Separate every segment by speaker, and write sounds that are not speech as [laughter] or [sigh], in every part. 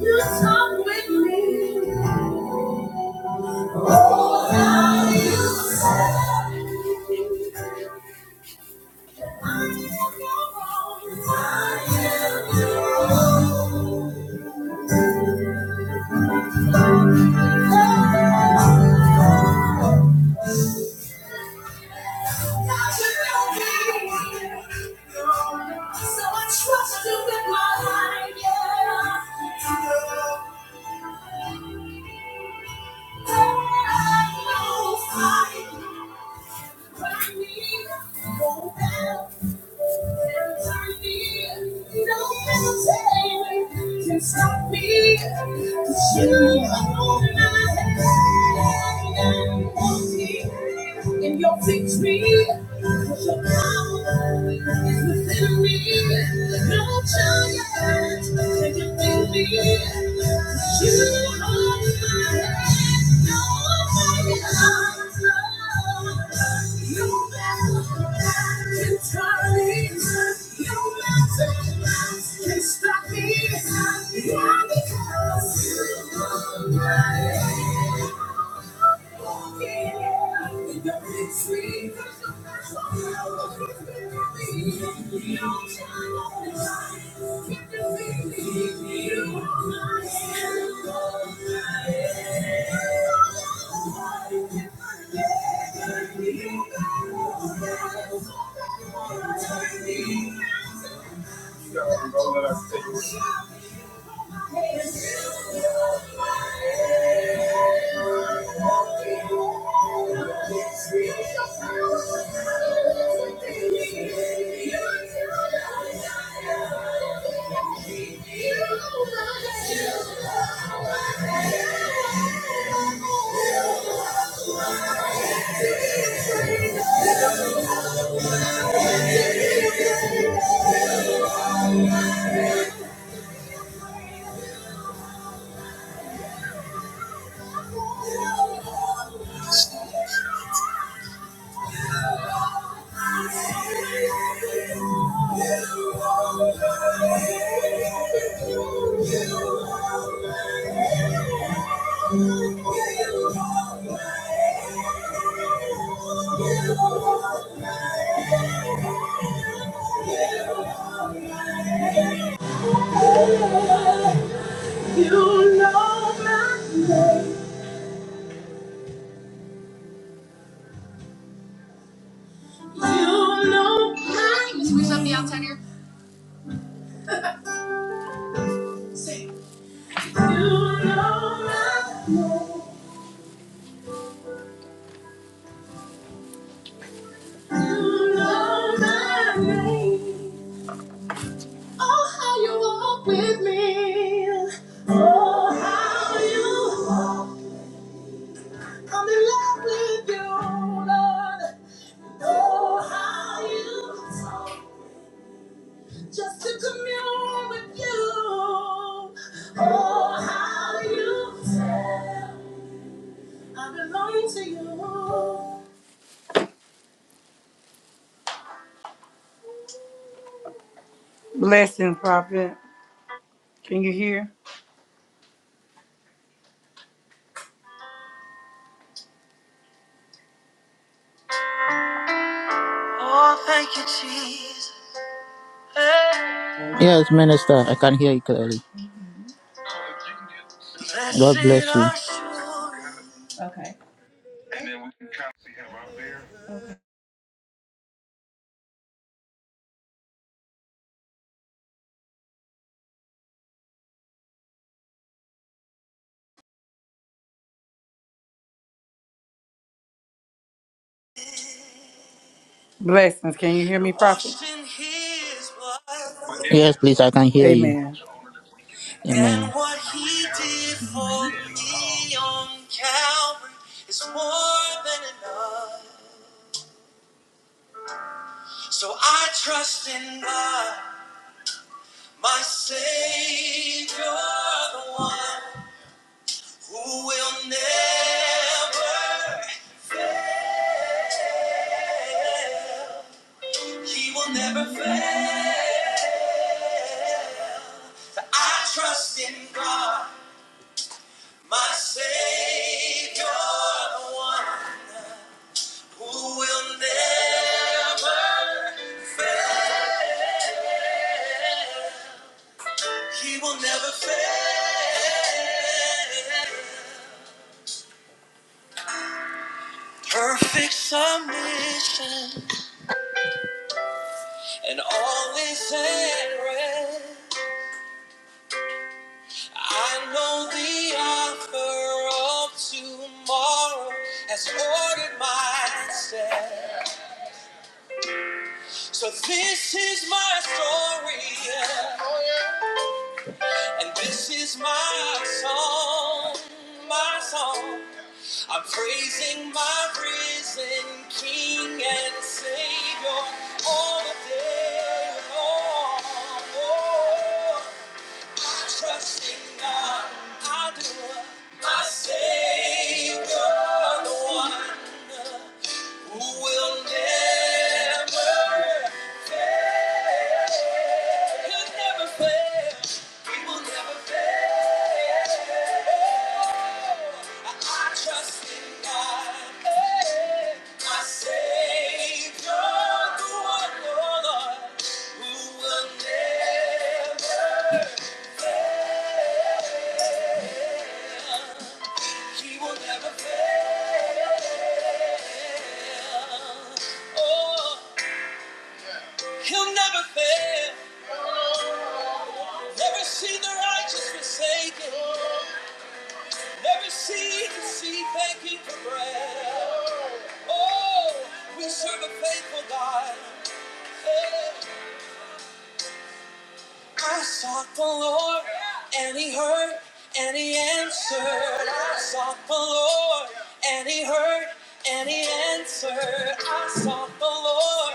Speaker 1: You talk with me. How you say I am your own. I am your own. God, you know me. So I trust you with my life. Yeah. I know I Can stop me, 'cause you hold my hand and walking in your victory. 'Cause your power is within me. No giant can't Stop me, yeah, because you are mine. Turn me around. Thank you. You know my name. You know my name. Can we stop the outside here? Say. You Oh, Oh, Oh, Just to commune with you. Oh, how you tell. I belong to you. Blessing, prophet. Can you hear? Oh, thank you, Jesus. Hey.
Speaker 2: Yes, Minister, I can hear you clearly.
Speaker 1: Blessed
Speaker 2: God bless you.
Speaker 1: assurance. Blessings. Can you hear me, prophet? Washed in his blood.
Speaker 2: Yes, please, I can hear you.
Speaker 1: Amen.
Speaker 2: Amen.
Speaker 1: And what he did for me on Calvary is more than enough. So I trust in God, my Savior, the one who will never, he will never fail. I trust in God, my Savior, the one who will never fail. He will never fail. Perfect submission, and all is at rest. I know the author of tomorrow has ordered my steps. So this is my story. Yeah. And this is my song, my song. I'm praising my risen King and Savior all the day long. Oh, trusting God, I do. My Savior, the one who will never fail. He'll never fail will never fail. I trust in God, eh, my Savior, the one, oh Lord, who will never, He will never fail. Oh, He'll never fail. Never see the righteous forsaken. Never see the seed begging for bread. Oh, we serve a faithful God. Hey. I sought the Lord, and He heard, and He answered. I sought the Lord, and He heard, and He answered. I sought the Lord,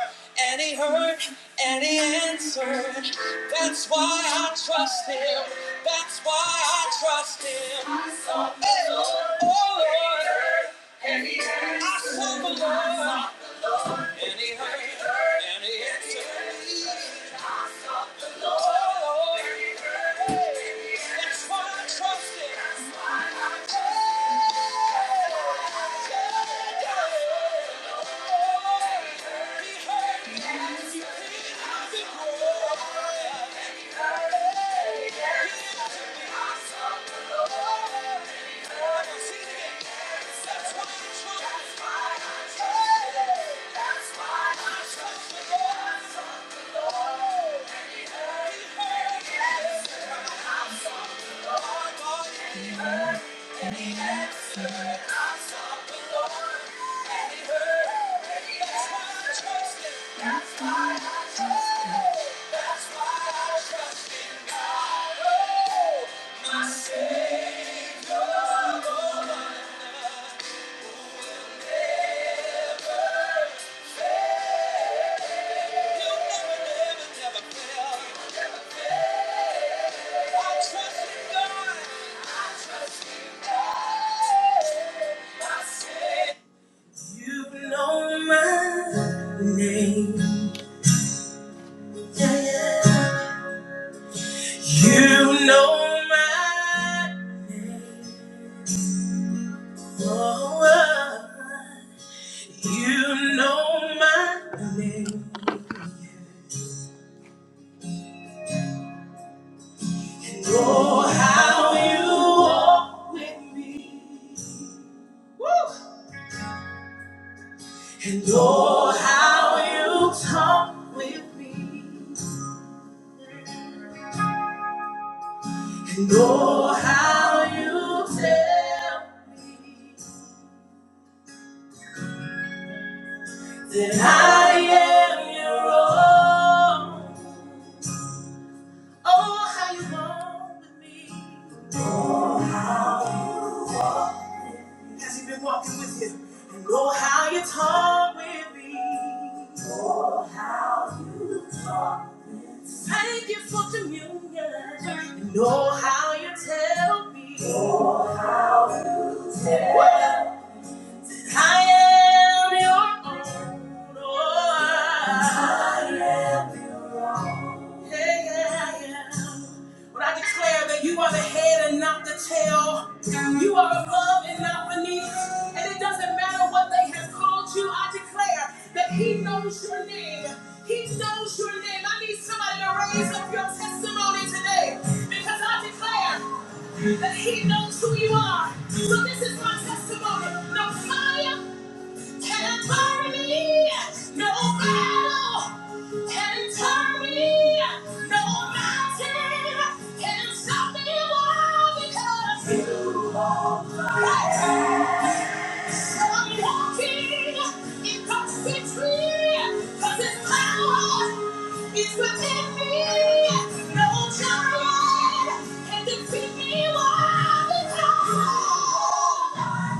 Speaker 1: and He heard, and He answered. That's why I trust Him. That's why I trust Him. Hey. Oh Lord, I sought the Lord. And he heard, and he answered. Oh, that's why I trust him. You know my name. Yeah, yeah. You know my. Oh, You know my name Walk with me. Woo! And oh, how you talk with me. And oh, how you tell me that I am your own. Oh, how you walk with me. Has he been walking with you? And oh, how you talk with me. Thank you for communion. You know how you tell me. I am your own. Oh, I am. your own. Hey, yeah, yeah. But I declare that you are the head and not the tail. You are above and not beneath. And it doesn't matter what they have called you. I declare that He knows your name. He knows your name. I need somebody to raise up your testimony today because I declare that He knows who you are. So this is my testimony. The fire Territory, no battle. Territory, no mountain can stop me now because you are mine. So I'm walking in God's victory, 'cause His power is within me. No giant can defeat me. Why?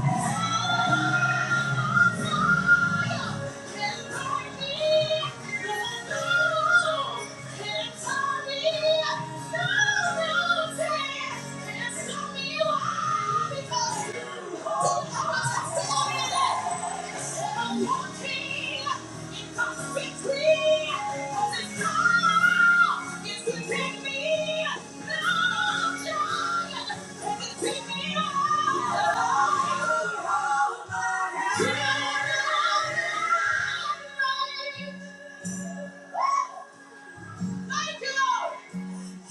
Speaker 1: Because because you hold my testimony.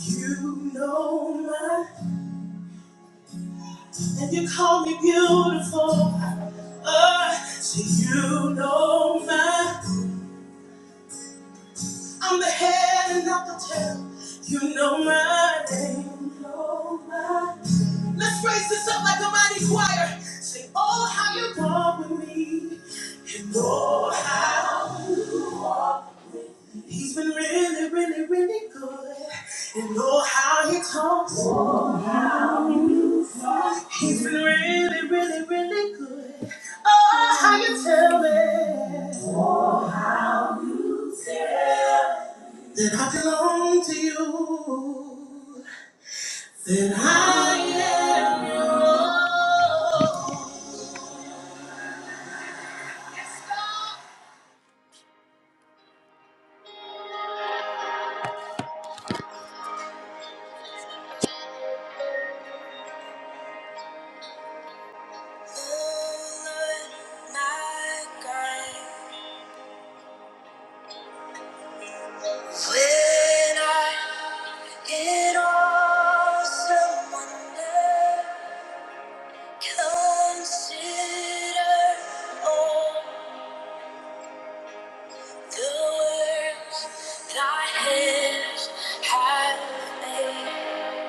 Speaker 1: You know my, and you call me beautiful. Uh, so you know my. I'm the head and not the tail. You know my name. You know my name. Let's raise this up like a mighty choir. Sing, oh, how you walk with me. And oh, how he's been really, really, really good. And oh, how he talks. Oh, how he moves. He's been really, really, really good. Oh, how you tell me that I belong to you. That I Oh, Lord, my God. I, awesome wonder, consider all the works Thy have made,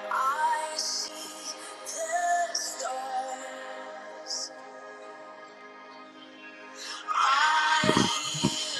Speaker 1: I see the stars. I hear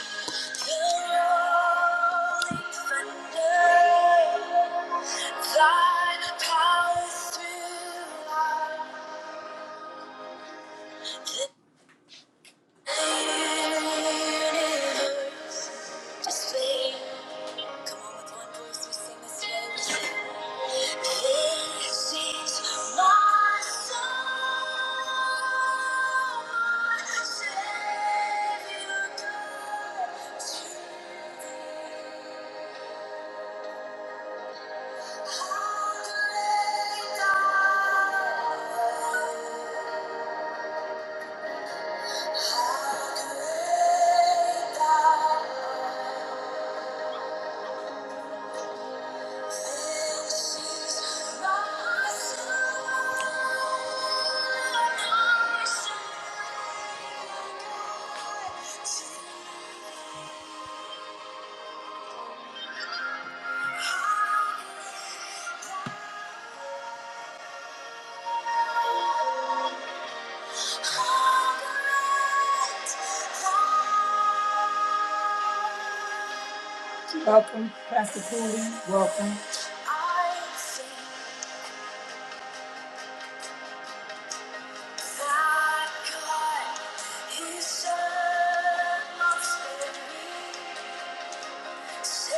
Speaker 1: Welcome, Pastor Cooley. Welcome. so Thank you.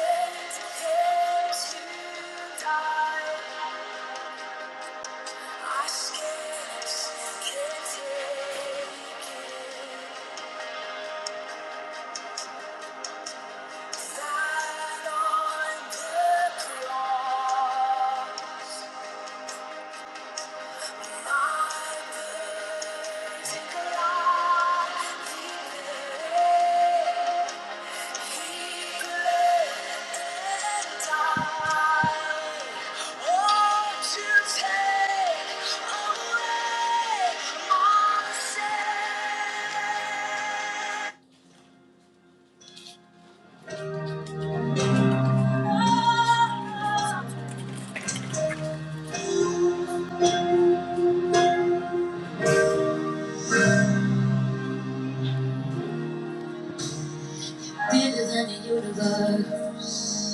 Speaker 1: Bigger than the universe,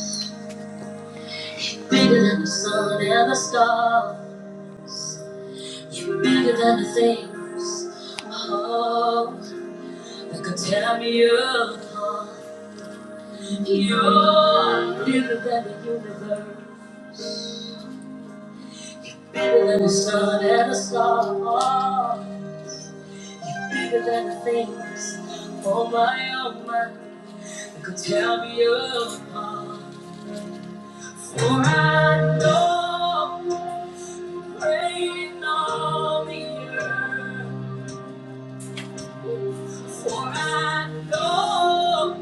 Speaker 1: bigger than the sun and the stars. You're bigger than the things, oh, that could tear me apart. You're bigger than the universe, bigger than the sun and the stars. You're bigger than the things, oh my, oh my, that could tear me apart. For I know reign on the earth. For I know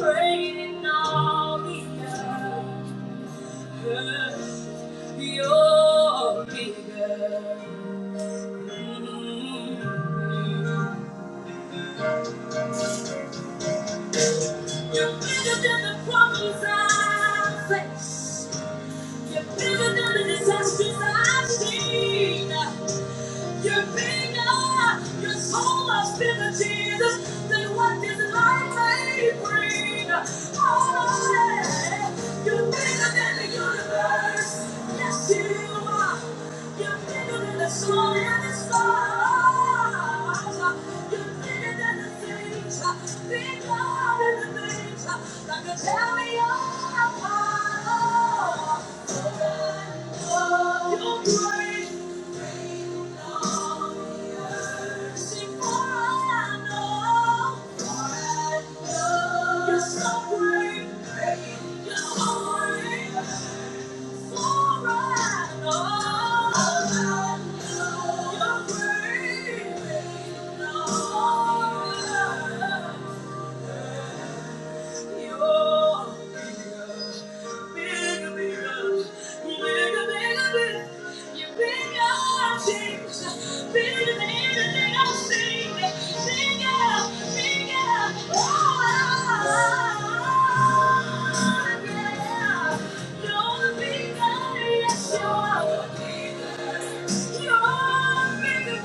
Speaker 1: reign on the earth. You're bigger. You're bigger than the problems I face. You're bigger than the disasters I've seen. You're bigger. You're so much bigger, Jesus, than what this life may bring. Oh, yeah. You're bigger than the universe. Yes, you are. You're bigger than the sun and the stars. You're bigger than the things, bigger than the things that could tear me apart. Oh, God, oh, you're great. Thank you. You're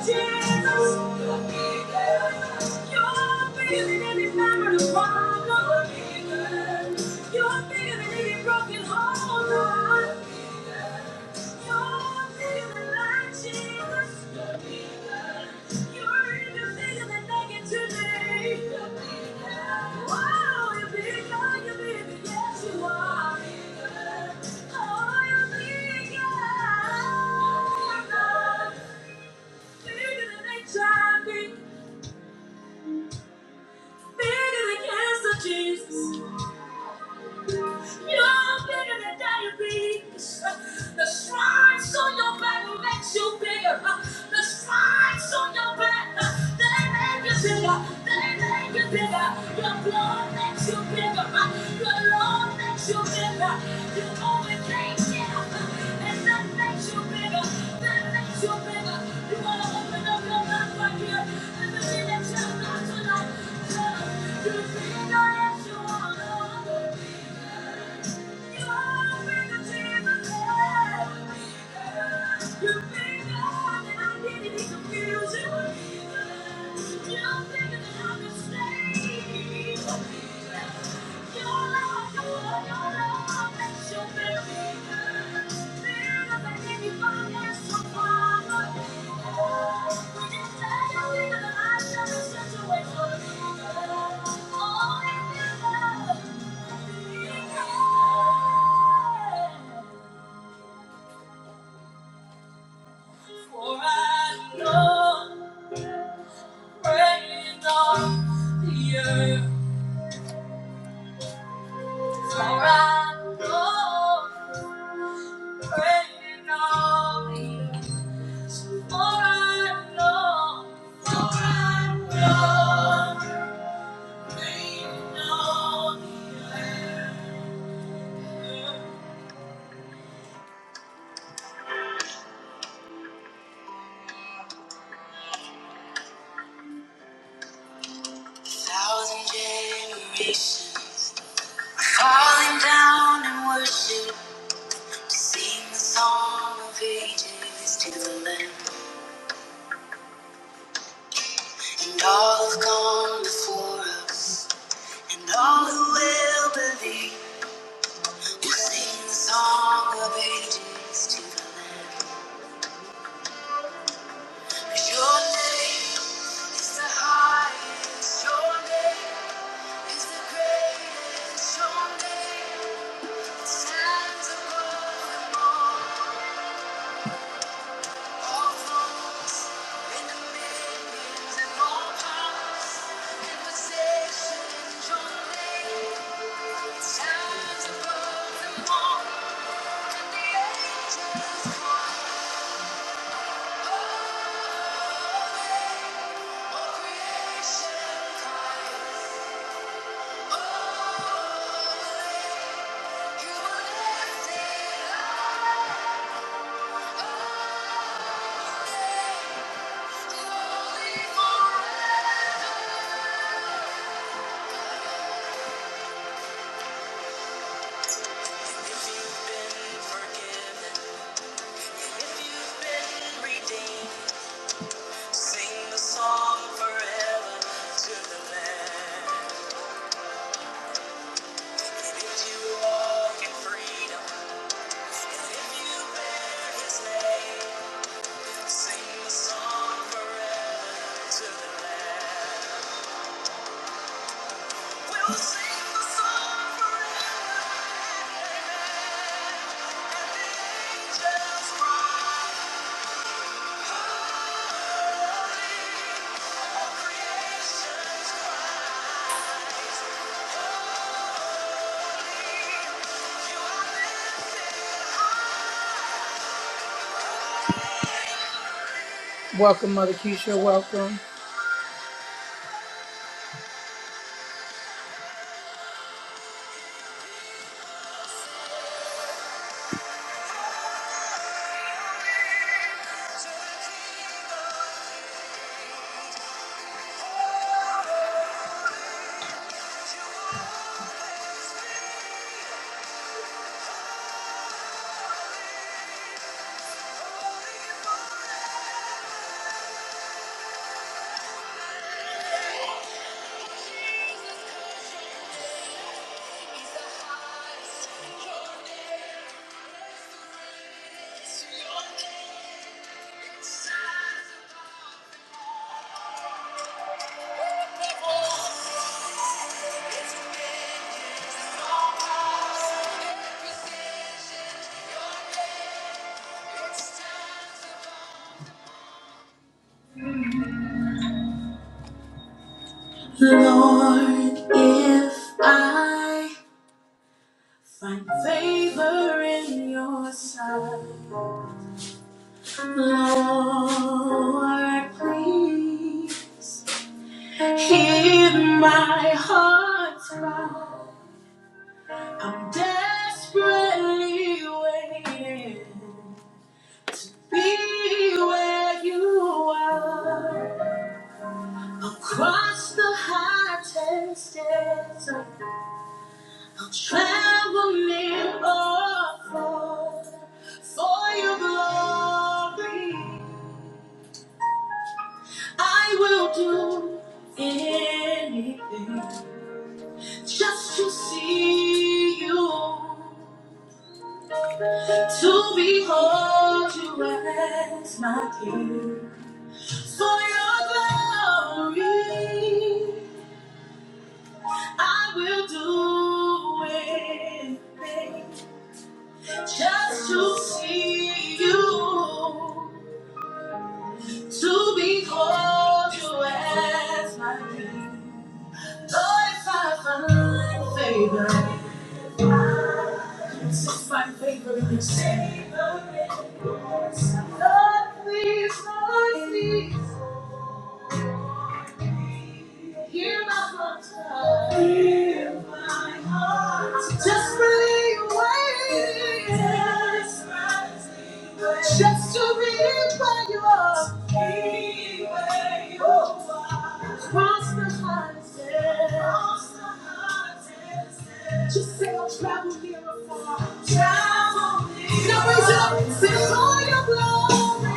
Speaker 1: Jesus, you're bigger. Bigger than HIV. Bigger than cancer, Jesus. You're bigger than diabetes. The stripes on your back makes you bigger. The stripes on your back, they make you bigger. They make you bigger. Your blood makes you bigger. Your Lord makes You bigger. You don't think that makes you You're tonight. tell him, you're bigger than I'm mistaken. For I know praying on the earth. For I know praying on the earth. For I know, for I know, they know me. Down and worship, sing the song of ages to the Lamb. all have gone before us, and all who will believe, sing the song of ages Your name is the highest, Your name is the greatest, Your name. Stands above them all, all thrones, in dominions and all powers, in possessions your name. It's time for creation, crying, oh, you were lifted. If you've been forgiven, if you've been redeemed, sing the song forever to the Lamb. If you walk in freedom. Welcome, Mother Keisha. Welcome. Lord, if I find favor in your sight, Lord, please hear my heart's cry. I'm desperately waiting. to Be where you are. I'll cross the high desert, I'll travel near or far for your glory. I will do anything just to see you, to behold you as my King. For your glory, I will do anything just to see you, to behold you as my king. Lord, if I find favor, this is my favor. Lord, please, Lord, please. Hear my heart. Hear my heart. Just desperately waiting. desperately waiting, Just to be where you are. Be where you are. Cross the horizon. cross the horizon. Just say I'll travel near or far. Travel near. Now raise it up and sing for your glory.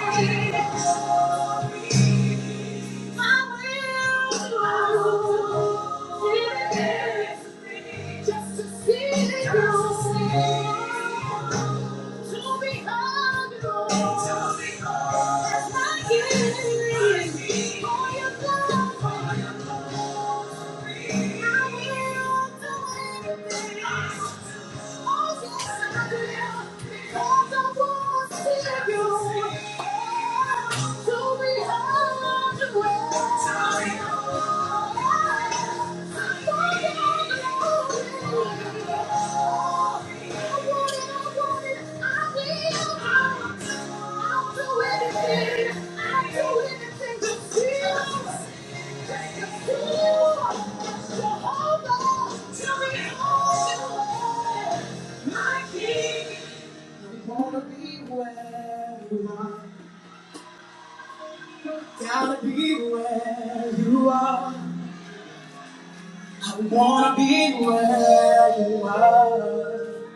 Speaker 1: I will do it. Just to see you. Just to see you. To be hungry, to be hungry, like it is for your for your glory. I will do anything, oh yes I will, because I want to see you. Jehovah, my King, I Wanna be where you are. Gotta be where you are. I wanna be where you are.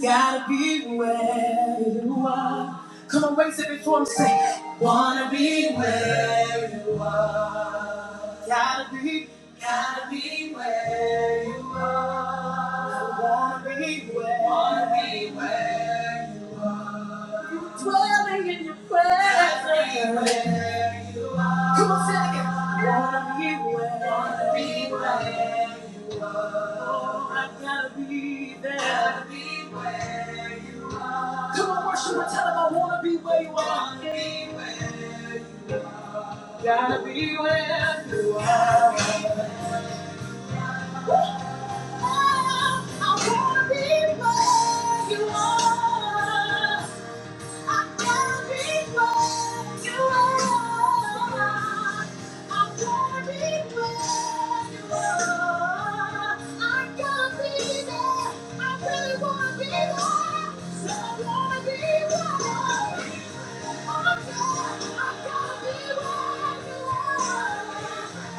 Speaker 1: Gotta be where you are. Come on, raise it before I'm saying. Wanna be where you are. Gotta be, gotta be where you are. I wanna be where, wanna be where you are. Dwelling in your presence. Come on, sing it again. Wanna be where, wanna be where you are. Oh, I gotta be there. Gotta be where you are. Come on, worship and tell him I wanna be where you are. Wanna be where you are. Gotta be where you are. I wanna be where you are. I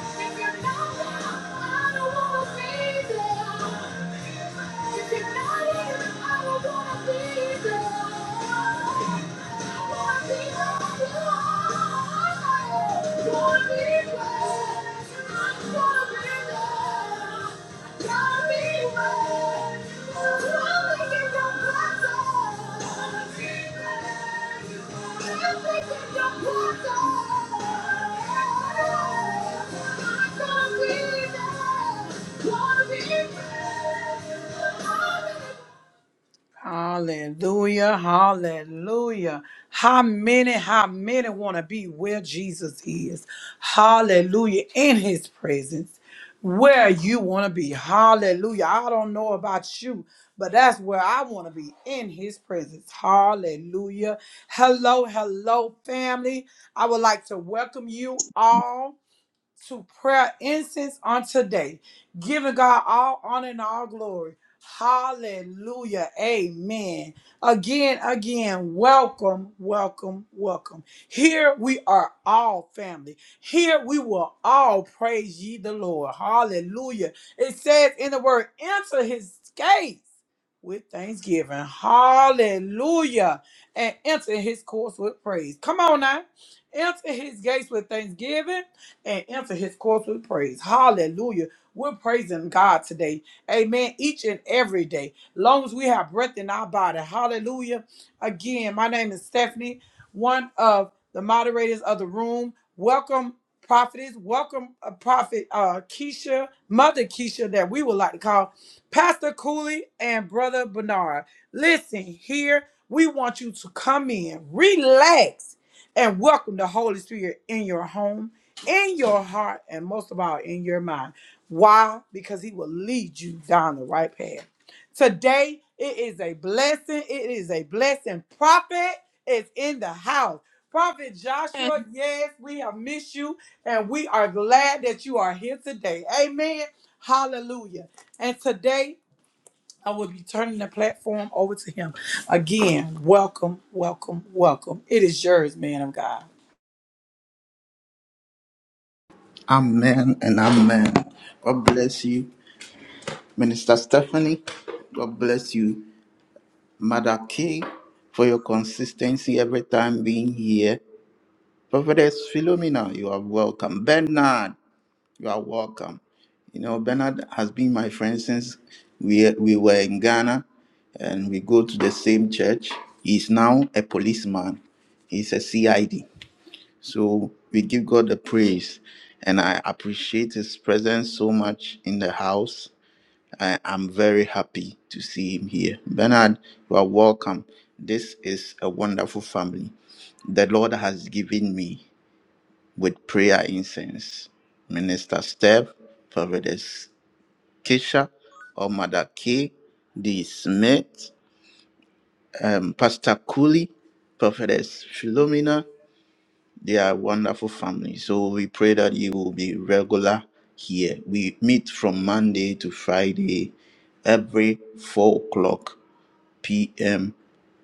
Speaker 1: Thank you gotta Wanna be free, Wanna be you. Hallelujah. Hallelujah. How many, how many want to be where Jesus is? Hallelujah. In his presence, where you want to be. Hallelujah. I don't know about you, but that's where I want to be in his presence. Hallelujah. Hello, hello, family. I would like to welcome you all to prayer incense on today, giving God all honor and all glory. Hallelujah. Amen. Again, again, welcome, welcome, welcome. Here we are all family. Here we will all praise ye the Lord. Hallelujah. It says in the word, enter his gates with thanksgiving. Hallelujah. And enter his courts with praise. Come on now. Enter his gates with thanksgiving and enter his courts with praise. Hallelujah. We're praising God today. Amen. Each and every day. Long as we have breath in our body. Hallelujah. Again, my name is Stephanie, one of the moderators of the room. Welcome, prophetess. Welcome, uh, prophet uh, Keisha, Mother Keisha, that we would like to call. Pastor Cooley and Brother Bernard. Listen here, we want you to come in, relax, and welcome the Holy Spirit in your home, in your heart, and most of all, in your mind. Why? Because He will lead you down the right path. Today, it is a blessing. It is a blessing. Prophet is in the house. Prophet
Speaker 3: Thank
Speaker 1: Joshua, yes, we have missed you, and we are glad that you are here today. Amen. Hallelujah. And today I will be turning the platform over to him. Again, welcome, welcome, welcome. It is yours, man of God.
Speaker 2: Amen and amen. God bless you, Minister Stephanie. God bless you, Mother Kay, for your consistency every time being here. Prophetess Philomena, you are welcome. Bernard, you are welcome. You know, Bernard has been my friend since we, we were in Ghana and we go to the same church. He's now a policeman, he's a CID. So we give God the praise, and I appreciate His presence so much in the house. I am very happy to see Him here. Bernard, you are welcome. This is a wonderful family. The Lord has given me with prayer incense. Minister Steph, Providence Kisha, or Mother K, D. Smith, um, Pastor Cooley, Prophetess Philomena, They are a wonderful family. So we pray that you will be regular here. We meet from Monday to Friday every 4 o'clock p.m.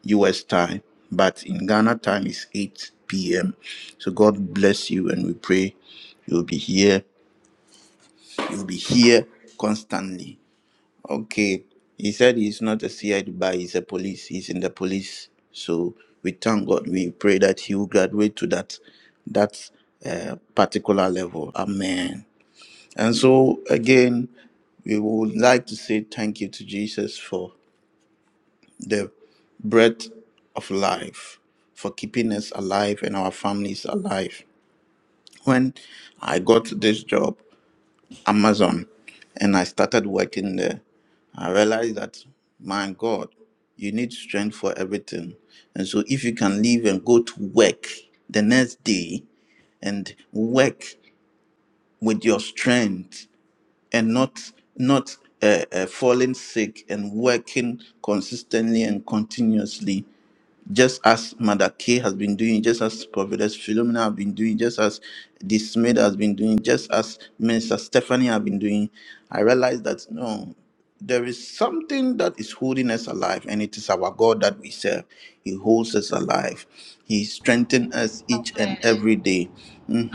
Speaker 2: US time. But in Ghana time is 8 p.m. So God bless you and we pray you'll be here. You'll be here constantly. Okay. He said he's not a CID by he's a police. He's in the police. So we thank God. We pray that he will graduate to that that uh, particular level. Amen. And so again, we would like to say thank you to Jesus for the breath of life, for keeping us alive and our families alive. When I got this job, Amazon and I started working there, I realized that, my God, you need strength for everything. And so, if you can leave and go to work the next day and work with your strength and not, not, uh, uh, falling sick and working consistently and continuously just as Mother K has been doing, just as Prophetess Philomena have been doing, just as this maid has been doing, just as Minister Stephanie have been doing, I realized that no there is something that is holding us alive, and it is our God that we serve. He holds us alive. He strengthens us
Speaker 4: Amen.
Speaker 2: each and every day.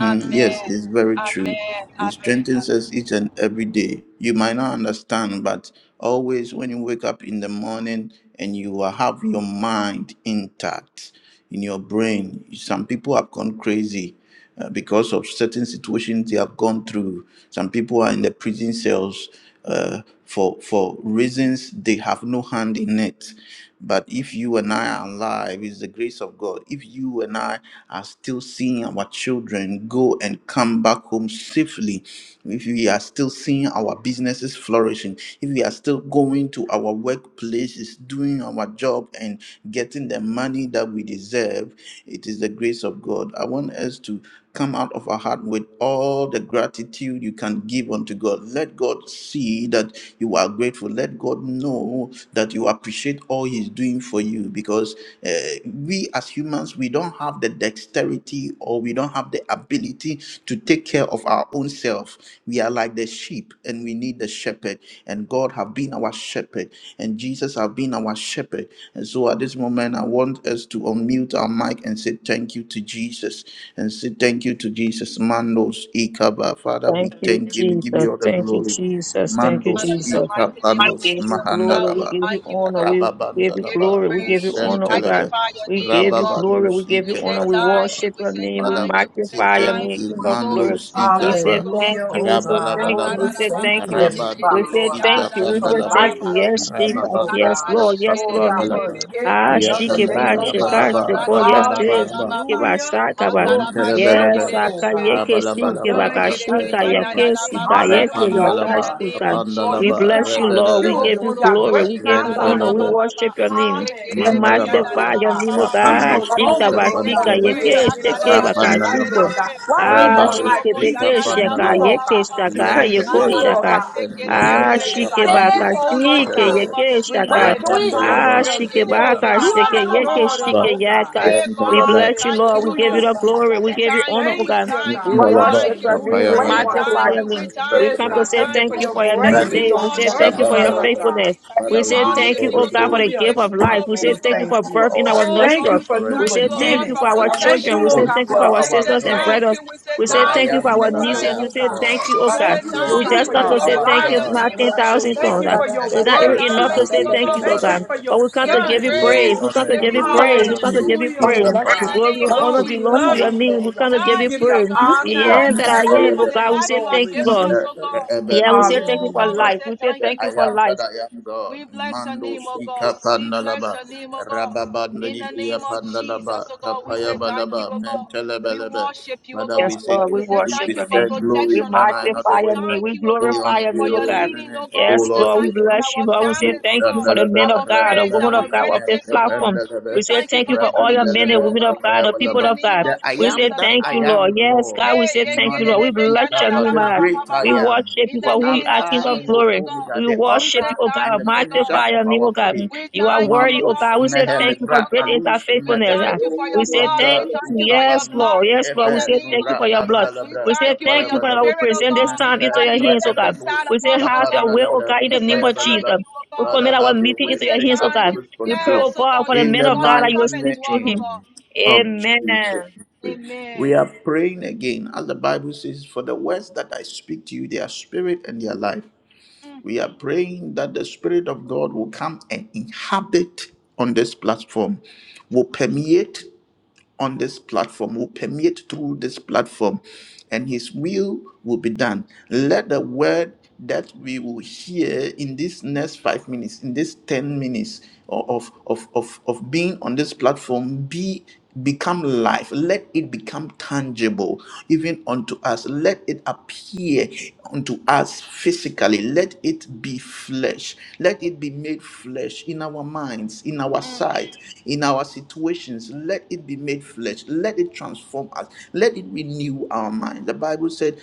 Speaker 4: Amen.
Speaker 2: Yes, it's very true.
Speaker 4: Amen. Amen.
Speaker 2: He strengthens
Speaker 4: Amen.
Speaker 2: us each and every day. You might not understand, but always when you wake up in the morning and you will have your mind intact in your brain, some people have gone crazy uh, because of certain situations they have gone through. Some people are in the prison cells uh, for for reasons they have no hand in it. But if you and I are alive, it's the grace of God. If you and I are still seeing our children go and come back home safely, if we are still seeing our businesses flourishing, if we are still going to our workplaces, doing our job and getting the money that we deserve, it is the grace of God. I want us to come out of our heart with all the gratitude you can give unto God. Let God see that you are grateful. Let God know that you appreciate all He's doing for you because uh, we as humans, we don't have the dexterity or we don't have the ability to take care of our own self. We are like the sheep and we need the shepherd and God have been our shepherd, and Jesus have been our shepherd. And so at this moment, I want us to unmute our mic and say thank you to Jesus, and say thank you to Jesus. Mandos Ikaba, Father, we
Speaker 3: you,
Speaker 2: thank you, we give
Speaker 3: Jesus.
Speaker 2: you all the
Speaker 3: Thank you,
Speaker 2: glory.
Speaker 3: Jesus. Thank you,
Speaker 4: Father,
Speaker 2: Mandos
Speaker 4: in the
Speaker 3: Jesus.
Speaker 4: mighty name of
Speaker 3: We
Speaker 2: Ikabanos
Speaker 3: give
Speaker 4: Jesus,
Speaker 3: you
Speaker 4: oh
Speaker 3: glory.
Speaker 4: God,
Speaker 3: We
Speaker 4: we
Speaker 2: Mahandaraba.
Speaker 3: give you
Speaker 4: thank you, O
Speaker 3: honor.
Speaker 4: God.
Speaker 3: We give you
Speaker 4: Give you
Speaker 3: glory.
Speaker 2: Rababandalaba,
Speaker 3: We give you
Speaker 4: praise. We
Speaker 3: honor, oh
Speaker 2: Nusentelebe,
Speaker 3: God.
Speaker 4: magnify your
Speaker 3: We
Speaker 4: name, O
Speaker 3: give you
Speaker 4: God.
Speaker 3: glory. We
Speaker 2: Rababandus
Speaker 3: give
Speaker 4: We
Speaker 3: you
Speaker 4: say
Speaker 3: honor. We
Speaker 4: thank
Speaker 2: Ikepandalaba.
Speaker 4: you.
Speaker 3: worship
Speaker 4: We
Speaker 3: your
Speaker 4: say
Speaker 3: name. We
Speaker 2: Father, we
Speaker 4: thank you. We say
Speaker 2: say
Speaker 3: magnify your
Speaker 2: thank
Speaker 4: thank
Speaker 3: name,
Speaker 4: you,
Speaker 2: you.
Speaker 3: King
Speaker 4: Holy
Speaker 3: of
Speaker 4: Ghost.
Speaker 3: glory.
Speaker 4: We
Speaker 2: Mandos
Speaker 4: say
Speaker 3: We
Speaker 4: thank you,
Speaker 3: say
Speaker 2: Ikapa,
Speaker 4: O God.
Speaker 3: thank
Speaker 1: Hallelujah,
Speaker 3: you.
Speaker 1: oh
Speaker 3: We say
Speaker 1: God.
Speaker 3: thank you.
Speaker 1: Lord,
Speaker 3: We
Speaker 1: we
Speaker 2: Rabalabalaba.
Speaker 4: Makarara
Speaker 3: say
Speaker 4: ba
Speaker 1: thank
Speaker 4: ba
Speaker 3: thank
Speaker 1: you,
Speaker 4: ba
Speaker 3: you.
Speaker 4: ye
Speaker 1: Heavenly
Speaker 4: ye ye
Speaker 3: We
Speaker 2: Rabanto
Speaker 4: de
Speaker 1: Father,
Speaker 3: say
Speaker 4: be
Speaker 1: Lord
Speaker 4: ya
Speaker 1: God,
Speaker 4: na
Speaker 3: thank
Speaker 2: Spika
Speaker 4: na
Speaker 3: you.
Speaker 4: na
Speaker 3: We
Speaker 4: ba
Speaker 1: for
Speaker 3: say
Speaker 4: ba
Speaker 2: Pandalaba,
Speaker 4: ba
Speaker 3: thank
Speaker 1: life,
Speaker 3: you.
Speaker 4: ba.
Speaker 1: health, and
Speaker 3: Yes,
Speaker 1: strength,
Speaker 3: Jesus.
Speaker 1: oh
Speaker 3: Yes,
Speaker 1: God.
Speaker 2: Rababandalabra
Speaker 3: Lord. Yes,
Speaker 1: Lord
Speaker 3: Lord.
Speaker 4: Karabashikerebe.
Speaker 1: God, for
Speaker 2: Papayabalaba,
Speaker 1: yet
Speaker 3: Ah,
Speaker 2: Ria
Speaker 4: In
Speaker 3: speak
Speaker 4: the
Speaker 1: another day,
Speaker 4: name
Speaker 3: about
Speaker 4: of
Speaker 1: oh
Speaker 4: Jesus,
Speaker 1: God.
Speaker 2: Pandamalabalaba,
Speaker 3: Yes, Jesus.
Speaker 2: Rabalabalaba,
Speaker 4: Rakarabababa,
Speaker 1: Hallelujah.
Speaker 3: Speak about
Speaker 1: Lord, you kept
Speaker 2: Yentelebelebe,
Speaker 1: us,
Speaker 3: Yes,
Speaker 1: oh God,
Speaker 4: Makarabashikerebe.
Speaker 3: akayeke
Speaker 1: from
Speaker 3: shike
Speaker 2: Rabalabalaba,
Speaker 1: dangers
Speaker 4: Ekerebe
Speaker 3: bakashika
Speaker 1: unseen
Speaker 2: Kapayabalaba,
Speaker 1: and
Speaker 3: yake
Speaker 1: seen.
Speaker 3: sika yeke
Speaker 4: yanadadabababa.
Speaker 1: Hallelujah, oh
Speaker 4: In
Speaker 2: Rapandalaba,
Speaker 4: the
Speaker 1: God.
Speaker 4: name of
Speaker 3: zakashika.
Speaker 1: Lord,
Speaker 3: We
Speaker 1: you
Speaker 2: Kapandalaba,
Speaker 4: Jesus, O
Speaker 1: kept
Speaker 3: bless
Speaker 4: God.
Speaker 3: you,
Speaker 1: our
Speaker 3: Lord. We
Speaker 2: Rebelebe,
Speaker 3: give
Speaker 1: children.
Speaker 3: you
Speaker 1: We got
Speaker 3: glory.
Speaker 1: breath
Speaker 3: We
Speaker 1: in
Speaker 3: give
Speaker 1: our
Speaker 3: you honor.
Speaker 1: body,
Speaker 3: We
Speaker 2: Rentelebe,
Speaker 1: Lord.
Speaker 3: worship
Speaker 4: Dokoroboshikaraabababa.
Speaker 3: your name. We
Speaker 4: Ekerebe
Speaker 1: Hallelujah,
Speaker 2: Mandalaba,
Speaker 3: magnify
Speaker 1: Lord
Speaker 3: your
Speaker 1: God.
Speaker 3: name, O
Speaker 1: We
Speaker 4: yanadadabababa.
Speaker 2: Rapando,
Speaker 3: God.
Speaker 1: no
Speaker 5: Father, we
Speaker 3: Shika
Speaker 1: longer,
Speaker 4: Daddy,
Speaker 2: Sita
Speaker 5: give
Speaker 4: we
Speaker 5: you
Speaker 1: Lord
Speaker 4: give you
Speaker 1: God,
Speaker 3: basika
Speaker 2: Pandalaba,
Speaker 4: praise.
Speaker 5: praise.
Speaker 1: live
Speaker 3: yeke
Speaker 1: in a
Speaker 3: shike
Speaker 1: sinful life,
Speaker 2: Rapandalaba,
Speaker 3: bakashiko.
Speaker 1: Lord God,
Speaker 4: Akarabashikerebe.
Speaker 5: What
Speaker 1: but we
Speaker 3: Ah,
Speaker 1: live a
Speaker 2: Rabado,
Speaker 5: favor?
Speaker 1: life
Speaker 3: shike
Speaker 4: Yororobo
Speaker 2: Sita
Speaker 1: pleasing
Speaker 3: beke
Speaker 1: to you,
Speaker 3: shaka
Speaker 2: Pandalaba,
Speaker 1: oh
Speaker 3: yeke
Speaker 1: God,
Speaker 4: yanadadabababa.
Speaker 3: shaka
Speaker 1: because
Speaker 3: yeko
Speaker 1: you,
Speaker 5: Say,
Speaker 2: Yentelebe,
Speaker 1: Lord
Speaker 3: shaka.
Speaker 1: God,
Speaker 2: Yetendu,
Speaker 1: built
Speaker 3: Ah,
Speaker 1: that
Speaker 2: Smita
Speaker 4: Akaramasekerebe
Speaker 3: shike
Speaker 1: desire.
Speaker 2: Pandu,
Speaker 1: You, oh
Speaker 4: the
Speaker 3: bakashike
Speaker 1: Lord
Speaker 4: mighty
Speaker 1: God,
Speaker 2: Mentelebe,
Speaker 4: name of
Speaker 3: yeke
Speaker 5: when you
Speaker 4: Jesus,
Speaker 3: shaka.
Speaker 4: oh
Speaker 1: reignited
Speaker 5: do
Speaker 1: the
Speaker 5: it,
Speaker 4: God.
Speaker 1: fire
Speaker 3: Ah,
Speaker 2: Rabandalaba,
Speaker 1: in us.
Speaker 3: shike
Speaker 1: You, oh
Speaker 5: you are
Speaker 1: God,
Speaker 3: bakashike
Speaker 5: alone.
Speaker 3: yeke
Speaker 1: restored us,
Speaker 2: Rabandalaba,
Speaker 3: shike
Speaker 1: oh God.
Speaker 3: yaka.
Speaker 4: Hey, God,
Speaker 3: We
Speaker 4: we say
Speaker 2: Yentelaba,
Speaker 3: bless you,
Speaker 4: thank you,
Speaker 3: Lord. We
Speaker 4: oh
Speaker 3: give you
Speaker 1: Hallelujah,
Speaker 4: God.
Speaker 3: the glory.
Speaker 1: Jesus.
Speaker 3: We
Speaker 4: We
Speaker 3: give you
Speaker 4: thank
Speaker 3: honor,
Speaker 4: you,
Speaker 3: oh
Speaker 4: we
Speaker 1: Thank
Speaker 3: God.
Speaker 1: you,
Speaker 4: thank you,
Speaker 3: We
Speaker 1: God.
Speaker 5: What
Speaker 4: we
Speaker 2: Dalaba,
Speaker 5: happened?
Speaker 3: worship
Speaker 4: thank you.
Speaker 3: your name.
Speaker 1: Hallelujah,
Speaker 3: We
Speaker 5: When you
Speaker 1: oh
Speaker 4: We
Speaker 2: Napayabalaba,
Speaker 5: want
Speaker 1: God.
Speaker 3: magnify
Speaker 5: favor?
Speaker 4: thank
Speaker 3: your
Speaker 4: you, we
Speaker 3: name. We
Speaker 4: thank
Speaker 1: Yes,
Speaker 4: you,
Speaker 3: come
Speaker 2: Mandalaba,
Speaker 4: we
Speaker 3: to
Speaker 1: God.
Speaker 3: say
Speaker 1: Thank you
Speaker 4: thank
Speaker 1: for
Speaker 3: thank
Speaker 4: you.
Speaker 3: you
Speaker 1: your
Speaker 3: for
Speaker 2: Mandalaba,
Speaker 3: another
Speaker 1: grace
Speaker 4: We
Speaker 1: and
Speaker 2: Mandi,
Speaker 3: day.
Speaker 1: your
Speaker 3: We
Speaker 5: Father, we give
Speaker 3: say
Speaker 4: worship
Speaker 3: thank
Speaker 5: you
Speaker 3: you
Speaker 4: you,
Speaker 3: for
Speaker 1: mercy,
Speaker 4: oh
Speaker 3: your
Speaker 1: oh
Speaker 4: God.
Speaker 2: Ikabandalaba.
Speaker 1: God.
Speaker 3: faithfulness.
Speaker 4: We
Speaker 3: We
Speaker 2: Father, we
Speaker 3: say
Speaker 2: give you
Speaker 3: thank
Speaker 4: worship
Speaker 2: all
Speaker 3: you,
Speaker 4: you,
Speaker 2: the
Speaker 3: oh
Speaker 4: oh
Speaker 3: God, for
Speaker 4: God.
Speaker 3: the
Speaker 2: glory
Speaker 4: We
Speaker 1: Hallelujah,
Speaker 3: gift
Speaker 4: give
Speaker 2: and
Speaker 4: you
Speaker 3: of
Speaker 1: Jesus.
Speaker 3: life. We
Speaker 4: glory,
Speaker 1: Lord,
Speaker 3: say
Speaker 1: we
Speaker 4: oh
Speaker 2: adoration
Speaker 3: thank you
Speaker 1: thank
Speaker 3: for
Speaker 4: God.
Speaker 2: for
Speaker 1: you.
Speaker 3: birth in
Speaker 2: all
Speaker 3: our
Speaker 2: that you
Speaker 4: Oh
Speaker 2: have
Speaker 1: Thank
Speaker 4: God,
Speaker 2: done
Speaker 3: nostrils.
Speaker 1: you
Speaker 4: we
Speaker 1: for
Speaker 4: say
Speaker 2: for
Speaker 1: new
Speaker 3: We
Speaker 2: us.
Speaker 4: thank
Speaker 3: say
Speaker 4: you, oh
Speaker 3: thank
Speaker 2: Mandu,
Speaker 4: God,
Speaker 3: you
Speaker 1: beginnings.
Speaker 4: for
Speaker 3: for our
Speaker 1: Thank
Speaker 2: Ikaba.
Speaker 4: protection.
Speaker 3: children.
Speaker 1: you,
Speaker 3: We
Speaker 2: For
Speaker 1: Lord
Speaker 3: say
Speaker 1: God,
Speaker 2: you
Speaker 3: thank you
Speaker 1: for
Speaker 3: for
Speaker 1: a
Speaker 2: are
Speaker 3: our
Speaker 4: We
Speaker 2: our
Speaker 1: second
Speaker 4: say
Speaker 3: sisters and
Speaker 2: God,
Speaker 4: thank
Speaker 1: chance.
Speaker 3: brothers.
Speaker 4: you, we say
Speaker 3: We
Speaker 2: the
Speaker 3: say
Speaker 2: I
Speaker 4: thank
Speaker 3: thank
Speaker 4: you,
Speaker 3: you
Speaker 4: we
Speaker 3: for
Speaker 2: am
Speaker 3: our
Speaker 4: say
Speaker 2: that
Speaker 1: Hallelujah,
Speaker 3: nieces.
Speaker 4: thank
Speaker 2: I
Speaker 4: you.
Speaker 2: am
Speaker 3: We
Speaker 1: oh
Speaker 3: say
Speaker 1: God.
Speaker 3: thank
Speaker 2: God.
Speaker 3: you, oh
Speaker 4: We
Speaker 5: Father,
Speaker 3: God.
Speaker 4: say
Speaker 1: Thank
Speaker 5: we
Speaker 1: you,
Speaker 2: For
Speaker 5: give
Speaker 1: Lord
Speaker 3: We
Speaker 1: God,
Speaker 4: thank
Speaker 2: you
Speaker 3: just
Speaker 4: you,
Speaker 1: for
Speaker 5: you
Speaker 4: we
Speaker 3: come
Speaker 2: are
Speaker 1: your
Speaker 3: to say
Speaker 2: our
Speaker 3: thank
Speaker 4: glorify
Speaker 3: you
Speaker 1: light,
Speaker 4: your
Speaker 3: for our
Speaker 2: God,
Speaker 4: name,
Speaker 1: Jesus.
Speaker 4: oh God.
Speaker 3: 10,000
Speaker 2: for
Speaker 1: Thank
Speaker 3: tongues.
Speaker 2: your
Speaker 1: you
Speaker 3: God.
Speaker 1: for your
Speaker 3: It's
Speaker 4: You
Speaker 2: protection,
Speaker 3: not
Speaker 2: for
Speaker 4: said,
Speaker 3: even
Speaker 2: your
Speaker 1: word, oh
Speaker 3: enough
Speaker 5: the
Speaker 3: to
Speaker 4: Thank
Speaker 1: God.
Speaker 4: you,
Speaker 3: say
Speaker 4: oh
Speaker 3: thank
Speaker 2: preservation.
Speaker 3: you,
Speaker 4: God.
Speaker 3: oh
Speaker 1: Thank
Speaker 2: Father,
Speaker 1: you
Speaker 3: God.
Speaker 1: for
Speaker 2: we give
Speaker 1: your
Speaker 3: But
Speaker 2: you
Speaker 3: we
Speaker 4: We
Speaker 3: come to
Speaker 4: give
Speaker 2: all
Speaker 4: you
Speaker 2: the
Speaker 3: give
Speaker 1: son,
Speaker 3: you
Speaker 2: glory,
Speaker 3: praise.
Speaker 4: praise.
Speaker 1: Jesus.
Speaker 3: We
Speaker 4: We
Speaker 3: come
Speaker 2: honor,
Speaker 3: to
Speaker 2: and
Speaker 4: give
Speaker 3: give
Speaker 4: you
Speaker 3: you
Speaker 5: Oh,
Speaker 2: adoration.
Speaker 3: praise. We
Speaker 4: honor
Speaker 3: come to
Speaker 5: Jesus.
Speaker 2: Mandu,
Speaker 3: give you
Speaker 1: Hallelujah,
Speaker 5: All right,
Speaker 3: praise.
Speaker 1: oh
Speaker 5: let's
Speaker 4: in
Speaker 5: go.
Speaker 4: the
Speaker 1: God.
Speaker 3: Glory
Speaker 4: name
Speaker 3: and
Speaker 2: Ikabandalaba.
Speaker 4: of
Speaker 5: Let's
Speaker 3: honor
Speaker 1: Lord,
Speaker 5: go.
Speaker 1: we
Speaker 5: What
Speaker 4: Jesus,
Speaker 3: belongs
Speaker 5: you
Speaker 4: oh
Speaker 3: to
Speaker 1: love
Speaker 3: your
Speaker 5: want?
Speaker 4: God.
Speaker 1: you,
Speaker 3: name. We
Speaker 1: Lord.
Speaker 3: come to
Speaker 1: We
Speaker 3: give you
Speaker 4: Thank
Speaker 1: give
Speaker 4: you,
Speaker 1: you
Speaker 4: oh
Speaker 3: praise.
Speaker 4: God.
Speaker 3: The
Speaker 2: Abba,
Speaker 1: honor
Speaker 3: end
Speaker 4: Thank
Speaker 3: that
Speaker 4: you, oh
Speaker 3: I
Speaker 4: God,
Speaker 3: am, oh
Speaker 4: for
Speaker 2: Mendelebe,
Speaker 4: the
Speaker 3: God,
Speaker 1: and
Speaker 3: we
Speaker 4: life
Speaker 3: say
Speaker 4: you have
Speaker 1: glory,
Speaker 3: thank you,
Speaker 4: given
Speaker 3: Lord.
Speaker 4: us,
Speaker 2: Enter,
Speaker 4: oh
Speaker 1: Jesus.
Speaker 4: God.
Speaker 3: Yeah, we
Speaker 2: Rebebendu,
Speaker 3: say thank you
Speaker 4: Oh
Speaker 3: for
Speaker 4: God,
Speaker 1: Hallelujah.
Speaker 2: Abba,
Speaker 4: we
Speaker 3: life.
Speaker 4: say
Speaker 3: We say
Speaker 4: thank
Speaker 2: The
Speaker 3: thank
Speaker 4: you,
Speaker 2: I
Speaker 3: you
Speaker 4: oh
Speaker 3: for
Speaker 4: God.
Speaker 2: am
Speaker 3: life.
Speaker 2: that I am
Speaker 4: We
Speaker 2: God.
Speaker 4: bless your name,
Speaker 2: Mandos
Speaker 4: oh God.
Speaker 2: ika
Speaker 4: We bless
Speaker 2: pandalaba.
Speaker 4: your name, oh God. In
Speaker 2: Rababandani
Speaker 4: the name of Jesus,
Speaker 2: pandalaba.
Speaker 4: oh God, we say
Speaker 2: Kapaya
Speaker 4: thank you,
Speaker 2: balaba.
Speaker 4: oh God. We
Speaker 2: Mentelebelebe.
Speaker 4: worship you, oh
Speaker 2: Father,
Speaker 3: Yes,
Speaker 2: we
Speaker 4: God.
Speaker 2: say
Speaker 3: Lord, we
Speaker 4: We
Speaker 2: thank
Speaker 4: say
Speaker 2: you.
Speaker 3: worship
Speaker 4: thank
Speaker 2: We
Speaker 4: you
Speaker 3: your
Speaker 4: for
Speaker 3: name.
Speaker 2: say
Speaker 3: We
Speaker 2: glory,
Speaker 4: protection, oh
Speaker 2: honor,
Speaker 4: God.
Speaker 2: and
Speaker 4: We say
Speaker 3: magnify your
Speaker 2: adoration.
Speaker 3: name.
Speaker 4: thank
Speaker 3: We
Speaker 4: you, oh
Speaker 2: Be
Speaker 4: God,
Speaker 3: glorify your
Speaker 2: unto
Speaker 4: for
Speaker 3: name, oh
Speaker 4: your
Speaker 2: your
Speaker 3: God.
Speaker 2: holy
Speaker 4: leading,
Speaker 2: name,
Speaker 4: oh
Speaker 2: O
Speaker 4: God.
Speaker 3: Yes,
Speaker 4: We say
Speaker 2: Lord
Speaker 3: Lord, we
Speaker 4: thank you
Speaker 2: Jesus.
Speaker 4: for
Speaker 3: bless you,
Speaker 4: our
Speaker 3: Lord. We say
Speaker 2: Mando
Speaker 4: families, oh
Speaker 3: thank you
Speaker 4: God,
Speaker 3: for the
Speaker 2: Sandalaba,
Speaker 3: men
Speaker 4: our
Speaker 3: of God, the
Speaker 4: friends,
Speaker 3: women
Speaker 4: our
Speaker 3: of
Speaker 2: Rababandu,
Speaker 3: God of this
Speaker 4: relatives, oh God.
Speaker 3: platform.
Speaker 2: Mekapandalaba,
Speaker 4: We
Speaker 3: We say
Speaker 4: thank you
Speaker 3: thank
Speaker 4: for
Speaker 3: you for
Speaker 4: this
Speaker 3: all your men
Speaker 4: ministry,
Speaker 2: Rabandelebe,
Speaker 3: and
Speaker 4: oh
Speaker 3: women of
Speaker 4: God.
Speaker 3: God,
Speaker 2: Kapaya
Speaker 3: the
Speaker 4: In
Speaker 3: people
Speaker 4: the
Speaker 2: balaba.
Speaker 3: of
Speaker 4: name
Speaker 3: God.
Speaker 2: The
Speaker 4: of
Speaker 2: I
Speaker 3: We say
Speaker 2: am
Speaker 4: Jesus,
Speaker 2: that
Speaker 4: oh
Speaker 3: thank you,
Speaker 2: I
Speaker 4: God.
Speaker 3: Lord.
Speaker 2: am,
Speaker 3: Yes, God,
Speaker 2: Lord.
Speaker 3: we
Speaker 4: Hey,
Speaker 3: say
Speaker 4: ye
Speaker 3: thank you,
Speaker 4: quiere
Speaker 3: Lord.
Speaker 2: Mandu
Speaker 4: de
Speaker 3: We
Speaker 4: be ya
Speaker 3: bless
Speaker 4: na
Speaker 3: your
Speaker 4: la
Speaker 2: Sikapa,
Speaker 3: name,
Speaker 4: la ba
Speaker 2: the
Speaker 3: God.
Speaker 4: ba ba
Speaker 2: great
Speaker 4: ba
Speaker 3: We
Speaker 2: I
Speaker 4: ba.
Speaker 2: am,
Speaker 3: worship
Speaker 4: In
Speaker 3: you for
Speaker 4: the
Speaker 2: the
Speaker 3: who you
Speaker 4: name
Speaker 3: are,
Speaker 4: of
Speaker 3: King
Speaker 2: Alpha
Speaker 3: of
Speaker 2: and
Speaker 4: Jesus,
Speaker 2: the
Speaker 4: oh
Speaker 3: glory.
Speaker 4: God,
Speaker 2: Omega,
Speaker 3: We
Speaker 2: the
Speaker 4: we
Speaker 3: worship
Speaker 4: say
Speaker 2: author
Speaker 3: you, oh
Speaker 4: thank
Speaker 2: and
Speaker 3: God,
Speaker 2: the
Speaker 4: you, oh
Speaker 2: finisher
Speaker 4: God.
Speaker 3: magnify
Speaker 2: of
Speaker 3: your name,
Speaker 2: our
Speaker 3: oh God.
Speaker 2: faith.
Speaker 4: We
Speaker 3: You are
Speaker 4: thank you,
Speaker 3: worthy,
Speaker 4: oh
Speaker 3: oh
Speaker 2: Matos
Speaker 4: God.
Speaker 3: God. We
Speaker 4: We
Speaker 3: say thank
Speaker 4: thank
Speaker 3: you
Speaker 4: you,
Speaker 2: Mehelebra
Speaker 3: for
Speaker 4: oh
Speaker 3: great is
Speaker 4: God.
Speaker 3: our
Speaker 2: Alus
Speaker 4: We
Speaker 3: faithfulness.
Speaker 2: Mevele,
Speaker 4: thank you for
Speaker 3: We
Speaker 4: your
Speaker 3: say
Speaker 4: blood. We
Speaker 3: thank
Speaker 2: Manda
Speaker 3: you.
Speaker 4: thank you for your
Speaker 3: Yes,
Speaker 2: Ukavanu
Speaker 4: blood.
Speaker 3: Lord. Yes, Lord.
Speaker 4: In
Speaker 3: We
Speaker 4: the
Speaker 2: Efe
Speaker 3: say
Speaker 4: name
Speaker 3: thank
Speaker 2: Nura
Speaker 3: you
Speaker 4: of
Speaker 3: for your blood.
Speaker 4: Jesus, we
Speaker 2: Andalabra
Speaker 3: We say
Speaker 4: thank you for
Speaker 3: thank
Speaker 2: Kapaya
Speaker 3: you,
Speaker 4: your
Speaker 3: Father. God.
Speaker 2: Badaba,
Speaker 3: We
Speaker 4: spirit, oh
Speaker 3: present this
Speaker 4: God,
Speaker 3: time into
Speaker 2: Manta
Speaker 4: that
Speaker 3: your
Speaker 4: lives
Speaker 3: hands, oh God.
Speaker 2: Breebelus
Speaker 4: inside
Speaker 3: We say
Speaker 4: of us, oh
Speaker 3: have your
Speaker 4: God.
Speaker 3: way, oh
Speaker 2: Kapandalabra
Speaker 3: God, in
Speaker 4: We
Speaker 3: the
Speaker 4: say
Speaker 3: name
Speaker 2: Kapaya
Speaker 3: of
Speaker 4: thank
Speaker 2: Badaba.
Speaker 3: Jesus.
Speaker 4: you, oh
Speaker 3: We
Speaker 4: God.
Speaker 2: Father,
Speaker 3: commit our
Speaker 2: have your
Speaker 3: meeting
Speaker 4: We
Speaker 2: way.
Speaker 3: into
Speaker 4: say
Speaker 3: your
Speaker 2: Take
Speaker 3: hands, oh
Speaker 4: thank
Speaker 3: God.
Speaker 4: you.
Speaker 2: absolute
Speaker 3: We pray,
Speaker 2: control.
Speaker 3: oh
Speaker 4: Yes, oh
Speaker 3: God,
Speaker 4: God,
Speaker 3: for the
Speaker 4: you
Speaker 2: In
Speaker 3: man
Speaker 2: the
Speaker 3: of
Speaker 4: dwell,
Speaker 3: God
Speaker 4: you
Speaker 3: that
Speaker 2: mighty
Speaker 3: you will
Speaker 4: come and
Speaker 3: speak to
Speaker 4: dwell, oh
Speaker 3: him.
Speaker 4: God.
Speaker 2: name of Jesus.
Speaker 3: Amen.
Speaker 2: We pray. We are
Speaker 4: Amen.
Speaker 2: praying again, as the Bible says, for the words that I speak to you, their spirit and their life.
Speaker 4: Mm,
Speaker 2: We are praying that the Spirit of God will come and inhabit on this platform, will permeate on this platform, will permeate through this platform, and His will will be done. Let the word that we will hear in this next five minutes, in this 10 minutes o- of, of, of, of being on this platform be become life let it become tangible even unto us let it appear unto us physically let it be flesh let it be made flesh in our minds in our our
Speaker 4: mm,
Speaker 2: sight, in our situations. Let it be made flesh. Let it transform us. Let it renew our mind. The Bible said,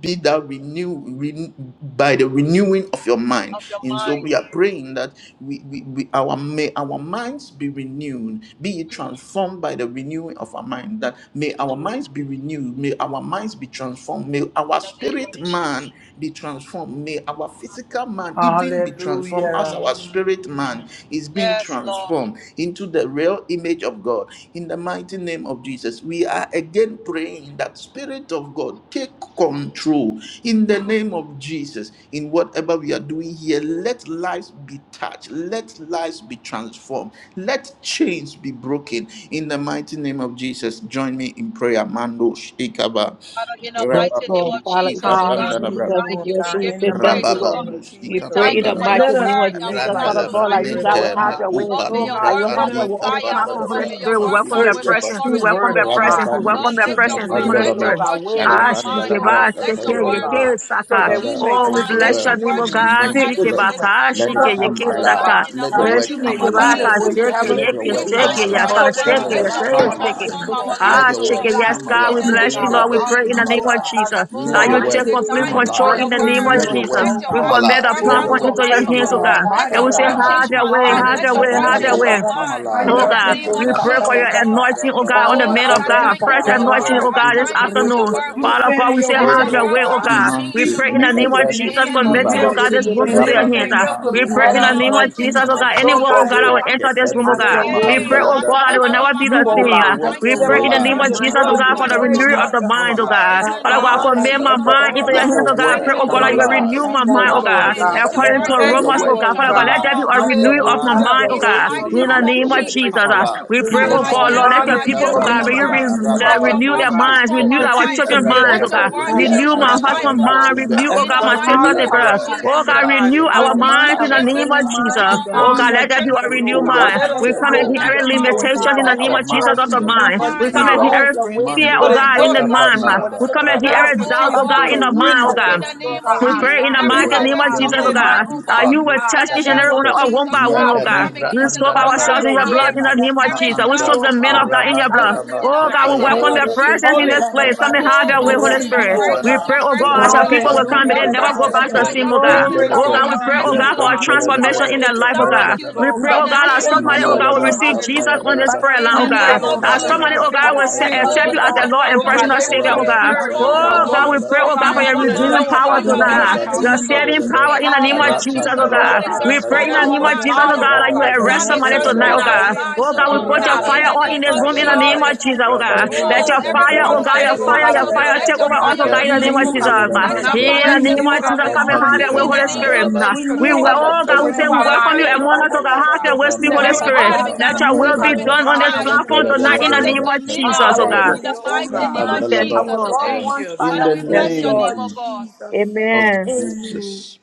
Speaker 2: "Be thou renewed renew, by the renewing of your mind."
Speaker 4: of your
Speaker 2: And so
Speaker 4: mind.
Speaker 2: we are praying that we, we, we our may our minds be renewed, be it transformed by the renewing of our mind. That may our
Speaker 4: Mm.
Speaker 2: minds be renewed. May our minds be transformed. May our
Speaker 4: In the name
Speaker 2: spirit
Speaker 4: of Jesus.
Speaker 2: man be transformed. May our physical man even be transformed transformed as
Speaker 1: Hallelujah.
Speaker 2: our spirit man is being
Speaker 4: Yes, Lord.
Speaker 2: transformed into the real image of God. In the mighty name of Jesus, we are again praying that Spirit of God take control in the name of Jesus. In whatever we are doing here, let lives be touched, let lives be transformed, let chains be broken. In the mighty name of Jesus, join me in prayer. Mando Shikaba.
Speaker 4: Father, in the
Speaker 3: Yes,
Speaker 2: Rabba,
Speaker 4: mighty name
Speaker 3: Lord.
Speaker 2: Mando
Speaker 4: of
Speaker 3: Father, in the
Speaker 4: Jesus, oh
Speaker 3: name
Speaker 2: Shikaba,
Speaker 3: of
Speaker 4: God, we
Speaker 3: Jesus,
Speaker 1: Hallelujah,
Speaker 2: Nanabra.
Speaker 3: we
Speaker 4: thank
Speaker 1: Lord
Speaker 4: you.
Speaker 3: bless
Speaker 4: We
Speaker 3: you.
Speaker 1: God,
Speaker 3: We
Speaker 4: give
Speaker 1: in
Speaker 4: you
Speaker 3: say
Speaker 1: the
Speaker 3: thank you,
Speaker 4: praise,
Speaker 1: mighty
Speaker 4: oh
Speaker 2: Rababa
Speaker 3: Lord.
Speaker 1: name
Speaker 4: God.
Speaker 1: of
Speaker 3: We
Speaker 4: We
Speaker 2: Lusika
Speaker 1: Jesus.
Speaker 3: pray in
Speaker 4: thank you
Speaker 3: the
Speaker 4: for
Speaker 2: Pandalaba
Speaker 4: your
Speaker 3: mighty
Speaker 1: Let us
Speaker 3: name of
Speaker 1: be
Speaker 4: word that
Speaker 3: Jesus,
Speaker 1: led
Speaker 4: will
Speaker 1: by
Speaker 4: come
Speaker 3: Father
Speaker 1: your
Speaker 2: Randalaba
Speaker 3: God, that
Speaker 4: tonight,
Speaker 3: you
Speaker 4: oh
Speaker 1: spirit,
Speaker 3: God
Speaker 1: oh
Speaker 3: will
Speaker 2: Mente
Speaker 4: God.
Speaker 3: have
Speaker 1: God.
Speaker 3: your way.
Speaker 4: Lord,
Speaker 2: Mekupa
Speaker 4: may
Speaker 1: Lord
Speaker 4: your
Speaker 3: That
Speaker 2: Luvra
Speaker 1: God,
Speaker 3: you
Speaker 4: word
Speaker 3: have
Speaker 1: let
Speaker 4: come
Speaker 3: your
Speaker 1: us,
Speaker 2: Andi
Speaker 4: with
Speaker 3: way in
Speaker 1: oh
Speaker 3: this
Speaker 4: fire,
Speaker 1: God,
Speaker 4: oh
Speaker 3: platform,
Speaker 4: God.
Speaker 3: Holy
Speaker 4: May
Speaker 1: continue
Speaker 2: Kapandalabra
Speaker 4: your
Speaker 3: Spirit.
Speaker 1: to
Speaker 3: We
Speaker 4: word
Speaker 3: welcome
Speaker 2: Mandiri
Speaker 4: come
Speaker 3: your
Speaker 1: search
Speaker 4: with
Speaker 1: the
Speaker 2: Brigapa
Speaker 3: presence. We
Speaker 1: true
Speaker 4: authority,
Speaker 3: welcome
Speaker 1: word
Speaker 4: oh
Speaker 3: your
Speaker 1: of
Speaker 4: God.
Speaker 3: presence. We
Speaker 1: God.
Speaker 2: Rababandu
Speaker 3: welcome
Speaker 4: Lord,
Speaker 3: your
Speaker 1: To
Speaker 4: let
Speaker 1: be
Speaker 2: Shika
Speaker 4: your
Speaker 3: presence. We
Speaker 4: word,
Speaker 3: Holy
Speaker 1: led,
Speaker 4: let
Speaker 2: Pandalaba,
Speaker 4: your
Speaker 1: Lord
Speaker 3: Spirit.
Speaker 1: God,
Speaker 4: word
Speaker 1: where it
Speaker 4: change my
Speaker 1: is
Speaker 3: Ash,
Speaker 1: that
Speaker 3: we
Speaker 4: mind,
Speaker 1: you
Speaker 3: give
Speaker 4: oh
Speaker 1: have
Speaker 2: Arabandalabra,
Speaker 1: us
Speaker 4: God.
Speaker 3: us, take
Speaker 4: Let
Speaker 1: to
Speaker 4: your
Speaker 1: be,
Speaker 3: care,
Speaker 1: oh
Speaker 3: you
Speaker 4: word
Speaker 2: Apayabalaba.
Speaker 1: God,
Speaker 3: care,
Speaker 1: so
Speaker 3: Saka.
Speaker 1: that we
Speaker 4: Change
Speaker 2: Father,
Speaker 1: may
Speaker 4: my
Speaker 3: Oh, we
Speaker 2: cause
Speaker 4: mind.
Speaker 2: your
Speaker 3: bless
Speaker 4: Let
Speaker 1: connect
Speaker 4: your
Speaker 3: your
Speaker 2: word
Speaker 1: with
Speaker 3: name,
Speaker 4: word
Speaker 2: to
Speaker 3: oh
Speaker 1: you and
Speaker 4: change
Speaker 3: God.
Speaker 4: my
Speaker 2: remain
Speaker 1: sit with
Speaker 4: attitude
Speaker 1: you
Speaker 2: flesh.
Speaker 4: this
Speaker 1: and
Speaker 3: Shikibaka,
Speaker 4: morning,
Speaker 2: Let
Speaker 4: oh
Speaker 2: it
Speaker 5: by
Speaker 3: Shiki,
Speaker 4: God.
Speaker 1: sup
Speaker 5: the
Speaker 2: come
Speaker 1: with
Speaker 3: Yaki,
Speaker 1: you, oh
Speaker 2: alive.
Speaker 5: presence,
Speaker 4: Tonight,
Speaker 3: Saka.
Speaker 1: God,
Speaker 4: in the
Speaker 2: Let
Speaker 5: by
Speaker 1: so
Speaker 2: your
Speaker 5: the
Speaker 3: Yes,
Speaker 1: that
Speaker 2: word
Speaker 4: mighty
Speaker 1: you
Speaker 4: name
Speaker 1: may
Speaker 2: come
Speaker 5: presence
Speaker 4: of
Speaker 5: of
Speaker 1: lead
Speaker 5: the
Speaker 2: alive.
Speaker 3: Shikibaka,
Speaker 1: us
Speaker 4: Jesus,
Speaker 1: where
Speaker 5: Holy
Speaker 4: oh
Speaker 1: you
Speaker 4: God.
Speaker 1: have
Speaker 3: Shiki,
Speaker 1: us
Speaker 2: Let
Speaker 5: Spirit,
Speaker 1: to
Speaker 2: your
Speaker 3: Yaki,
Speaker 1: be,
Speaker 4: We
Speaker 1: oh
Speaker 5: in
Speaker 2: word
Speaker 5: the
Speaker 2: come
Speaker 4: thank
Speaker 3: Shiki,
Speaker 1: God,
Speaker 4: you for
Speaker 5: name of
Speaker 2: alive.
Speaker 4: your
Speaker 1: so
Speaker 3: Yaka,
Speaker 1: that
Speaker 2: Let
Speaker 4: word.
Speaker 2: your
Speaker 3: Shiki,
Speaker 1: our
Speaker 4: Let
Speaker 5: Jesus,
Speaker 2: word
Speaker 4: your
Speaker 1: life
Speaker 3: Yaki,
Speaker 4: word
Speaker 2: come
Speaker 1: will
Speaker 5: Father,
Speaker 2: alive.
Speaker 1: honor
Speaker 5: please
Speaker 3: Shiki.
Speaker 4: transform
Speaker 1: you,
Speaker 5: put
Speaker 4: our
Speaker 1: oh
Speaker 5: us
Speaker 2: Let
Speaker 3: Ah,
Speaker 4: lives,
Speaker 1: God,
Speaker 2: your
Speaker 4: oh
Speaker 5: control in
Speaker 4: God.
Speaker 2: word
Speaker 1: that
Speaker 3: shaking.
Speaker 5: that.
Speaker 3: Yes,
Speaker 1: our
Speaker 2: come
Speaker 3: God,
Speaker 4: In
Speaker 3: we
Speaker 1: living,
Speaker 5: We
Speaker 2: alive.
Speaker 4: the
Speaker 1: Lord
Speaker 5: will
Speaker 3: bless you,
Speaker 2: Let
Speaker 4: name
Speaker 1: God,
Speaker 5: hear
Speaker 2: your
Speaker 4: of
Speaker 1: will
Speaker 3: Lord. We
Speaker 5: this
Speaker 2: word
Speaker 1: honor
Speaker 3: pray in
Speaker 1: you,
Speaker 3: the
Speaker 2: come
Speaker 4: Jesus, oh
Speaker 3: name
Speaker 1: oh
Speaker 5: tonight,
Speaker 3: of
Speaker 4: God.
Speaker 2: alive.
Speaker 1: God.
Speaker 5: Father,
Speaker 3: Jesus.
Speaker 4: Oh
Speaker 5: please
Speaker 3: God,
Speaker 2: Let your
Speaker 3: you
Speaker 4: God, we
Speaker 3: take
Speaker 2: word
Speaker 4: say
Speaker 5: mighty
Speaker 1: Hallelujah,
Speaker 3: complete
Speaker 2: come
Speaker 5: in
Speaker 4: thank you
Speaker 5: the
Speaker 1: Lord
Speaker 4: for
Speaker 1: God,
Speaker 2: alive.
Speaker 3: control in
Speaker 1: that
Speaker 4: your
Speaker 3: the
Speaker 5: mighty
Speaker 1: we're
Speaker 3: name
Speaker 4: word.
Speaker 3: of
Speaker 5: name
Speaker 2: Let
Speaker 5: of
Speaker 2: your
Speaker 1: serving you,
Speaker 2: word
Speaker 3: Jesus.
Speaker 4: Let
Speaker 1: oh
Speaker 4: your
Speaker 2: come
Speaker 3: We
Speaker 5: Jesus.
Speaker 1: God,
Speaker 4: as your
Speaker 3: commit
Speaker 2: alive.
Speaker 3: the
Speaker 4: word
Speaker 2: Let
Speaker 1: because
Speaker 4: come
Speaker 2: your
Speaker 5: Oh,
Speaker 3: platform
Speaker 1: you
Speaker 2: word
Speaker 1: are
Speaker 3: into
Speaker 4: tonight,
Speaker 3: your
Speaker 4: oh
Speaker 2: come
Speaker 1: faithful,
Speaker 3: hands, oh
Speaker 4: God.
Speaker 5: Rebbe,
Speaker 3: God.
Speaker 2: alive.
Speaker 4: Let
Speaker 5: Santa
Speaker 1: Almighty
Speaker 3: And
Speaker 4: your
Speaker 3: we say,
Speaker 4: word
Speaker 1: God.
Speaker 5: Rabata,
Speaker 3: have
Speaker 4: change
Speaker 2: Rabadu
Speaker 3: your
Speaker 4: my
Speaker 3: way,
Speaker 4: life.
Speaker 3: have
Speaker 4: Let
Speaker 3: your
Speaker 4: your
Speaker 2: Menta,
Speaker 3: way,
Speaker 1: Hallelujah,
Speaker 4: word
Speaker 5: Rabata,
Speaker 2: let
Speaker 3: have your
Speaker 2: your
Speaker 4: change
Speaker 1: Lord
Speaker 4: my
Speaker 2: word
Speaker 3: way.
Speaker 1: God.
Speaker 5: Rabata,
Speaker 2: come
Speaker 4: mind.
Speaker 1: How you
Speaker 2: alive.
Speaker 3: Oh
Speaker 4: In
Speaker 1: have
Speaker 4: the
Speaker 3: God,
Speaker 1: been
Speaker 5: Rebbe,
Speaker 4: name
Speaker 3: we
Speaker 4: of
Speaker 1: good to
Speaker 3: pray
Speaker 5: Santa
Speaker 3: for
Speaker 1: us,
Speaker 3: your
Speaker 2: Rabadu
Speaker 4: Jesus, oh
Speaker 5: Rabata,
Speaker 1: oh
Speaker 4: God.
Speaker 1: God.
Speaker 3: anointing, oh God,
Speaker 2: Sikaba.
Speaker 3: on the
Speaker 2: We
Speaker 4: Oh
Speaker 1: Lord,
Speaker 3: man
Speaker 1: I
Speaker 4: God,
Speaker 2: pray
Speaker 3: of
Speaker 4: I
Speaker 2: that
Speaker 5: Rabata,
Speaker 2: the
Speaker 1: thank
Speaker 3: God.
Speaker 4: thank
Speaker 1: you.
Speaker 4: you
Speaker 3: Fresh
Speaker 4: for
Speaker 5: Santa
Speaker 2: Spirit
Speaker 4: your
Speaker 2: of God
Speaker 3: anointing,
Speaker 4: word.
Speaker 2: will
Speaker 3: oh
Speaker 5: Rabata,
Speaker 4: I
Speaker 2: brood
Speaker 3: God, this
Speaker 1: Hallelujah,
Speaker 4: thank
Speaker 2: upon
Speaker 4: you for
Speaker 1: Lord.
Speaker 4: your
Speaker 2: this
Speaker 3: afternoon.
Speaker 4: word,
Speaker 5: Rebbe,
Speaker 4: oh
Speaker 1: You
Speaker 2: platform.
Speaker 3: Father
Speaker 4: God.
Speaker 1: said
Speaker 3: God,
Speaker 1: in
Speaker 3: we say
Speaker 1: your
Speaker 4: Let your
Speaker 1: word,
Speaker 3: have
Speaker 1: oh
Speaker 3: your
Speaker 4: world
Speaker 3: way, oh
Speaker 4: come
Speaker 2: Emosi
Speaker 1: God,
Speaker 4: to
Speaker 3: God. We
Speaker 4: change,
Speaker 2: mantu
Speaker 1: seek
Speaker 4: oh
Speaker 3: pray in
Speaker 2: me
Speaker 4: God.
Speaker 3: the name
Speaker 1: you
Speaker 3: of
Speaker 1: in the
Speaker 2: ebelu
Speaker 4: In
Speaker 3: Jesus,
Speaker 4: the
Speaker 1: kingdom of
Speaker 4: name
Speaker 5: In
Speaker 3: committing,
Speaker 4: of
Speaker 3: oh
Speaker 2: ibaha.
Speaker 5: the
Speaker 1: heaven,
Speaker 3: God, this room
Speaker 1: and
Speaker 4: Jesus.
Speaker 3: into your
Speaker 2: Rabami
Speaker 3: hands.
Speaker 1: everything
Speaker 3: ah.
Speaker 1: else will
Speaker 3: We
Speaker 1: be
Speaker 2: mandobra
Speaker 3: pray
Speaker 1: added
Speaker 3: in
Speaker 4: In
Speaker 3: the
Speaker 1: unto
Speaker 4: the
Speaker 5: name
Speaker 3: name of
Speaker 5: of
Speaker 2: abadu
Speaker 4: mighty
Speaker 1: us.
Speaker 3: Jesus,
Speaker 5: Jesus,
Speaker 4: name
Speaker 3: oh
Speaker 4: of
Speaker 3: God,
Speaker 2: mente.
Speaker 5: have
Speaker 1: Lord
Speaker 3: anyone,
Speaker 4: Jesus,
Speaker 5: your
Speaker 1: God,
Speaker 3: oh
Speaker 1: and
Speaker 3: God,
Speaker 4: oh
Speaker 1: we,
Speaker 3: I
Speaker 5: way.
Speaker 3: will
Speaker 4: God.
Speaker 1: I'm
Speaker 2: Reke
Speaker 3: enter this
Speaker 1: praying
Speaker 3: room, oh
Speaker 5: Have
Speaker 1: today,
Speaker 5: your
Speaker 3: God.
Speaker 1: Lord
Speaker 5: way,
Speaker 1: God,
Speaker 3: We
Speaker 5: O
Speaker 1: that we
Speaker 3: pray,
Speaker 4: Hey,
Speaker 5: God.
Speaker 3: oh
Speaker 2: mahandalabra
Speaker 1: continue
Speaker 3: God, that
Speaker 4: makala
Speaker 1: to
Speaker 3: it will
Speaker 4: ba
Speaker 2: kapa.
Speaker 4: ba
Speaker 1: seek
Speaker 3: never
Speaker 4: ba
Speaker 3: be
Speaker 4: ba
Speaker 1: you,
Speaker 3: the
Speaker 4: ba
Speaker 1: oh
Speaker 2: Let
Speaker 4: ba.
Speaker 3: same.
Speaker 2: your
Speaker 3: ah.
Speaker 1: God,
Speaker 2: word
Speaker 5: Have
Speaker 4: Thank
Speaker 3: We
Speaker 5: your
Speaker 4: you,
Speaker 2: come
Speaker 1: that
Speaker 3: pray
Speaker 5: way
Speaker 1: we
Speaker 3: in
Speaker 4: Lord.
Speaker 3: the
Speaker 5: in
Speaker 2: alive
Speaker 3: name
Speaker 5: the
Speaker 3: of
Speaker 4: Thank
Speaker 1: continue
Speaker 2: for
Speaker 1: to
Speaker 4: you,
Speaker 3: Jesus,
Speaker 2: Mother
Speaker 1: dwell
Speaker 5: mighty
Speaker 3: oh
Speaker 2: K.
Speaker 4: Lord.
Speaker 1: in
Speaker 3: God,
Speaker 1: your
Speaker 5: name
Speaker 3: for
Speaker 4: Thank
Speaker 3: the
Speaker 2: Let
Speaker 4: you,
Speaker 5: of
Speaker 2: your
Speaker 4: oh
Speaker 1: praise,
Speaker 3: renewal of
Speaker 4: God.
Speaker 2: word
Speaker 3: the
Speaker 5: Jesus.
Speaker 2: come
Speaker 1: Lord
Speaker 3: mind, oh
Speaker 1: God.
Speaker 2: alive
Speaker 3: God.
Speaker 4: In the
Speaker 5: Have
Speaker 3: Father
Speaker 4: name
Speaker 2: for
Speaker 3: God,
Speaker 4: of
Speaker 3: commit
Speaker 2: Minister
Speaker 4: Jesus,
Speaker 3: my
Speaker 1: Hallelujah,
Speaker 5: your
Speaker 4: oh
Speaker 3: mind
Speaker 2: Stephanie.
Speaker 1: oh
Speaker 3: into
Speaker 4: God.
Speaker 3: your
Speaker 2: Let
Speaker 3: hands,
Speaker 1: God.
Speaker 2: your
Speaker 3: oh God. I
Speaker 4: Let
Speaker 2: word
Speaker 3: pray,
Speaker 1: In
Speaker 4: your
Speaker 3: oh
Speaker 1: the
Speaker 2: come
Speaker 3: God, that
Speaker 4: word
Speaker 3: you
Speaker 1: name
Speaker 4: come
Speaker 1: of
Speaker 4: to
Speaker 2: alive
Speaker 3: renew my
Speaker 4: renew
Speaker 1: Jesus,
Speaker 2: for
Speaker 3: mind,
Speaker 4: my
Speaker 3: oh
Speaker 1: Lord
Speaker 3: God.
Speaker 4: mind.
Speaker 2: Providence
Speaker 4: Let
Speaker 1: God.
Speaker 4: your
Speaker 3: According
Speaker 4: word
Speaker 2: Philomena.
Speaker 3: to
Speaker 4: come
Speaker 2: Let your
Speaker 1: Thank
Speaker 3: Romans,
Speaker 4: come
Speaker 1: you,
Speaker 3: oh
Speaker 2: word
Speaker 4: to
Speaker 1: oh
Speaker 3: God,
Speaker 2: come
Speaker 3: Father God, let
Speaker 1: God.
Speaker 3: let
Speaker 4: transform
Speaker 3: there
Speaker 4: my
Speaker 2: alive
Speaker 3: be a
Speaker 4: mind,
Speaker 2: for
Speaker 4: oh
Speaker 2: the
Speaker 3: renewing
Speaker 5: way,
Speaker 3: of
Speaker 4: God.
Speaker 3: my
Speaker 2: man of
Speaker 5: have
Speaker 1: Hallelujah,
Speaker 3: mind,
Speaker 5: your
Speaker 3: oh
Speaker 4: In
Speaker 2: God,
Speaker 4: the
Speaker 5: way.
Speaker 3: God.
Speaker 1: Lord
Speaker 2: Kuli.
Speaker 4: mighty
Speaker 3: In
Speaker 4: name
Speaker 3: the
Speaker 1: God,
Speaker 2: Let
Speaker 4: of
Speaker 1: for
Speaker 3: name
Speaker 2: your
Speaker 3: of
Speaker 1: your
Speaker 2: word
Speaker 4: Jesus,
Speaker 3: Jesus,
Speaker 1: grace
Speaker 2: come
Speaker 4: oh
Speaker 1: and
Speaker 3: uh,
Speaker 1: your
Speaker 4: God.
Speaker 2: alive.
Speaker 3: we pray,
Speaker 4: Father,
Speaker 5: Renew
Speaker 1: mercy.
Speaker 3: oh
Speaker 4: I
Speaker 5: our
Speaker 3: God,
Speaker 2: Mando
Speaker 4: yearn
Speaker 3: Lord,
Speaker 4: to
Speaker 3: let
Speaker 5: mind
Speaker 3: your
Speaker 4: I
Speaker 5: in
Speaker 3: people,
Speaker 2: Shika
Speaker 4: yearn
Speaker 3: oh
Speaker 5: the
Speaker 4: for
Speaker 1: Hallelujah.
Speaker 3: God,
Speaker 4: your
Speaker 5: name
Speaker 3: renew,
Speaker 5: of
Speaker 2: Panalaba,
Speaker 1: Continue
Speaker 4: word.
Speaker 1: to
Speaker 4: Let
Speaker 2: Arababa,
Speaker 1: draw
Speaker 5: Jesus.
Speaker 4: your
Speaker 1: us,
Speaker 3: renew
Speaker 1: oh
Speaker 4: word
Speaker 3: their
Speaker 1: God.
Speaker 2: Niko
Speaker 3: minds,
Speaker 4: transform
Speaker 3: renew
Speaker 4: my
Speaker 2: Sete
Speaker 3: our
Speaker 1: Continue
Speaker 4: life.
Speaker 1: to
Speaker 3: children's
Speaker 1: build
Speaker 4: Let
Speaker 3: minds,
Speaker 1: that
Speaker 3: oh
Speaker 4: your
Speaker 3: God.
Speaker 2: Rebelebe,
Speaker 1: hunger
Speaker 4: word
Speaker 5: Renew
Speaker 1: in us
Speaker 2: Let
Speaker 3: Renew
Speaker 4: change
Speaker 2: there
Speaker 1: like
Speaker 4: my
Speaker 3: my
Speaker 2: be
Speaker 1: never
Speaker 4: life,
Speaker 3: husband's
Speaker 4: oh
Speaker 1: before,
Speaker 4: God.
Speaker 3: mind,
Speaker 1: oh
Speaker 2: enlightened the
Speaker 3: renew, oh
Speaker 1: God.
Speaker 4: In
Speaker 3: God,
Speaker 4: the
Speaker 3: my
Speaker 2: entrance of
Speaker 4: mighty
Speaker 3: sisters
Speaker 2: thy
Speaker 3: and
Speaker 4: name of
Speaker 5: our
Speaker 3: brothers.
Speaker 1: Hallelujah.
Speaker 2: word.
Speaker 5: hearts,
Speaker 4: Jesus,
Speaker 3: Oh
Speaker 1: In
Speaker 2: The
Speaker 4: oh
Speaker 1: the
Speaker 3: God,
Speaker 4: God.
Speaker 2: Bible
Speaker 1: mighty
Speaker 3: renew
Speaker 2: said,
Speaker 4: I
Speaker 1: name
Speaker 3: our
Speaker 5: our
Speaker 2: bring
Speaker 1: of
Speaker 2: us
Speaker 4: bring my
Speaker 5: mind,
Speaker 3: minds in
Speaker 2: light
Speaker 1: Jesus,
Speaker 5: our
Speaker 3: the
Speaker 2: and
Speaker 4: children
Speaker 1: oh
Speaker 3: name
Speaker 4: to
Speaker 5: children
Speaker 3: of
Speaker 4: you,
Speaker 1: God.
Speaker 2: understanding
Speaker 4: oh
Speaker 5: mind
Speaker 2: to
Speaker 5: in
Speaker 2: the
Speaker 3: Jesus.
Speaker 5: the
Speaker 4: God. I
Speaker 3: Oh
Speaker 4: bring
Speaker 2: simple.
Speaker 5: name
Speaker 4: my
Speaker 3: God,
Speaker 5: of
Speaker 3: let there be
Speaker 2: And
Speaker 4: children
Speaker 3: a
Speaker 1: Hallelujah,
Speaker 5: Jesus.
Speaker 2: through, O
Speaker 1: Lord
Speaker 3: renewed
Speaker 1: God.
Speaker 2: Lord,
Speaker 4: God,
Speaker 3: mind.
Speaker 5: Father,
Speaker 1: Let us
Speaker 5: let
Speaker 3: We
Speaker 5: your
Speaker 3: come
Speaker 1: not
Speaker 5: will
Speaker 2: therefore,
Speaker 5: be
Speaker 3: against
Speaker 2: we
Speaker 4: tonight,
Speaker 3: every
Speaker 5: done
Speaker 4: oh
Speaker 1: do,
Speaker 5: in
Speaker 4: God.
Speaker 5: our
Speaker 1: Lord
Speaker 3: limitation
Speaker 1: God,
Speaker 3: in
Speaker 2: simplify
Speaker 3: the
Speaker 4: Let
Speaker 5: children's
Speaker 3: name
Speaker 4: your
Speaker 1: any
Speaker 2: our
Speaker 3: of
Speaker 4: word
Speaker 5: heart
Speaker 1: work
Speaker 3: Jesus
Speaker 2: minds
Speaker 3: of
Speaker 5: in
Speaker 2: to
Speaker 3: the
Speaker 5: the
Speaker 4: renew
Speaker 1: or
Speaker 4: their
Speaker 5: name
Speaker 3: mind.
Speaker 5: of
Speaker 1: anything
Speaker 2: receive
Speaker 3: We
Speaker 1: in
Speaker 4: minds,
Speaker 2: your
Speaker 3: come
Speaker 4: oh
Speaker 1: our
Speaker 5: Jesus.
Speaker 3: against
Speaker 2: word.
Speaker 1: own
Speaker 5: Let
Speaker 4: God,
Speaker 3: every
Speaker 5: your
Speaker 1: strength,
Speaker 5: will
Speaker 4: in
Speaker 5: be
Speaker 4: the
Speaker 3: fear,
Speaker 2: Mando,
Speaker 3: oh
Speaker 1: but
Speaker 5: done
Speaker 1: in
Speaker 5: in
Speaker 3: God,
Speaker 4: mighty
Speaker 3: in
Speaker 1: your
Speaker 5: our
Speaker 3: the
Speaker 4: name of
Speaker 1: strength,
Speaker 5: life,
Speaker 2: Sikapa,
Speaker 3: mind.
Speaker 5: in
Speaker 1: oh
Speaker 3: uh,
Speaker 5: our
Speaker 4: Jesus,
Speaker 1: God.
Speaker 2: Nalaba,
Speaker 3: We
Speaker 4: oh
Speaker 3: come
Speaker 4: God.
Speaker 5: children's
Speaker 3: against
Speaker 1: Let us
Speaker 2: Rabba,
Speaker 5: life.
Speaker 3: every
Speaker 2: we
Speaker 4: Oh
Speaker 3: doubt,
Speaker 1: continue
Speaker 3: oh
Speaker 5: Father,
Speaker 1: to
Speaker 4: God,
Speaker 3: God, in
Speaker 2: humble
Speaker 3: the
Speaker 5: renew
Speaker 3: mind, oh
Speaker 1: surrender,
Speaker 5: our
Speaker 4: in
Speaker 3: God.
Speaker 2: ourselves
Speaker 4: the
Speaker 5: life,
Speaker 2: to
Speaker 4: name
Speaker 1: Lord God,
Speaker 5: our
Speaker 4: of
Speaker 3: We
Speaker 2: receive
Speaker 1: our
Speaker 5: mind,
Speaker 3: pray
Speaker 4: Jesus,
Speaker 3: in the
Speaker 1: life,
Speaker 2: your
Speaker 4: every
Speaker 5: renew
Speaker 3: mighty
Speaker 5: our
Speaker 3: name
Speaker 2: word.
Speaker 4: every
Speaker 3: of
Speaker 1: our
Speaker 3: Jesus,
Speaker 4: double
Speaker 2: Mando,
Speaker 3: oh
Speaker 5: children's
Speaker 4: mind,
Speaker 3: God,
Speaker 1: living,
Speaker 5: mind,
Speaker 4: oh
Speaker 3: that
Speaker 5: Father.
Speaker 4: God,
Speaker 3: you
Speaker 2: Sikapa,
Speaker 3: will
Speaker 4: in
Speaker 1: our
Speaker 3: touch
Speaker 2: Nuska,
Speaker 5: Father,
Speaker 4: the
Speaker 3: each and
Speaker 5: let
Speaker 3: every
Speaker 4: name
Speaker 5: our
Speaker 3: one
Speaker 4: of
Speaker 2: Ante,
Speaker 3: of
Speaker 1: children,
Speaker 3: us
Speaker 5: children
Speaker 3: one
Speaker 4: Jesus,
Speaker 3: by
Speaker 4: oh
Speaker 2: Me,
Speaker 3: one,
Speaker 5: live
Speaker 4: God,
Speaker 1: our
Speaker 3: oh
Speaker 4: we
Speaker 3: God.
Speaker 4: come
Speaker 1: money,
Speaker 2: Edubra,
Speaker 3: We
Speaker 4: against it,
Speaker 3: soak
Speaker 4: oh God.
Speaker 5: according to
Speaker 1: our
Speaker 4: Every
Speaker 3: ourselves
Speaker 2: Andalaba,
Speaker 3: in
Speaker 5: your
Speaker 3: your
Speaker 1: body
Speaker 4: fear,
Speaker 5: will,
Speaker 3: blood in the
Speaker 5: Father,
Speaker 3: name
Speaker 2: Yetanus,
Speaker 5: in
Speaker 3: of
Speaker 5: the
Speaker 2: Ma,
Speaker 4: every
Speaker 1: unto
Speaker 3: Jesus. We
Speaker 1: you,
Speaker 4: doubt,
Speaker 2: Anta,
Speaker 5: mighty
Speaker 3: soak
Speaker 1: O
Speaker 3: the
Speaker 4: oh
Speaker 5: name
Speaker 3: men
Speaker 5: of
Speaker 4: God,
Speaker 1: God,
Speaker 3: of
Speaker 4: we
Speaker 3: God
Speaker 2: Rabba,
Speaker 4: come
Speaker 3: in your
Speaker 1: as
Speaker 5: Jesus.
Speaker 3: blood.
Speaker 1: a
Speaker 4: against it
Speaker 2: Andalaba,
Speaker 4: in
Speaker 1: living
Speaker 4: the
Speaker 3: Oh God, we
Speaker 4: mighty
Speaker 2: Tapaya,
Speaker 5: Renew
Speaker 4: name
Speaker 1: sacrifice.
Speaker 3: welcome
Speaker 4: of
Speaker 5: our
Speaker 3: your
Speaker 5: mind,
Speaker 2: Balaba.
Speaker 4: Jesus,
Speaker 3: presence
Speaker 4: oh
Speaker 1: Holy
Speaker 3: in
Speaker 1: and
Speaker 3: this
Speaker 4: God.
Speaker 2: Yente
Speaker 3: place. Come
Speaker 1: acceptable
Speaker 3: and
Speaker 1: is
Speaker 3: have
Speaker 4: Oh
Speaker 1: to
Speaker 3: your way,
Speaker 4: God,
Speaker 1: do
Speaker 2: Rebedu
Speaker 4: we
Speaker 3: Holy
Speaker 4: say
Speaker 1: to
Speaker 4: your
Speaker 1: you,
Speaker 3: Spirit.
Speaker 1: Lord
Speaker 3: We
Speaker 2: Mandala
Speaker 4: presence,
Speaker 1: God.
Speaker 4: your
Speaker 3: pray, oh God,
Speaker 4: presence,
Speaker 3: as
Speaker 4: oh
Speaker 3: your
Speaker 4: God.
Speaker 3: people will come,
Speaker 2: Rapapani
Speaker 3: but they
Speaker 4: Your
Speaker 1: Hallelujah,
Speaker 2: Kus
Speaker 3: never
Speaker 1: God.
Speaker 3: go
Speaker 4: presence,
Speaker 2: and
Speaker 3: back
Speaker 4: oh
Speaker 3: to
Speaker 4: God,
Speaker 3: sin,
Speaker 4: your
Speaker 3: oh God.
Speaker 4: presence,
Speaker 1: Glory
Speaker 4: oh
Speaker 1: to
Speaker 3: Oh
Speaker 2: Endelebe
Speaker 4: God,
Speaker 3: God,
Speaker 1: your
Speaker 4: your
Speaker 3: we pray, oh
Speaker 1: name,
Speaker 4: presence,
Speaker 1: O
Speaker 3: God,
Speaker 4: oh
Speaker 2: Yente
Speaker 3: for
Speaker 5: Jesus.
Speaker 4: God
Speaker 3: a
Speaker 1: God. Lord,
Speaker 5: Renew
Speaker 1: we
Speaker 5: our
Speaker 3: transformation in
Speaker 1: thank
Speaker 2: Telebelebe
Speaker 3: their
Speaker 1: you.
Speaker 3: life,
Speaker 5: thinking
Speaker 3: oh
Speaker 4: thank
Speaker 5: mind.
Speaker 3: God.
Speaker 4: you
Speaker 2: Payabalaba
Speaker 3: We
Speaker 1: Lord
Speaker 5: In
Speaker 3: pray,
Speaker 5: the
Speaker 1: God,
Speaker 3: oh
Speaker 4: in the
Speaker 1: we
Speaker 3: God, that
Speaker 4: name
Speaker 5: mighty
Speaker 1: thank
Speaker 4: of
Speaker 1: you,
Speaker 3: somebody,
Speaker 5: name
Speaker 3: oh
Speaker 5: of
Speaker 4: Jesus,
Speaker 1: Lord
Speaker 3: God, will
Speaker 2: Mandalaba,
Speaker 1: God.
Speaker 4: oh
Speaker 3: receive
Speaker 5: Jesus.
Speaker 4: God.
Speaker 3: Jesus
Speaker 2: Tapaya
Speaker 3: on
Speaker 1: Hallelujah.
Speaker 3: this
Speaker 2: Balaba,
Speaker 3: prayer
Speaker 5: Father,
Speaker 4: In
Speaker 3: line,
Speaker 1: We
Speaker 4: the
Speaker 3: oh
Speaker 5: renew
Speaker 3: God.
Speaker 1: pray,
Speaker 4: name
Speaker 5: our
Speaker 4: of
Speaker 1: Lord
Speaker 2: Rababa
Speaker 3: That
Speaker 1: God, that
Speaker 5: mind.
Speaker 1: you
Speaker 3: somebody,
Speaker 4: Jesus,
Speaker 2: Dalaba,
Speaker 4: oh
Speaker 3: oh
Speaker 1: continue
Speaker 3: God,
Speaker 4: God.
Speaker 1: to
Speaker 3: will
Speaker 5: Father,
Speaker 2: Tapaya
Speaker 5: help
Speaker 1: send
Speaker 5: us,
Speaker 3: accept
Speaker 4: Oh,
Speaker 5: oh
Speaker 3: you as
Speaker 4: let
Speaker 1: people.
Speaker 2: Balabalaba,
Speaker 5: God,
Speaker 3: their
Speaker 4: your
Speaker 3: Lord
Speaker 4: word
Speaker 3: and
Speaker 1: Lord
Speaker 5: to
Speaker 4: come
Speaker 1: God,
Speaker 4: to,
Speaker 3: personal
Speaker 1: they
Speaker 4: oh
Speaker 1: will
Speaker 3: Savior,
Speaker 4: God,
Speaker 1: be
Speaker 3: oh
Speaker 2: Mantalaba,
Speaker 4: to
Speaker 5: accept you
Speaker 3: God.
Speaker 5: as
Speaker 1: encouraged,
Speaker 2: Tapaya
Speaker 1: oh
Speaker 4: transform,
Speaker 5: our
Speaker 4: oh
Speaker 3: Oh
Speaker 1: God.
Speaker 3: God,
Speaker 4: God.
Speaker 5: Lord
Speaker 3: we
Speaker 5: and
Speaker 2: Balabalaba,
Speaker 3: pray,
Speaker 1: Lord
Speaker 3: oh
Speaker 1: God,
Speaker 3: God,
Speaker 4: Renew
Speaker 1: they
Speaker 3: for
Speaker 5: personal
Speaker 3: your
Speaker 4: our
Speaker 1: want to
Speaker 2: Manta
Speaker 5: Savior.
Speaker 3: redeeming
Speaker 1: know
Speaker 4: minds,
Speaker 3: power
Speaker 4: renew
Speaker 1: about
Speaker 5: In
Speaker 1: the
Speaker 2: Maalu
Speaker 5: the
Speaker 4: our
Speaker 1: man
Speaker 3: tonight.
Speaker 5: mighty
Speaker 4: attitude,
Speaker 2: Brabadun
Speaker 1: called
Speaker 3: Your
Speaker 4: oh
Speaker 5: name of
Speaker 4: God.
Speaker 1: Jesus.
Speaker 3: saving
Speaker 2: Sadalaba,
Speaker 3: power
Speaker 4: In
Speaker 5: Jesus.
Speaker 3: in
Speaker 4: the
Speaker 3: the name
Speaker 4: name
Speaker 3: of
Speaker 4: of
Speaker 3: Jesus,
Speaker 4: Jesus,
Speaker 3: oh
Speaker 1: Hallelujah,
Speaker 5: Oh,
Speaker 4: come
Speaker 1: oh
Speaker 2: Arapandalaba,
Speaker 3: God.
Speaker 4: and
Speaker 1: God.
Speaker 3: We
Speaker 5: father,
Speaker 2: Tapaya
Speaker 3: pray in
Speaker 4: transform
Speaker 1: That
Speaker 3: the
Speaker 1: we
Speaker 5: father,
Speaker 4: our
Speaker 3: name
Speaker 2: Balaba,
Speaker 1: will
Speaker 3: of
Speaker 5: father,
Speaker 4: lives,
Speaker 3: Jesus,
Speaker 4: oh
Speaker 3: oh
Speaker 5: father,
Speaker 1: model,
Speaker 4: God.
Speaker 3: God, that
Speaker 1: Lord
Speaker 3: you
Speaker 1: God,
Speaker 2: Rabalaba,
Speaker 3: arrest
Speaker 1: you
Speaker 4: Come and
Speaker 3: somebody
Speaker 2: Tapaya
Speaker 3: tonight,
Speaker 1: in
Speaker 4: transform
Speaker 3: oh
Speaker 2: Balaba,
Speaker 1: our
Speaker 4: our
Speaker 3: God.
Speaker 1: living,
Speaker 3: Oh
Speaker 4: lives, oh
Speaker 3: God, we
Speaker 4: God.
Speaker 1: in
Speaker 3: put your
Speaker 1: our
Speaker 4: In
Speaker 2: Rabandalaba,
Speaker 3: fire
Speaker 4: the
Speaker 1: lineage.
Speaker 3: on in
Speaker 4: name
Speaker 3: this
Speaker 4: of
Speaker 2: Tapaya
Speaker 3: room in the
Speaker 2: Balaba,
Speaker 3: name
Speaker 4: Jesus, oh
Speaker 3: of Jesus,
Speaker 1: Hallelujah,
Speaker 3: oh
Speaker 4: God.
Speaker 3: God.
Speaker 1: oh
Speaker 3: Let
Speaker 4: Oh,
Speaker 2: Rabandalaba,
Speaker 1: God.
Speaker 3: your
Speaker 4: every
Speaker 3: fire,
Speaker 1: You
Speaker 2: Balaba,
Speaker 3: oh
Speaker 4: corner
Speaker 3: God,
Speaker 4: of
Speaker 1: said,
Speaker 3: your
Speaker 4: this
Speaker 1: Lord
Speaker 2: Tapaya
Speaker 3: fire,
Speaker 1: God,
Speaker 4: house,
Speaker 3: your
Speaker 1: a
Speaker 4: oh
Speaker 2: Balaba,
Speaker 4: God,
Speaker 1: family
Speaker 3: fire
Speaker 4: let
Speaker 1: that
Speaker 3: take
Speaker 4: your
Speaker 3: over
Speaker 1: pray
Speaker 3: us, oh
Speaker 4: fire
Speaker 2: Nanta
Speaker 3: God,
Speaker 1: together,
Speaker 3: in
Speaker 4: be,
Speaker 3: the
Speaker 2: na
Speaker 4: oh
Speaker 1: stay
Speaker 3: name of
Speaker 5: Renew
Speaker 4: God.
Speaker 3: Jesus,
Speaker 1: together.
Speaker 5: our
Speaker 3: oh
Speaker 2: adura
Speaker 3: God.
Speaker 1: And
Speaker 4: Let
Speaker 5: mind.
Speaker 4: your
Speaker 1: I'm
Speaker 2: anta
Speaker 3: In
Speaker 4: fire
Speaker 3: the
Speaker 1: claiming
Speaker 4: take
Speaker 3: name
Speaker 1: this
Speaker 5: Renew
Speaker 3: of
Speaker 4: over,
Speaker 3: Jesus,
Speaker 4: oh
Speaker 1: family
Speaker 5: our
Speaker 3: come
Speaker 4: God.
Speaker 1: on
Speaker 3: and
Speaker 2: satani
Speaker 3: have
Speaker 5: mind,
Speaker 3: your
Speaker 1: today,
Speaker 3: way,
Speaker 4: In
Speaker 1: oh
Speaker 4: the
Speaker 3: Holy
Speaker 2: jantam
Speaker 1: God,
Speaker 5: Jesus.
Speaker 4: name of
Speaker 3: Spirit.
Speaker 2: dalaba
Speaker 1: that we
Speaker 4: Jesus,
Speaker 3: We
Speaker 5: Renew
Speaker 4: oh
Speaker 3: will,
Speaker 1: continue
Speaker 4: God.
Speaker 5: our
Speaker 1: to
Speaker 2: rabam
Speaker 3: oh God, we
Speaker 2: dalaba
Speaker 4: We
Speaker 3: say
Speaker 1: renew
Speaker 5: children
Speaker 3: we
Speaker 1: our
Speaker 4: say
Speaker 5: mind.
Speaker 3: welcome
Speaker 1: mind
Speaker 3: you
Speaker 4: thank
Speaker 2: kapaya
Speaker 1: in
Speaker 4: you.
Speaker 3: among us,
Speaker 1: you,
Speaker 2: balaba
Speaker 3: oh
Speaker 5: Father
Speaker 3: God.
Speaker 5: God,
Speaker 1: Lord
Speaker 3: Have
Speaker 5: let
Speaker 1: God,
Speaker 3: your
Speaker 5: the
Speaker 3: way, speak,
Speaker 1: that
Speaker 3: Holy
Speaker 5: kingdom
Speaker 1: we
Speaker 2: rababam
Speaker 4: Spirit of
Speaker 5: of
Speaker 4: the
Speaker 3: Spirit.
Speaker 1: are
Speaker 2: dalaba
Speaker 4: living
Speaker 5: God
Speaker 1: new
Speaker 4: God,
Speaker 3: Let your
Speaker 4: we
Speaker 2: kapaya
Speaker 4: say,
Speaker 5: renew
Speaker 1: creatures.
Speaker 3: will be
Speaker 4: come
Speaker 5: our
Speaker 4: and
Speaker 2: balaba
Speaker 3: done
Speaker 4: take
Speaker 3: on
Speaker 5: mind,
Speaker 3: this
Speaker 5: our
Speaker 4: charge.
Speaker 2: nanta
Speaker 3: platform
Speaker 1: Hallelujah,
Speaker 2: laba
Speaker 5: children
Speaker 3: tonight
Speaker 4: Come
Speaker 3: in
Speaker 2: laba
Speaker 4: and
Speaker 3: the
Speaker 1: Jesus.
Speaker 5: mind,
Speaker 4: take
Speaker 2: laba
Speaker 3: name of
Speaker 4: dominion
Speaker 2: kapaya
Speaker 3: Jesus, oh
Speaker 5: our
Speaker 2: balaba
Speaker 3: God.
Speaker 4: in the
Speaker 1: Hallelujah,
Speaker 5: Google
Speaker 1: oh
Speaker 5: family
Speaker 4: mighty name
Speaker 2: rabam
Speaker 1: God.
Speaker 4: of
Speaker 5: mind,
Speaker 3: Thank
Speaker 2: dalaba
Speaker 3: you,
Speaker 4: Jesus,
Speaker 5: our
Speaker 3: Lord.
Speaker 4: oh
Speaker 2: kapaya
Speaker 5: loved
Speaker 4: God.
Speaker 1: Thank
Speaker 5: ones,
Speaker 1: you,
Speaker 2: balaba. In
Speaker 4: Father,
Speaker 5: Father,
Speaker 2: the
Speaker 4: we
Speaker 5: in the
Speaker 3: Yes,
Speaker 1: Jesus.
Speaker 4: bless your
Speaker 5: name of
Speaker 3: Lord.
Speaker 4: name, oh
Speaker 2: name
Speaker 4: God.
Speaker 5: Jesus.
Speaker 2: of
Speaker 3: Amen.
Speaker 5: Amen.
Speaker 2: Jesus,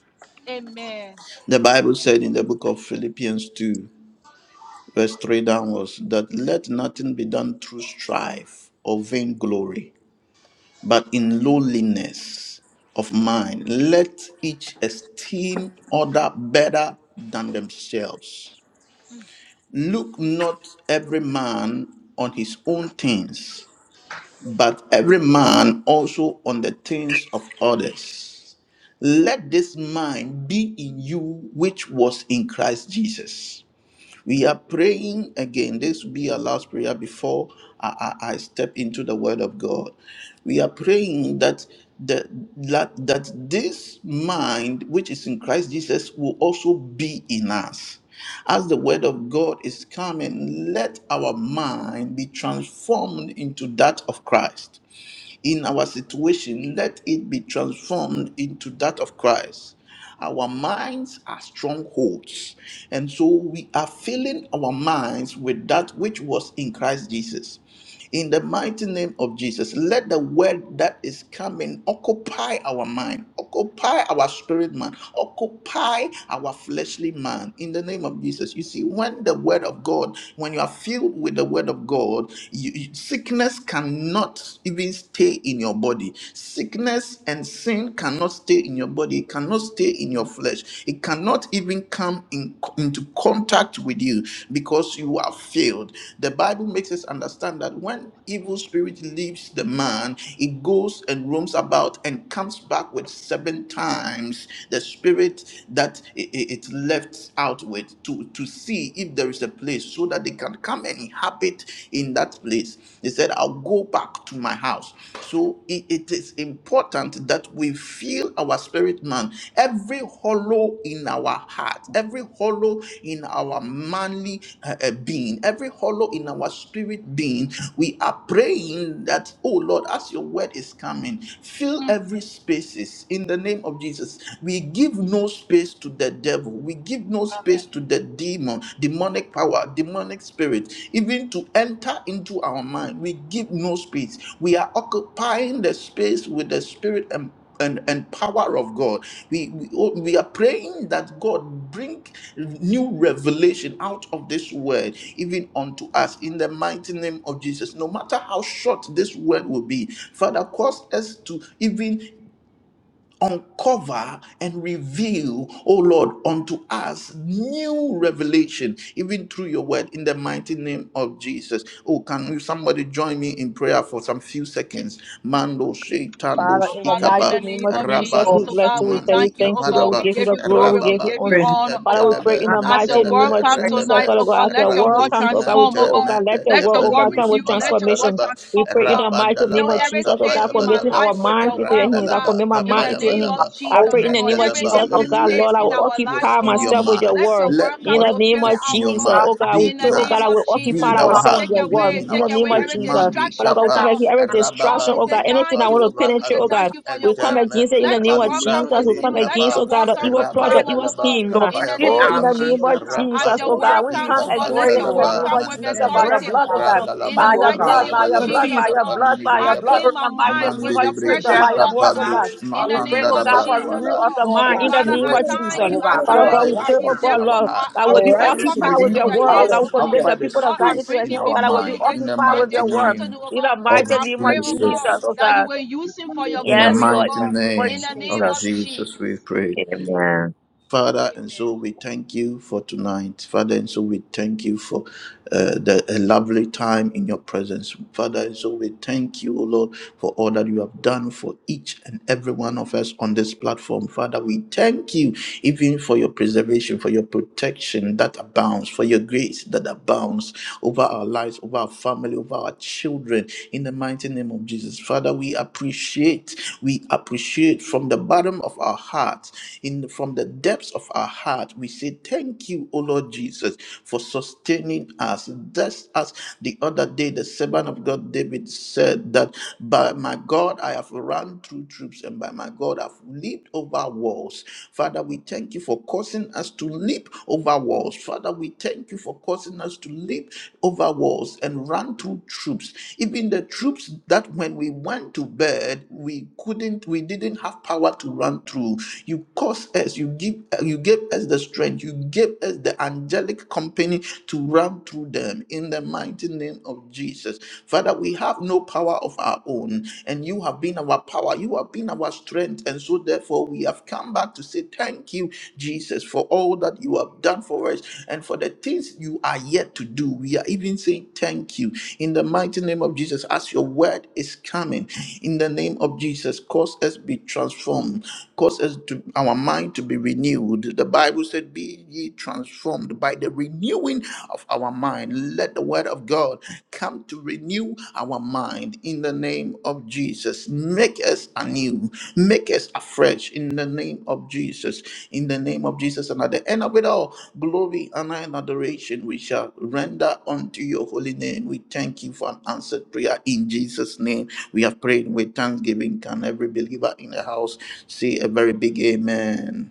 Speaker 4: Amen.
Speaker 2: the Bible said in the
Speaker 4: Mm, mm, Amen.
Speaker 3: Father,
Speaker 4: Oh,
Speaker 3: in the
Speaker 4: Father,
Speaker 3: mighty
Speaker 4: in the
Speaker 3: name
Speaker 4: name
Speaker 3: of
Speaker 4: of
Speaker 3: Jesus,
Speaker 1: Oh,
Speaker 4: Jesus,
Speaker 3: we
Speaker 4: oh
Speaker 3: bless
Speaker 4: God,
Speaker 3: you. We
Speaker 4: we
Speaker 3: tell you
Speaker 4: thank you,
Speaker 3: thank
Speaker 4: oh
Speaker 3: you,
Speaker 4: God.
Speaker 3: Lord.
Speaker 4: We
Speaker 3: We give you
Speaker 4: give
Speaker 3: the
Speaker 4: you
Speaker 3: glory.
Speaker 4: glory,
Speaker 3: We
Speaker 4: we
Speaker 3: give you
Speaker 4: give you
Speaker 3: honor.
Speaker 1: renew
Speaker 4: honor, oh
Speaker 3: Father, we
Speaker 1: our
Speaker 4: God.
Speaker 3: pray in
Speaker 1: mind,
Speaker 3: the
Speaker 4: As
Speaker 3: mighty
Speaker 4: your
Speaker 1: Lord God.
Speaker 3: name
Speaker 4: word
Speaker 3: of
Speaker 4: comes
Speaker 1: Right
Speaker 3: Jesus.
Speaker 1: now,
Speaker 4: tonight,
Speaker 3: Father
Speaker 4: oh
Speaker 3: God,
Speaker 4: God,
Speaker 3: as the
Speaker 4: let your
Speaker 3: world
Speaker 4: word
Speaker 3: comes oh God, we
Speaker 4: transform,
Speaker 3: pray,
Speaker 4: oh
Speaker 3: oh
Speaker 4: God.
Speaker 3: God,
Speaker 1: they
Speaker 3: let the
Speaker 4: Let
Speaker 3: world,
Speaker 4: your
Speaker 3: oh
Speaker 4: word
Speaker 3: God, come
Speaker 4: renew,
Speaker 3: with
Speaker 4: let your word
Speaker 3: transformation. We
Speaker 4: transform, oh
Speaker 3: pray in
Speaker 1: look,
Speaker 3: the
Speaker 4: God.
Speaker 3: mighty name
Speaker 4: Fill
Speaker 3: of
Speaker 4: every
Speaker 3: Jesus, oh
Speaker 4: space
Speaker 3: God,
Speaker 4: in
Speaker 3: for
Speaker 4: my
Speaker 3: making our
Speaker 4: life
Speaker 1: Lord
Speaker 4: with
Speaker 1: God,
Speaker 3: minds
Speaker 4: your
Speaker 3: into your
Speaker 4: word, oh
Speaker 3: hands. I
Speaker 4: God.
Speaker 3: commit my
Speaker 4: In
Speaker 1: residue,
Speaker 3: mind
Speaker 4: the
Speaker 3: into your
Speaker 1: Lord
Speaker 4: name
Speaker 3: hands.
Speaker 4: of
Speaker 1: God, the
Speaker 3: I
Speaker 1: old
Speaker 4: Jesus,
Speaker 3: pray
Speaker 4: oh
Speaker 3: in
Speaker 1: man.
Speaker 3: the
Speaker 4: God,
Speaker 3: name of
Speaker 4: every
Speaker 3: Jesus,
Speaker 1: Lord God,
Speaker 3: oh
Speaker 4: empty
Speaker 1: we
Speaker 3: God,
Speaker 1: give it
Speaker 3: Lord,
Speaker 4: space
Speaker 3: I
Speaker 4: in
Speaker 3: will
Speaker 4: our lives,
Speaker 3: occupy
Speaker 4: oh
Speaker 1: to you.
Speaker 4: God,
Speaker 3: myself with your
Speaker 4: let
Speaker 3: word.
Speaker 4: your word
Speaker 3: In
Speaker 4: come
Speaker 1: Renew
Speaker 3: the
Speaker 4: to
Speaker 3: name
Speaker 4: fill it
Speaker 3: of
Speaker 4: out, oh
Speaker 3: Jesus,
Speaker 4: God.
Speaker 1: our
Speaker 3: oh
Speaker 1: mind,
Speaker 3: God, we
Speaker 4: In the
Speaker 3: pray, oh God,
Speaker 4: name
Speaker 3: I
Speaker 4: of
Speaker 3: will occupy
Speaker 4: Jesus,
Speaker 1: all
Speaker 3: ourselves with
Speaker 4: take
Speaker 3: your word.
Speaker 4: away,
Speaker 3: In the
Speaker 4: take
Speaker 3: name
Speaker 4: away
Speaker 3: of
Speaker 4: every
Speaker 3: Jesus.
Speaker 4: distraction,
Speaker 3: Father God,
Speaker 4: oh
Speaker 1: that
Speaker 3: we
Speaker 1: I
Speaker 3: come
Speaker 4: God.
Speaker 3: against every
Speaker 4: Lord,
Speaker 3: distraction,
Speaker 4: we
Speaker 3: oh
Speaker 4: say
Speaker 3: God, anything I
Speaker 4: thank
Speaker 3: want
Speaker 4: you,
Speaker 3: to
Speaker 4: oh God. We
Speaker 3: penetrate,
Speaker 4: say
Speaker 3: oh
Speaker 4: thank
Speaker 3: God.
Speaker 4: you for your
Speaker 3: We
Speaker 1: you
Speaker 3: come
Speaker 4: word.
Speaker 3: against it in the
Speaker 1: and
Speaker 4: Let your
Speaker 3: name of
Speaker 4: word come
Speaker 3: Jesus.
Speaker 4: with
Speaker 3: We come
Speaker 4: zeal. Let
Speaker 3: against,
Speaker 4: your
Speaker 3: oh
Speaker 4: word
Speaker 3: God, the
Speaker 4: come
Speaker 3: evil
Speaker 4: with
Speaker 3: plot, the
Speaker 1: well,
Speaker 4: power,
Speaker 3: evil
Speaker 4: oh God,
Speaker 3: scheme.
Speaker 1: Lord
Speaker 4: in
Speaker 1: God,
Speaker 4: the
Speaker 1: in
Speaker 3: Oh,
Speaker 4: name
Speaker 1: our
Speaker 3: in
Speaker 4: of
Speaker 3: the name
Speaker 1: mind,
Speaker 4: Jesus.
Speaker 3: of
Speaker 1: Lord God.
Speaker 4: As
Speaker 3: Jesus,
Speaker 4: your
Speaker 3: oh
Speaker 1: We'll
Speaker 3: God.
Speaker 4: word
Speaker 3: We
Speaker 4: come,
Speaker 1: continue
Speaker 3: come
Speaker 4: oh
Speaker 1: to
Speaker 4: God,
Speaker 3: against
Speaker 4: let
Speaker 1: pray,
Speaker 3: it
Speaker 4: your
Speaker 3: in the
Speaker 1: Lord
Speaker 4: word
Speaker 3: name
Speaker 1: God,
Speaker 3: of
Speaker 4: come with
Speaker 3: Jesus
Speaker 1: and
Speaker 3: by the
Speaker 4: authority,
Speaker 1: reverence
Speaker 3: blood,
Speaker 4: oh
Speaker 3: oh
Speaker 4: God,
Speaker 3: God.
Speaker 1: ourselves in
Speaker 4: in the
Speaker 3: By
Speaker 1: you,
Speaker 3: your
Speaker 1: oh
Speaker 4: mighty
Speaker 3: blood,
Speaker 1: God.
Speaker 4: name
Speaker 3: by
Speaker 4: of
Speaker 3: your blood,
Speaker 4: Jesus,
Speaker 1: Continue
Speaker 3: by
Speaker 1: to
Speaker 4: oh
Speaker 3: your
Speaker 4: God.
Speaker 3: blood, by your
Speaker 4: I
Speaker 3: blood,
Speaker 4: clean
Speaker 1: work,
Speaker 3: in
Speaker 4: my
Speaker 3: the
Speaker 1: Lord God,
Speaker 3: mighty
Speaker 4: mind
Speaker 3: name
Speaker 4: with
Speaker 3: of
Speaker 4: your
Speaker 1: to
Speaker 3: Jesus,
Speaker 4: precious
Speaker 3: by
Speaker 1: gather
Speaker 3: your
Speaker 4: blood,
Speaker 1: more
Speaker 4: oh
Speaker 3: blood, oh
Speaker 4: God,
Speaker 3: God.
Speaker 1: knowledge,
Speaker 4: in
Speaker 3: We
Speaker 4: the
Speaker 3: pray,
Speaker 4: name
Speaker 1: hallelujah,
Speaker 3: oh
Speaker 4: of
Speaker 3: God,
Speaker 1: oh
Speaker 3: for
Speaker 1: God.
Speaker 4: Jesus, oh
Speaker 3: renewal of
Speaker 4: God.
Speaker 3: the
Speaker 1: Lord
Speaker 3: mind in
Speaker 1: God,
Speaker 3: the
Speaker 4: Father,
Speaker 3: name
Speaker 1: thank
Speaker 4: I
Speaker 3: of
Speaker 1: you,
Speaker 4: thank
Speaker 3: Jesus.
Speaker 4: you.
Speaker 1: Lord
Speaker 4: I
Speaker 1: God,
Speaker 3: Father
Speaker 4: thank
Speaker 1: for a
Speaker 3: God,
Speaker 4: you.
Speaker 3: we
Speaker 4: I
Speaker 3: pray,
Speaker 1: right
Speaker 3: oh
Speaker 1: mind,
Speaker 3: God,
Speaker 4: present.
Speaker 3: Lord, that
Speaker 4: I,
Speaker 1: a
Speaker 4: I
Speaker 3: will be
Speaker 1: right
Speaker 4: present prophet
Speaker 1: spirit
Speaker 3: occupied with
Speaker 4: into
Speaker 1: in
Speaker 3: your
Speaker 1: you,
Speaker 3: word,
Speaker 4: your
Speaker 3: oh
Speaker 4: hands,
Speaker 3: God,
Speaker 4: oh
Speaker 3: we
Speaker 4: God.
Speaker 3: commit
Speaker 1: hallelujah.
Speaker 3: the people of
Speaker 4: Lord, I
Speaker 3: God into your
Speaker 4: bring
Speaker 3: hand,
Speaker 4: him
Speaker 3: oh God, that
Speaker 4: before
Speaker 3: will be
Speaker 4: you this,
Speaker 3: occupied
Speaker 4: this
Speaker 3: with
Speaker 4: this
Speaker 3: your word.
Speaker 4: afternoon, oh
Speaker 3: In
Speaker 4: God.
Speaker 3: the mighty
Speaker 4: I
Speaker 3: name
Speaker 4: pray,
Speaker 3: of
Speaker 4: oh God,
Speaker 3: Jesus, oh
Speaker 4: that you
Speaker 3: God.
Speaker 4: will use him for your
Speaker 3: Yes,
Speaker 4: glory, oh
Speaker 3: Lord, in
Speaker 4: God.
Speaker 3: the name of
Speaker 4: In the name of
Speaker 3: Jesus.
Speaker 4: Jesus.
Speaker 3: Amen.
Speaker 4: Amen.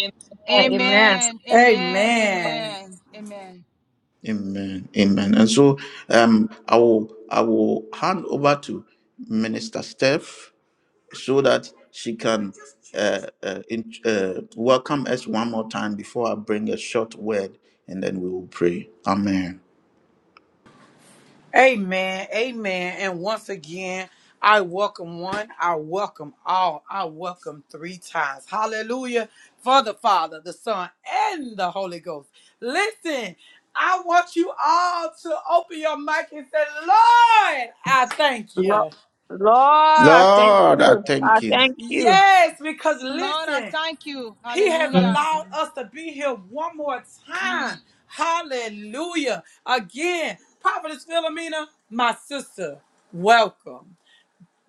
Speaker 3: Amen. Amen.
Speaker 4: Amen. Amen.
Speaker 1: Amen.
Speaker 4: Amen. Amen.
Speaker 1: Amen. Amen. And once again, I welcome one, I welcome all, I welcome three times. Hallelujah. For the Father, the Son, and the Holy Ghost. Listen, I want you all to open your mic and say, Lord, I thank
Speaker 3: Lord,
Speaker 1: you.
Speaker 3: Lord, I thank you. I thank you.
Speaker 1: Yes, because
Speaker 4: Lord, I
Speaker 1: listen,
Speaker 4: thank you.
Speaker 1: He has
Speaker 3: Mm.
Speaker 4: Hallelujah.
Speaker 1: allowed us to be here one more
Speaker 4: Mm.
Speaker 1: time. Hallelujah. Again, Prophetess Philomena, my sister, welcome.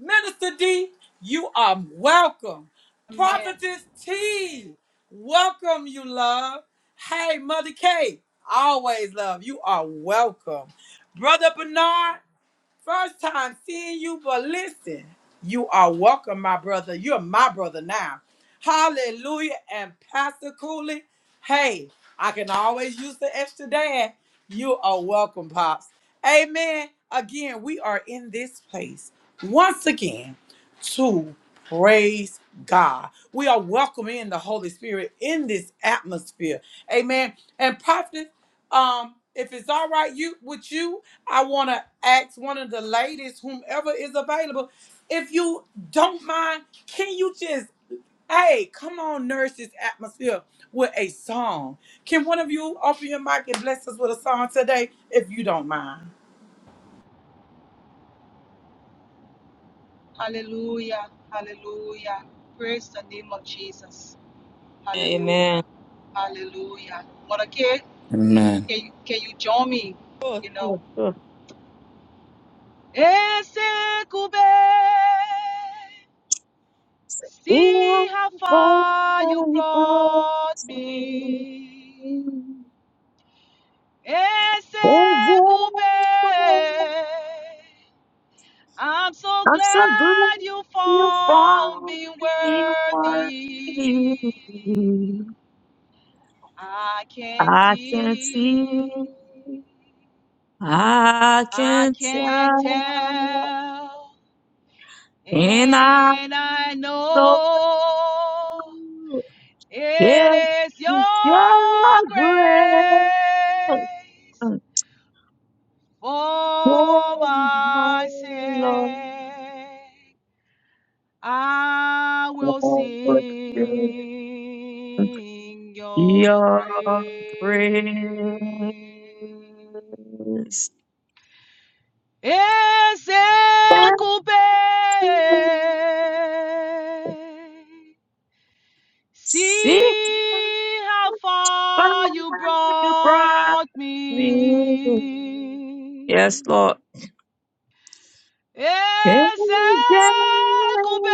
Speaker 1: Minister D, you are welcome.
Speaker 4: Amen.
Speaker 1: Prophetess T, welcome you, love. Hey, Mother K, always love. You are welcome. Brother Bernard, First time seeing you, but listen, you are welcome, my brother. You're my brother now. Hallelujah. And Pastor Cooley, hey, I can always use the extra dad. You are welcome, Pops. Amen. Again, we are in this place once again to praise God. We are welcoming the Holy Spirit in this atmosphere. Amen. And prophet, um, if it's all right you with you, I want to ask one of the ladies, whomever is available, if you don't mind, can you just, hey, come on, nourish this atmosphere with a song? Can one of you open your mic and bless us with a song today, if you don't mind?
Speaker 4: Hallelujah. Hallelujah. Praise the name of Jesus.
Speaker 3: Amen.
Speaker 4: Hallelujah. Hallelujah. Mother K,
Speaker 2: Amen.
Speaker 4: can you, can you join me?
Speaker 3: Oh,
Speaker 4: You know.
Speaker 3: oh, oh.
Speaker 4: Ese kube,
Speaker 3: You
Speaker 4: see how
Speaker 3: are
Speaker 4: far you
Speaker 3: faithful
Speaker 4: brought
Speaker 3: to me.
Speaker 4: me. Ese
Speaker 3: Oh,
Speaker 4: kube,
Speaker 3: faithful.
Speaker 4: I'm so
Speaker 3: I'm so good.
Speaker 4: glad you
Speaker 3: You
Speaker 4: found
Speaker 3: find
Speaker 4: me
Speaker 3: me
Speaker 4: worthy.
Speaker 3: worthy.
Speaker 4: I can't
Speaker 3: I can see,
Speaker 4: see
Speaker 3: I
Speaker 4: I
Speaker 3: can
Speaker 4: can
Speaker 3: tell,
Speaker 4: tell
Speaker 3: and I
Speaker 4: and I
Speaker 3: know
Speaker 4: know
Speaker 3: it's
Speaker 4: it is your
Speaker 3: your grace.
Speaker 4: grace for
Speaker 3: Oh, my
Speaker 4: my
Speaker 3: Lord,
Speaker 4: sake. I will
Speaker 3: your praise.
Speaker 4: sing your praise. Ese coupé.
Speaker 3: Sits
Speaker 4: See how
Speaker 3: by
Speaker 4: far you
Speaker 3: your
Speaker 4: brought
Speaker 3: Yes,
Speaker 4: me.
Speaker 3: Lord. Every
Speaker 4: Ese
Speaker 3: day,
Speaker 4: coupé.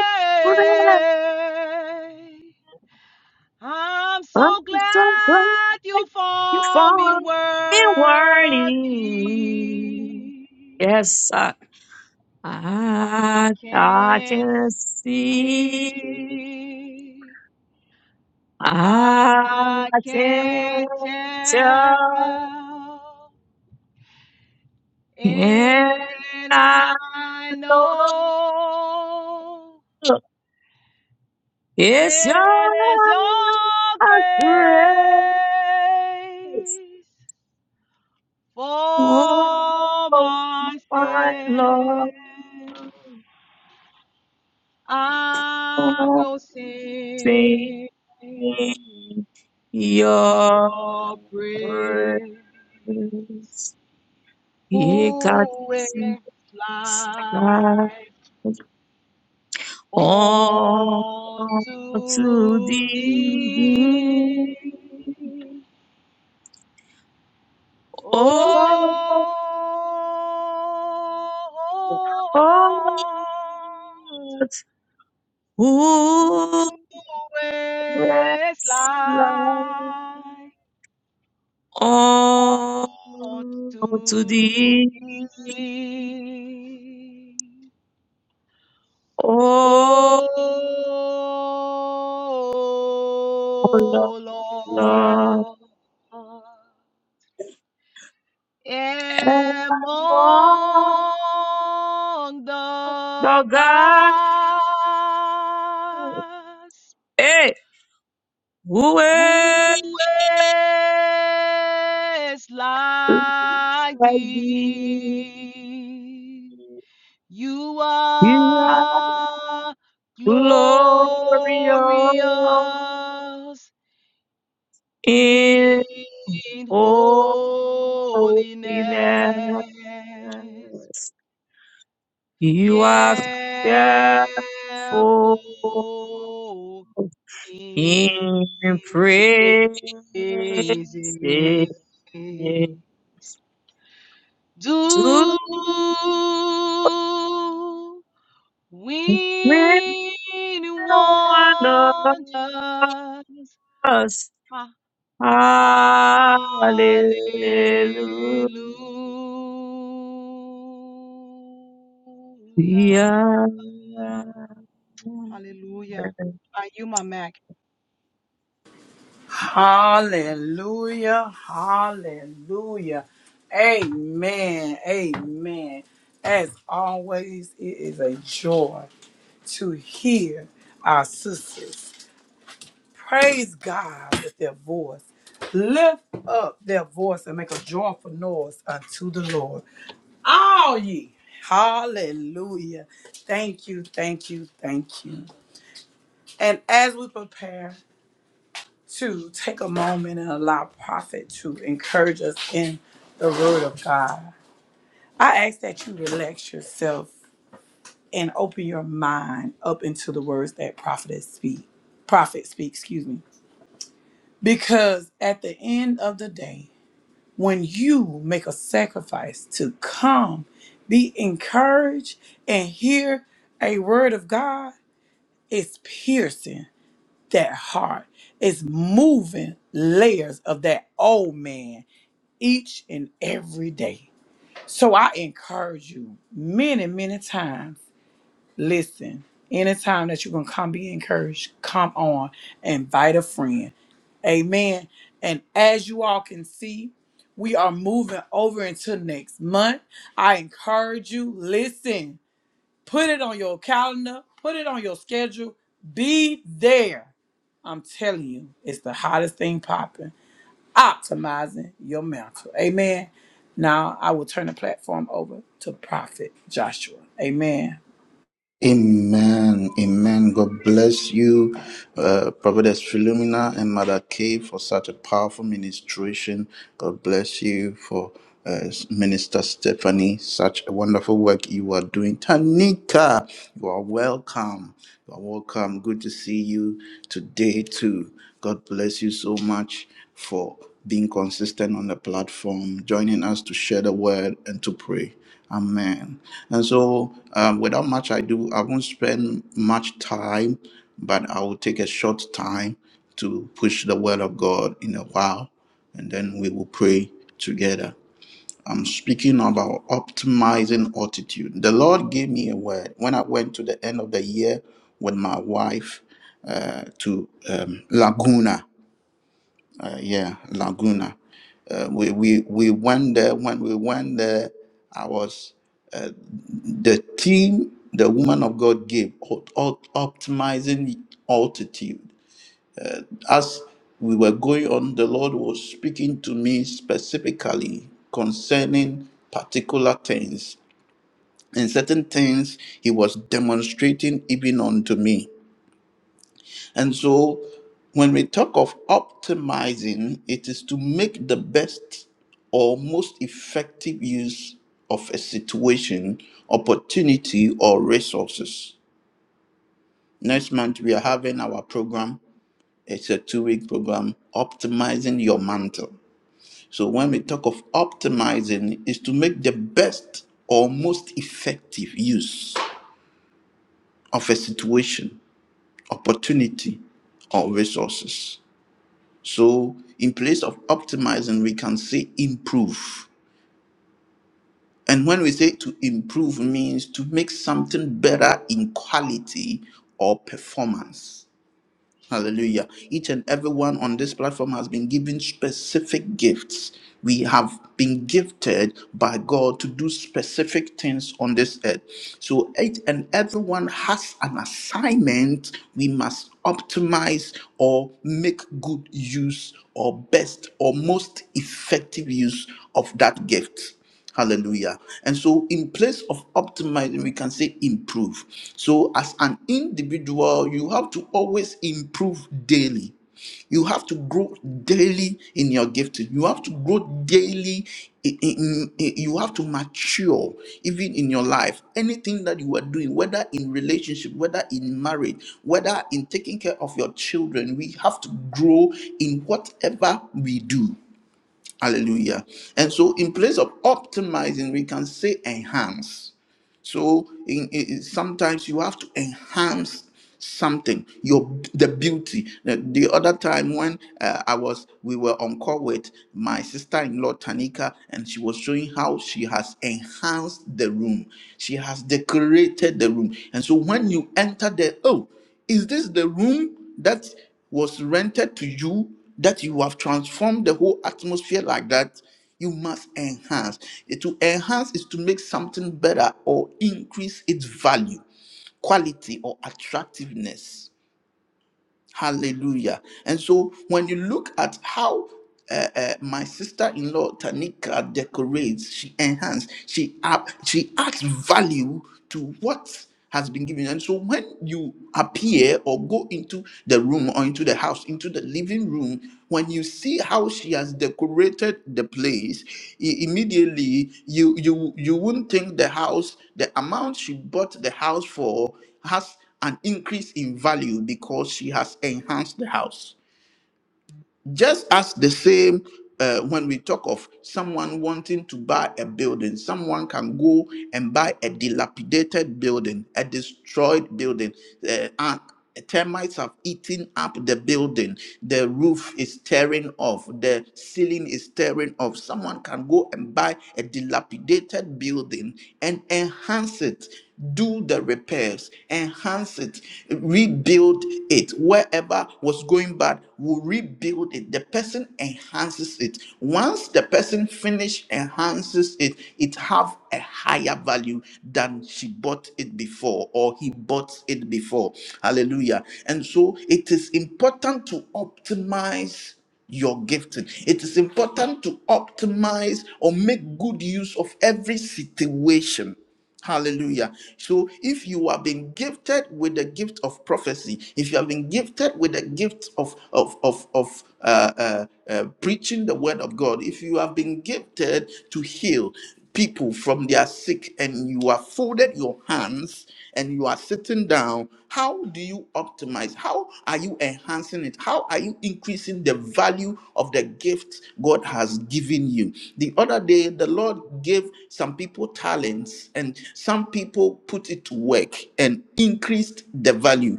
Speaker 4: I'm
Speaker 3: I'm
Speaker 4: so
Speaker 3: so glad
Speaker 4: glad you
Speaker 3: you
Speaker 4: found me
Speaker 3: found me
Speaker 4: worthy.
Speaker 3: worthy. Yes, I,
Speaker 4: I
Speaker 3: I, I
Speaker 4: can't
Speaker 3: can see.
Speaker 4: see.
Speaker 3: I
Speaker 4: I
Speaker 3: can
Speaker 4: can't
Speaker 3: tell.
Speaker 4: tell.
Speaker 3: And
Speaker 4: And
Speaker 3: I
Speaker 4: I
Speaker 3: know
Speaker 4: know
Speaker 3: it's your
Speaker 4: it is your
Speaker 3: grace.
Speaker 4: grace
Speaker 3: Oh,
Speaker 4: for my
Speaker 3: my
Speaker 4: sin.
Speaker 3: Lord,
Speaker 4: I will
Speaker 3: sing
Speaker 4: sing.
Speaker 3: your
Speaker 4: Be your praise,
Speaker 3: praise. Ye God,
Speaker 4: who is like
Speaker 3: all to
Speaker 4: unto
Speaker 3: thee.
Speaker 4: thee? Oh
Speaker 3: Oh,
Speaker 4: Lord, who
Speaker 3: who
Speaker 4: is
Speaker 3: is like?
Speaker 4: like
Speaker 3: all
Speaker 4: ought
Speaker 3: to
Speaker 4: to
Speaker 3: thee,
Speaker 4: thee. O
Speaker 3: O Lord, Lord,
Speaker 4: Lord,
Speaker 3: and for
Speaker 4: among
Speaker 3: the
Speaker 4: the
Speaker 3: God,
Speaker 4: gods,
Speaker 3: eh, who
Speaker 4: who
Speaker 3: is
Speaker 4: is like
Speaker 3: like thee,
Speaker 4: thee? You
Speaker 3: you are
Speaker 4: are
Speaker 3: glorious
Speaker 4: glorious
Speaker 3: in
Speaker 4: in
Speaker 3: holiness.
Speaker 4: holiness,
Speaker 3: You are fearful
Speaker 4: fearful
Speaker 3: in
Speaker 4: in
Speaker 3: praises
Speaker 4: praises. Do
Speaker 3: to
Speaker 4: When
Speaker 3: one of
Speaker 4: wonders,
Speaker 3: us.
Speaker 4: hallelujah,
Speaker 3: Hallelujah. Yeah, yeah, yeah,
Speaker 4: hallelujah. Are you my Mac?
Speaker 1: Hallelujah, hallelujah, amen, amen. As always, it is a joy to hear our sisters. praise God with their voice. Lift up their voice and make a joyful noise unto the Lord. All ye. Hallelujah. Thank you, thank you, thank you. And as we prepare to take a moment and allow prophet to encourage us in the word of God, I ask that you relax yourself and open your mind up into the words that prophet speak. Prophet speak, excuse me. Because at the end of the day, when you make a sacrifice to come, be encouraged, and hear a word of God, it's piercing that heart. It's moving layers of that old man each and every day. So I encourage you many, many times. Listen, anytime that you can come be encouraged, come on, invite a friend. And and as you all can see, We are moving over into next month. I encourage you, listen, put it on your calendar, put it on your schedule, be there. I'm telling you, it's the hottest thing popping. Optimizing your mental. Amen. Now I will turn the platform over to Prophet Joshua. Amen.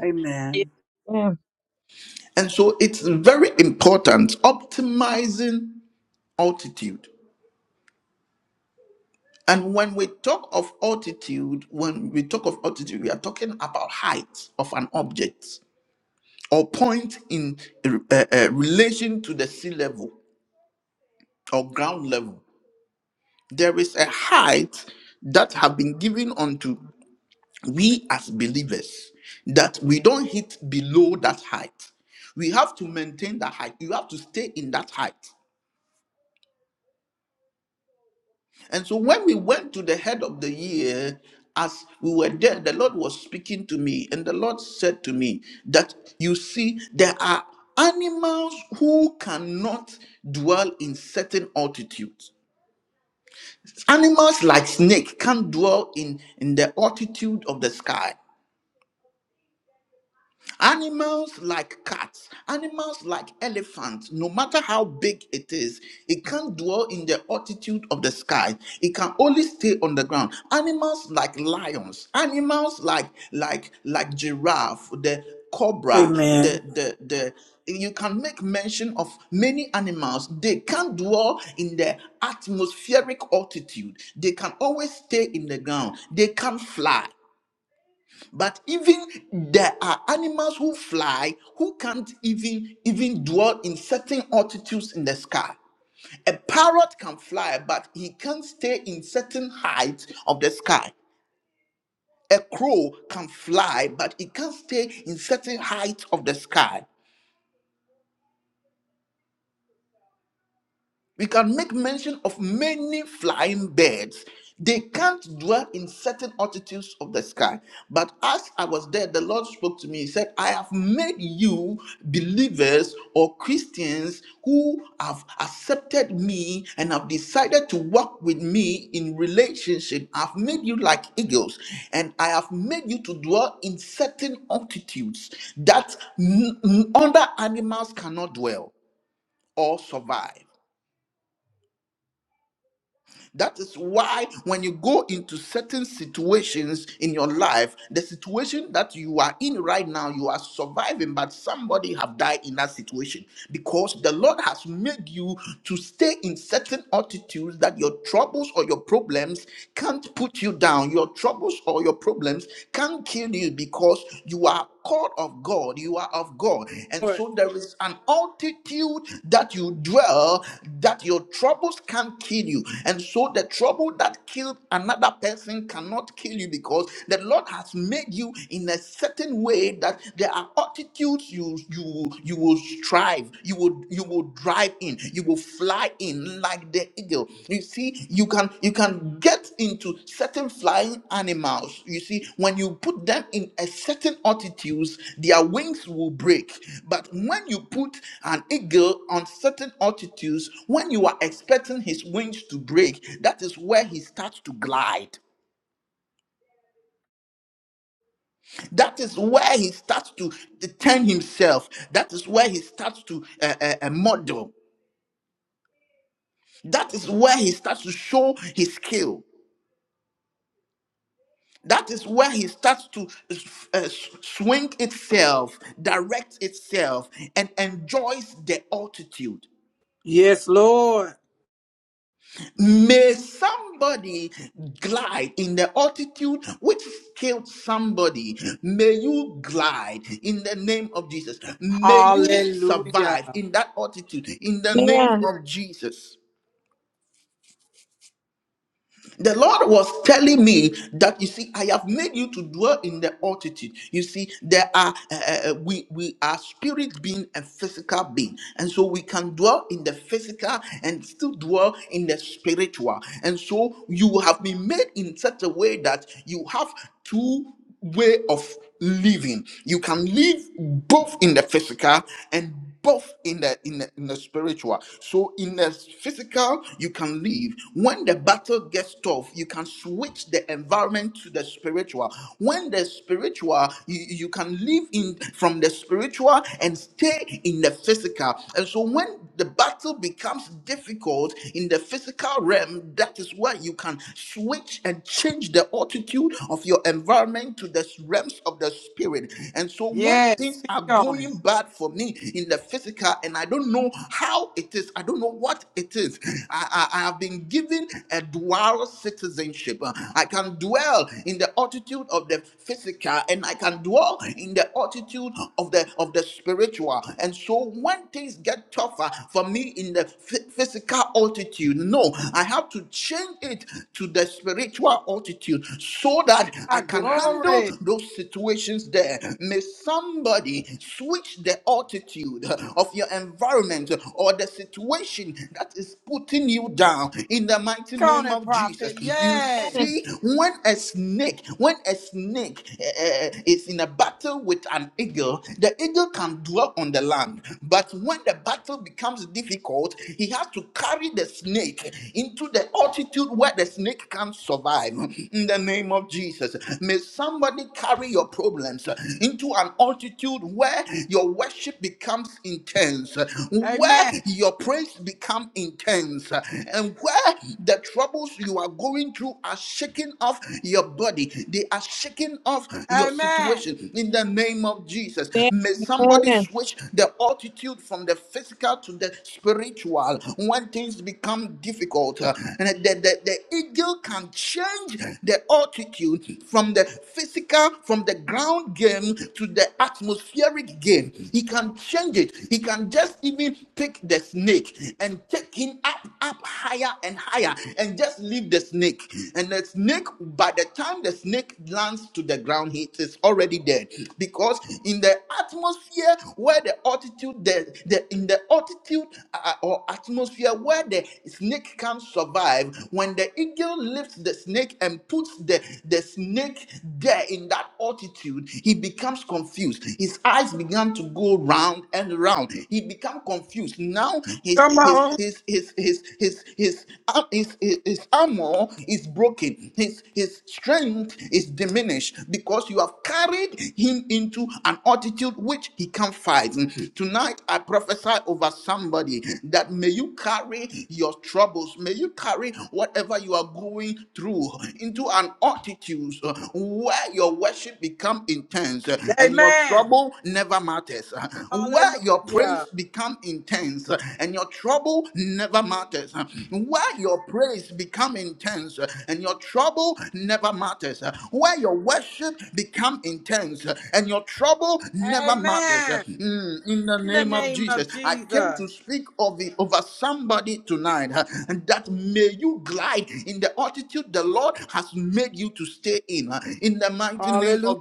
Speaker 1: Amen. Amen. Lord. Yes, Lord. Hallelujah. Yes, speak on it. Glory.
Speaker 3: yeah, yeah.
Speaker 1: Amen. Hallelujah. Amen. In the name of Jesus. Hallelujah.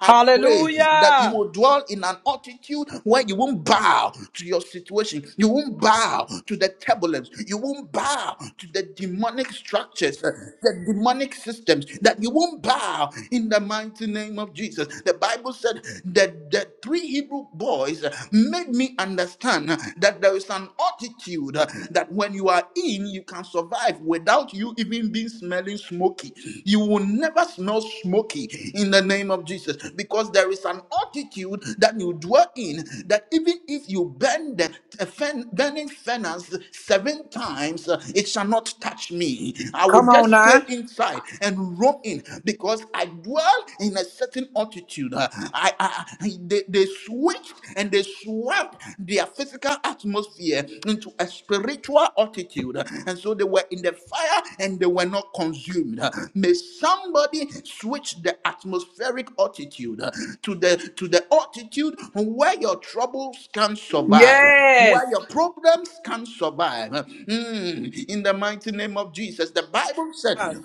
Speaker 1: Hallelujah. Come on now. Yes. Come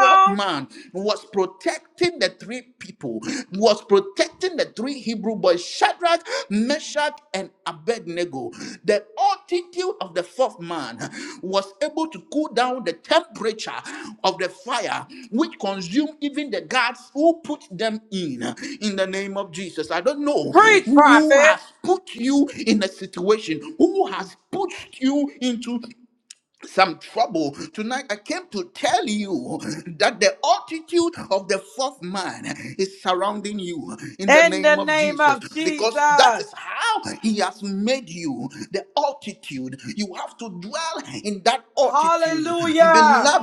Speaker 1: on. Preach, prophet. In the name of Jesus. Hallelujah.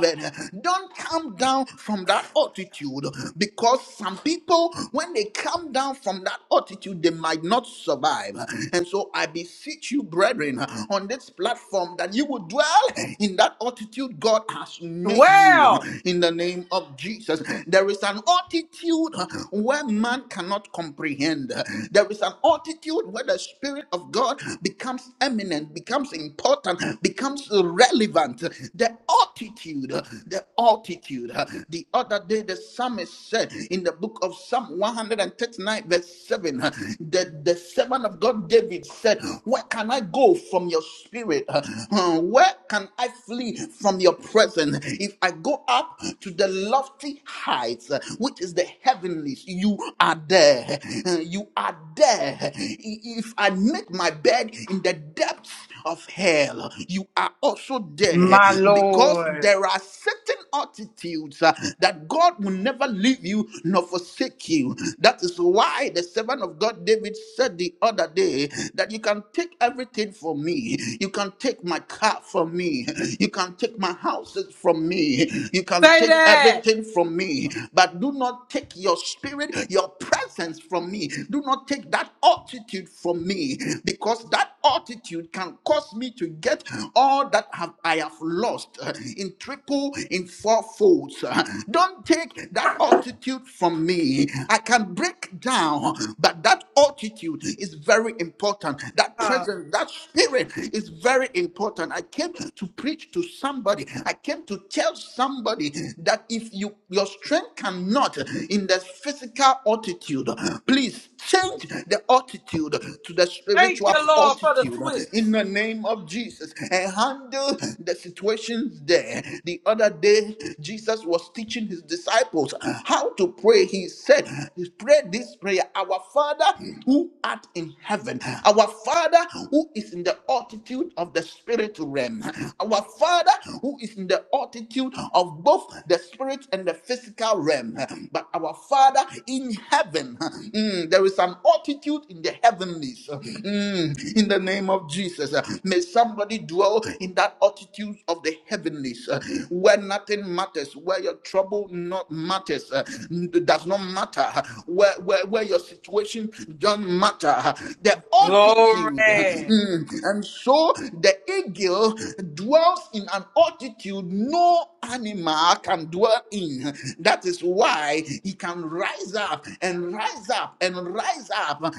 Speaker 1: My Lord. Say that. Thank you, Lord, for the switch. Glory.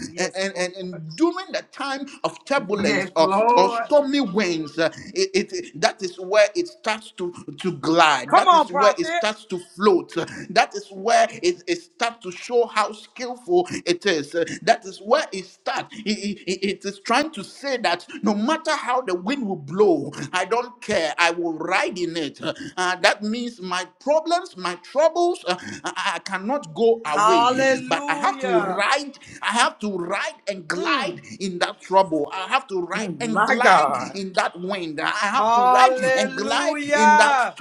Speaker 1: Yes, Lord. Come on, prophet. Hallelujah. My God. Hallelujah.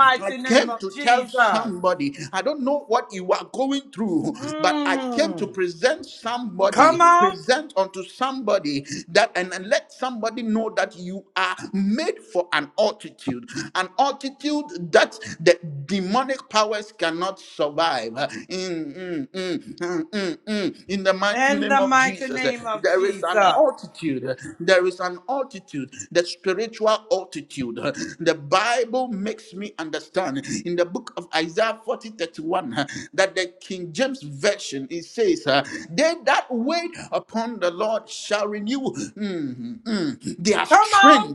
Speaker 1: Mighty name of Jesus. Mm. Come on. In the mighty name of Jesus. Come on.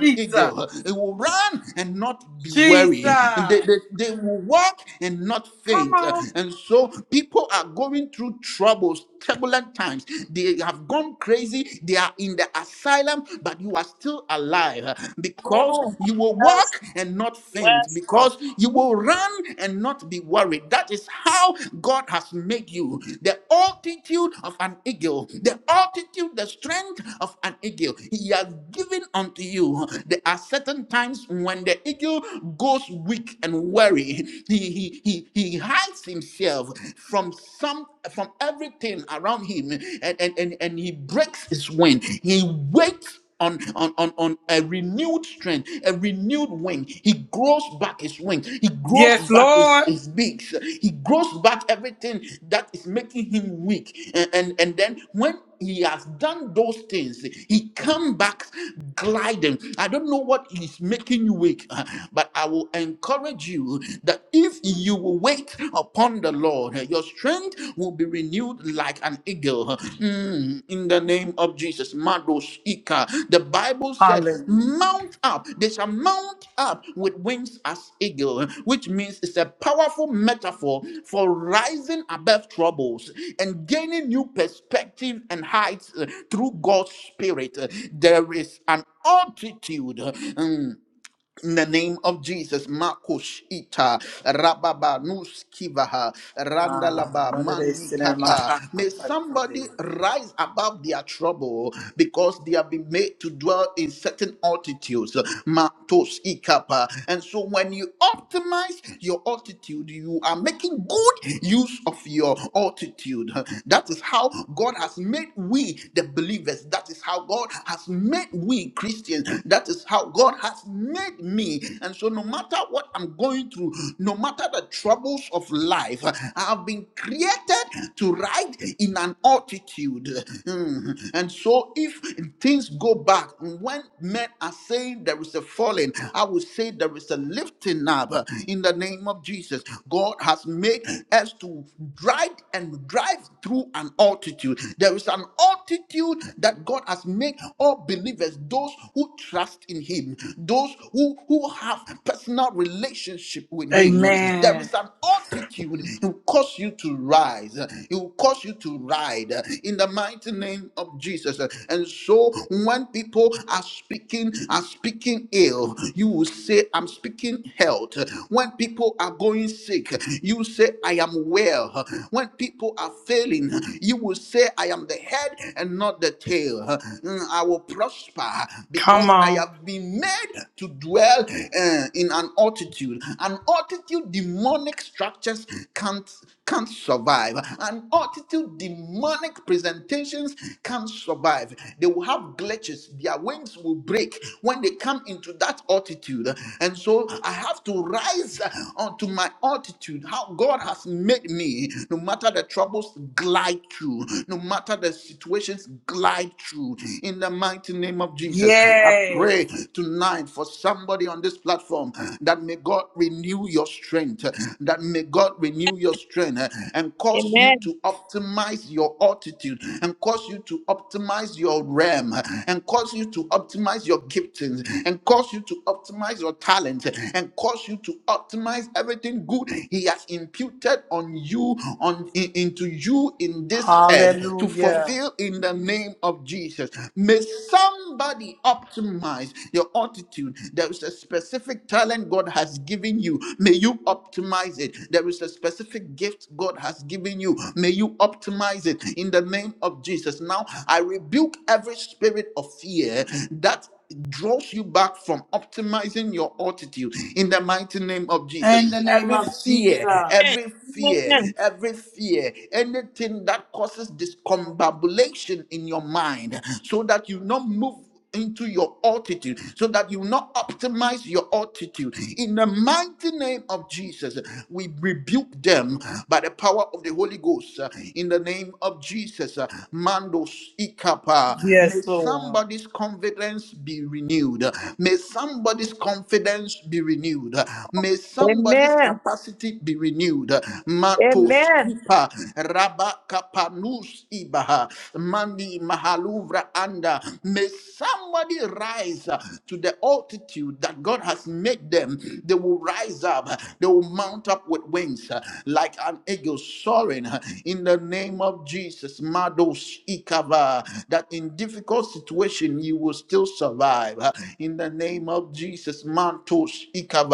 Speaker 1: Jesus. Jesus. Come on.
Speaker 3: Yes, yes, Lord.
Speaker 1: Yes, Lord. Ah, another day sitting in my house. Amen. Come on. Yes.
Speaker 3: Amen.
Speaker 1: Hallelujah. In the name of Jesus.
Speaker 3: Amen.
Speaker 1: Yes, Lord.
Speaker 3: Amen. Amen.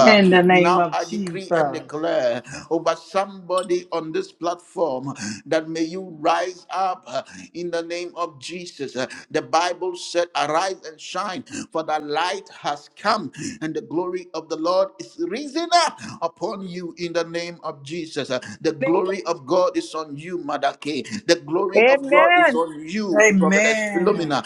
Speaker 1: In the name of Jesus. Amen.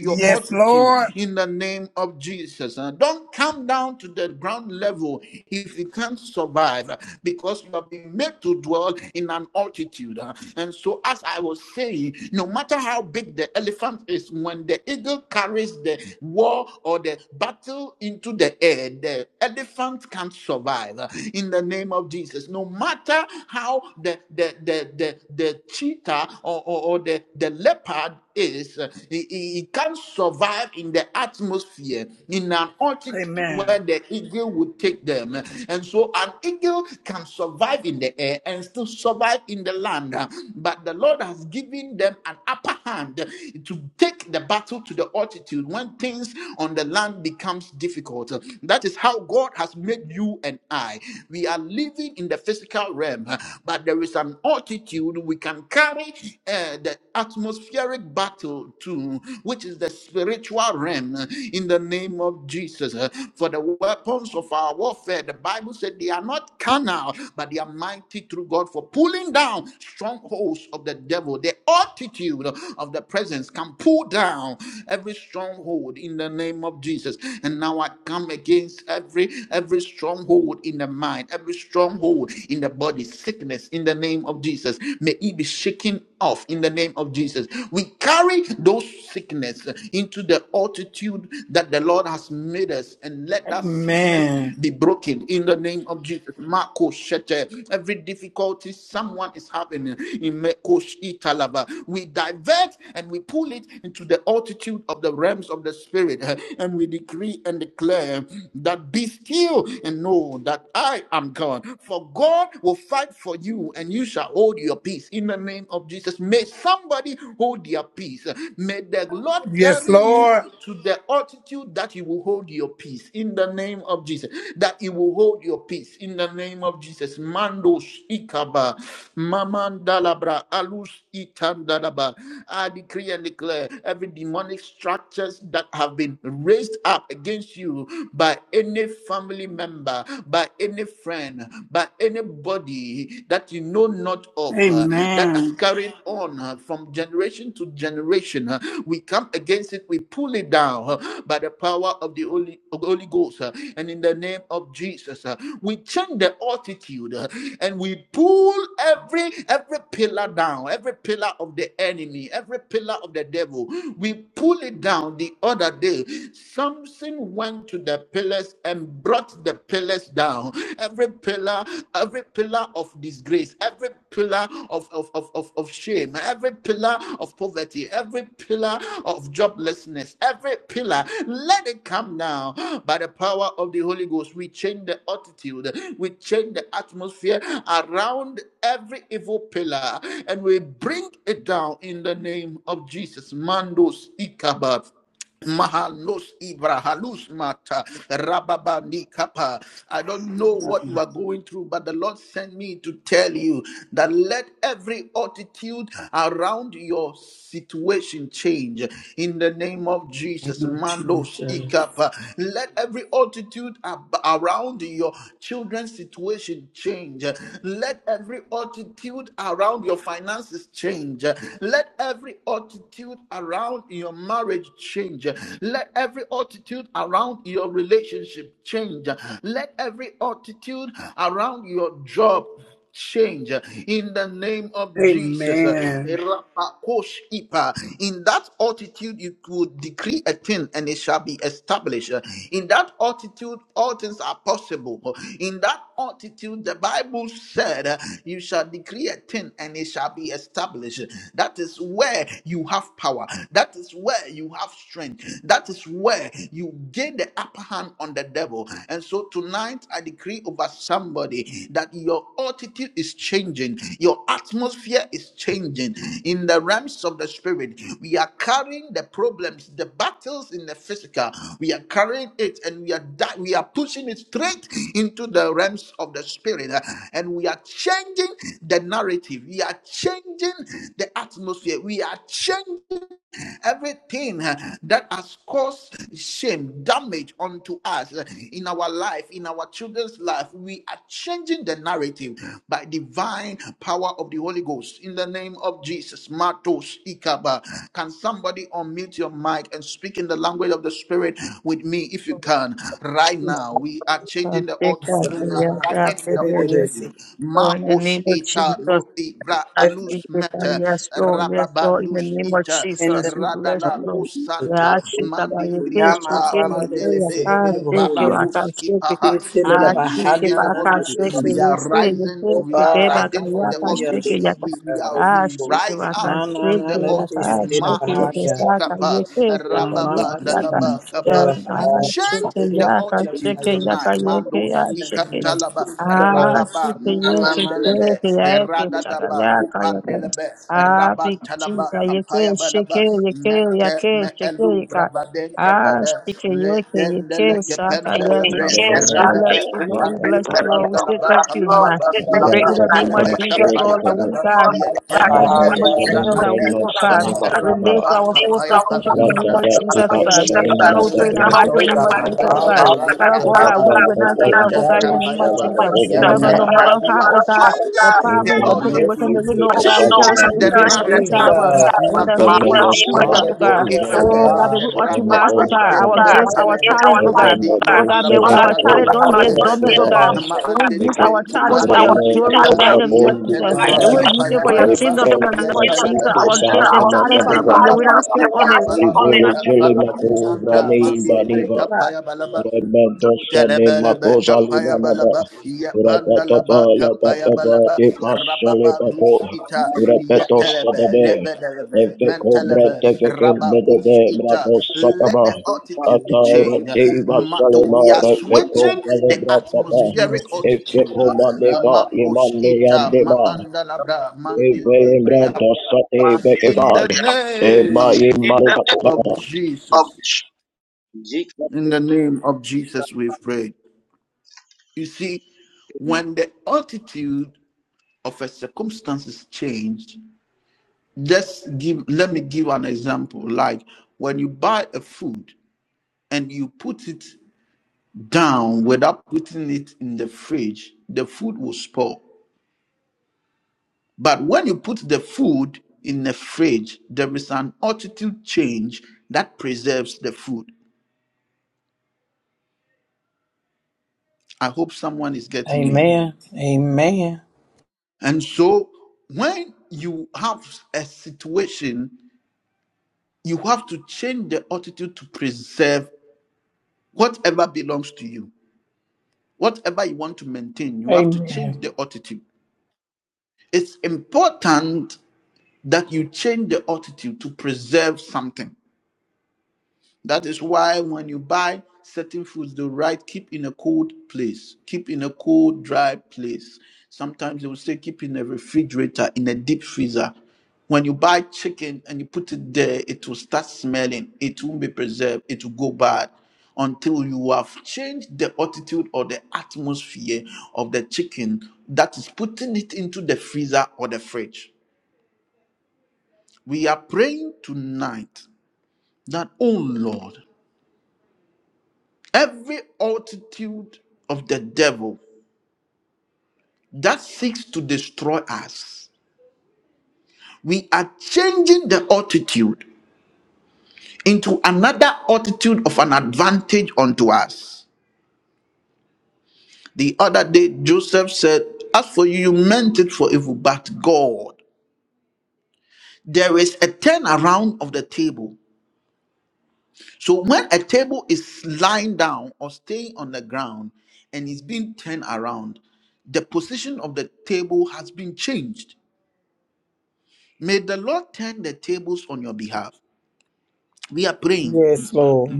Speaker 1: Yes, Lord. Amen. Amen. Yes, Lord. Amen. In the name of Jesus. Amen.
Speaker 3: Amen. Sasha Kwasi Yasa
Speaker 1: That's In
Speaker 3: Tendele so in the name of Jesus. I thank you, Father. Yes, Lord. Yes, Lord. In the name of
Speaker 1: the name
Speaker 3: Jesus, we bless
Speaker 1: of
Speaker 3: you, Lord.
Speaker 1: Jesus.
Speaker 3: We ask you, Father, you can
Speaker 1: Yeah, my
Speaker 3: shake it, you
Speaker 1: Father, it
Speaker 3: can, you
Speaker 1: is in the
Speaker 3: can
Speaker 1: name of
Speaker 3: shake You I
Speaker 1: Hallelujah.
Speaker 3: can shake it.
Speaker 1: You feel it
Speaker 3: I
Speaker 1: about how
Speaker 3: shake it, I can shake it,
Speaker 1: city.
Speaker 3: you say, you say,
Speaker 1: Oh
Speaker 3: shake it, I
Speaker 1: God,
Speaker 3: can, you can
Speaker 1: hallelujah,
Speaker 3: shake it, you can.
Speaker 1: Jesus.
Speaker 3: I shake it, I can
Speaker 1: Na na
Speaker 3: shake it,
Speaker 1: na na
Speaker 3: you can
Speaker 1: it is in the
Speaker 3: shake it, you can say,
Speaker 1: Bahia.
Speaker 3: I can, you say, I can, you
Speaker 1: mama
Speaker 3: say, I
Speaker 1: TV,
Speaker 3: can.
Speaker 1: in the
Speaker 3: Then I
Speaker 1: Bahia.
Speaker 3: shake it,
Speaker 1: It is
Speaker 3: yeah, I
Speaker 1: in the
Speaker 3: can shake
Speaker 1: Bahia.
Speaker 3: it, yeah, I can, you say, I
Speaker 1: In the
Speaker 3: shake it.
Speaker 1: name of
Speaker 3: Ah,
Speaker 1: Jesus.
Speaker 3: que ye que
Speaker 1: Mama.
Speaker 3: se que ya que chagalea kaya kaya. Ah, big chica ye que she que ye que ya que she que ye ka. Ah, she que ye que ye que shaka yes Lord.
Speaker 6: Yes,
Speaker 3: We
Speaker 6: Father.
Speaker 3: bless you
Speaker 6: Bless you,
Speaker 3: Lord. We bless you Lord. We say thank you
Speaker 6: Lord.
Speaker 3: man.
Speaker 6: We
Speaker 3: We
Speaker 6: thank
Speaker 3: pray in the name of Jesus Lord that we can. Father God, in the name of
Speaker 1: Bahaya
Speaker 3: Jesus
Speaker 1: Satan,
Speaker 3: that we will come.
Speaker 1: Bahaya.
Speaker 3: Release
Speaker 1: I'm
Speaker 3: our
Speaker 1: not
Speaker 3: full
Speaker 1: gonna speak.
Speaker 3: potential
Speaker 1: In
Speaker 3: in the name of Jesus oh
Speaker 1: the
Speaker 3: God.
Speaker 1: name
Speaker 3: Father
Speaker 1: of
Speaker 3: God, we pray in the
Speaker 1: Jesus,
Speaker 3: mighty
Speaker 1: oh
Speaker 3: name of
Speaker 1: God,
Speaker 3: Jesus oh God. Father
Speaker 6: you,
Speaker 1: hallelujah,
Speaker 3: God, that we
Speaker 1: Jesus.
Speaker 3: will not give
Speaker 6: God.
Speaker 3: up, oh
Speaker 1: Yeah,
Speaker 3: God,
Speaker 6: Thank
Speaker 3: in the
Speaker 6: you.
Speaker 1: God,
Speaker 3: name of
Speaker 1: hallelujah,
Speaker 3: Jesus.
Speaker 1: sitting
Speaker 3: Father
Speaker 1: in my
Speaker 3: God, no
Speaker 1: heart.
Speaker 3: matter how, oh God, your problems, your
Speaker 1: Yes,
Speaker 3: situation, that we
Speaker 1: sitting.
Speaker 3: know, oh God, we carry something great on the inside of us.
Speaker 1: Jesus,
Speaker 3: In the name of Jesus, oh God.
Speaker 1: hallelujah, oh
Speaker 3: Oh God, may
Speaker 1: God,
Speaker 3: we optimize, oh God, our gifts, our talents, oh God. Oh God, may our talents don't lay
Speaker 1: hallelujah,
Speaker 3: dormant, oh God.
Speaker 1: Jesus,
Speaker 3: They will use our talents for your glory, oh God, in the name of Jesus. They will use it for
Speaker 1: hallelujah.
Speaker 3: your kingdom in the name of Jesus. Our gifts and talents, Father God, may we not sit on it. In the name of Jesus, may we not
Speaker 6: I
Speaker 3: sit on it, oh
Speaker 6: the
Speaker 3: God.
Speaker 6: Rebentosa ne makosa lima naba. Rakatapa lakatapa di masa lepako. Repetosa dade. efeko brete feke medebe brakosa kaba. Atarati masa lima repeko kale brakapa. efeko Evelembra da Sate Bekevai, Ema Ema Lekata,
Speaker 1: Amen, amen, amen. Yes, Lord.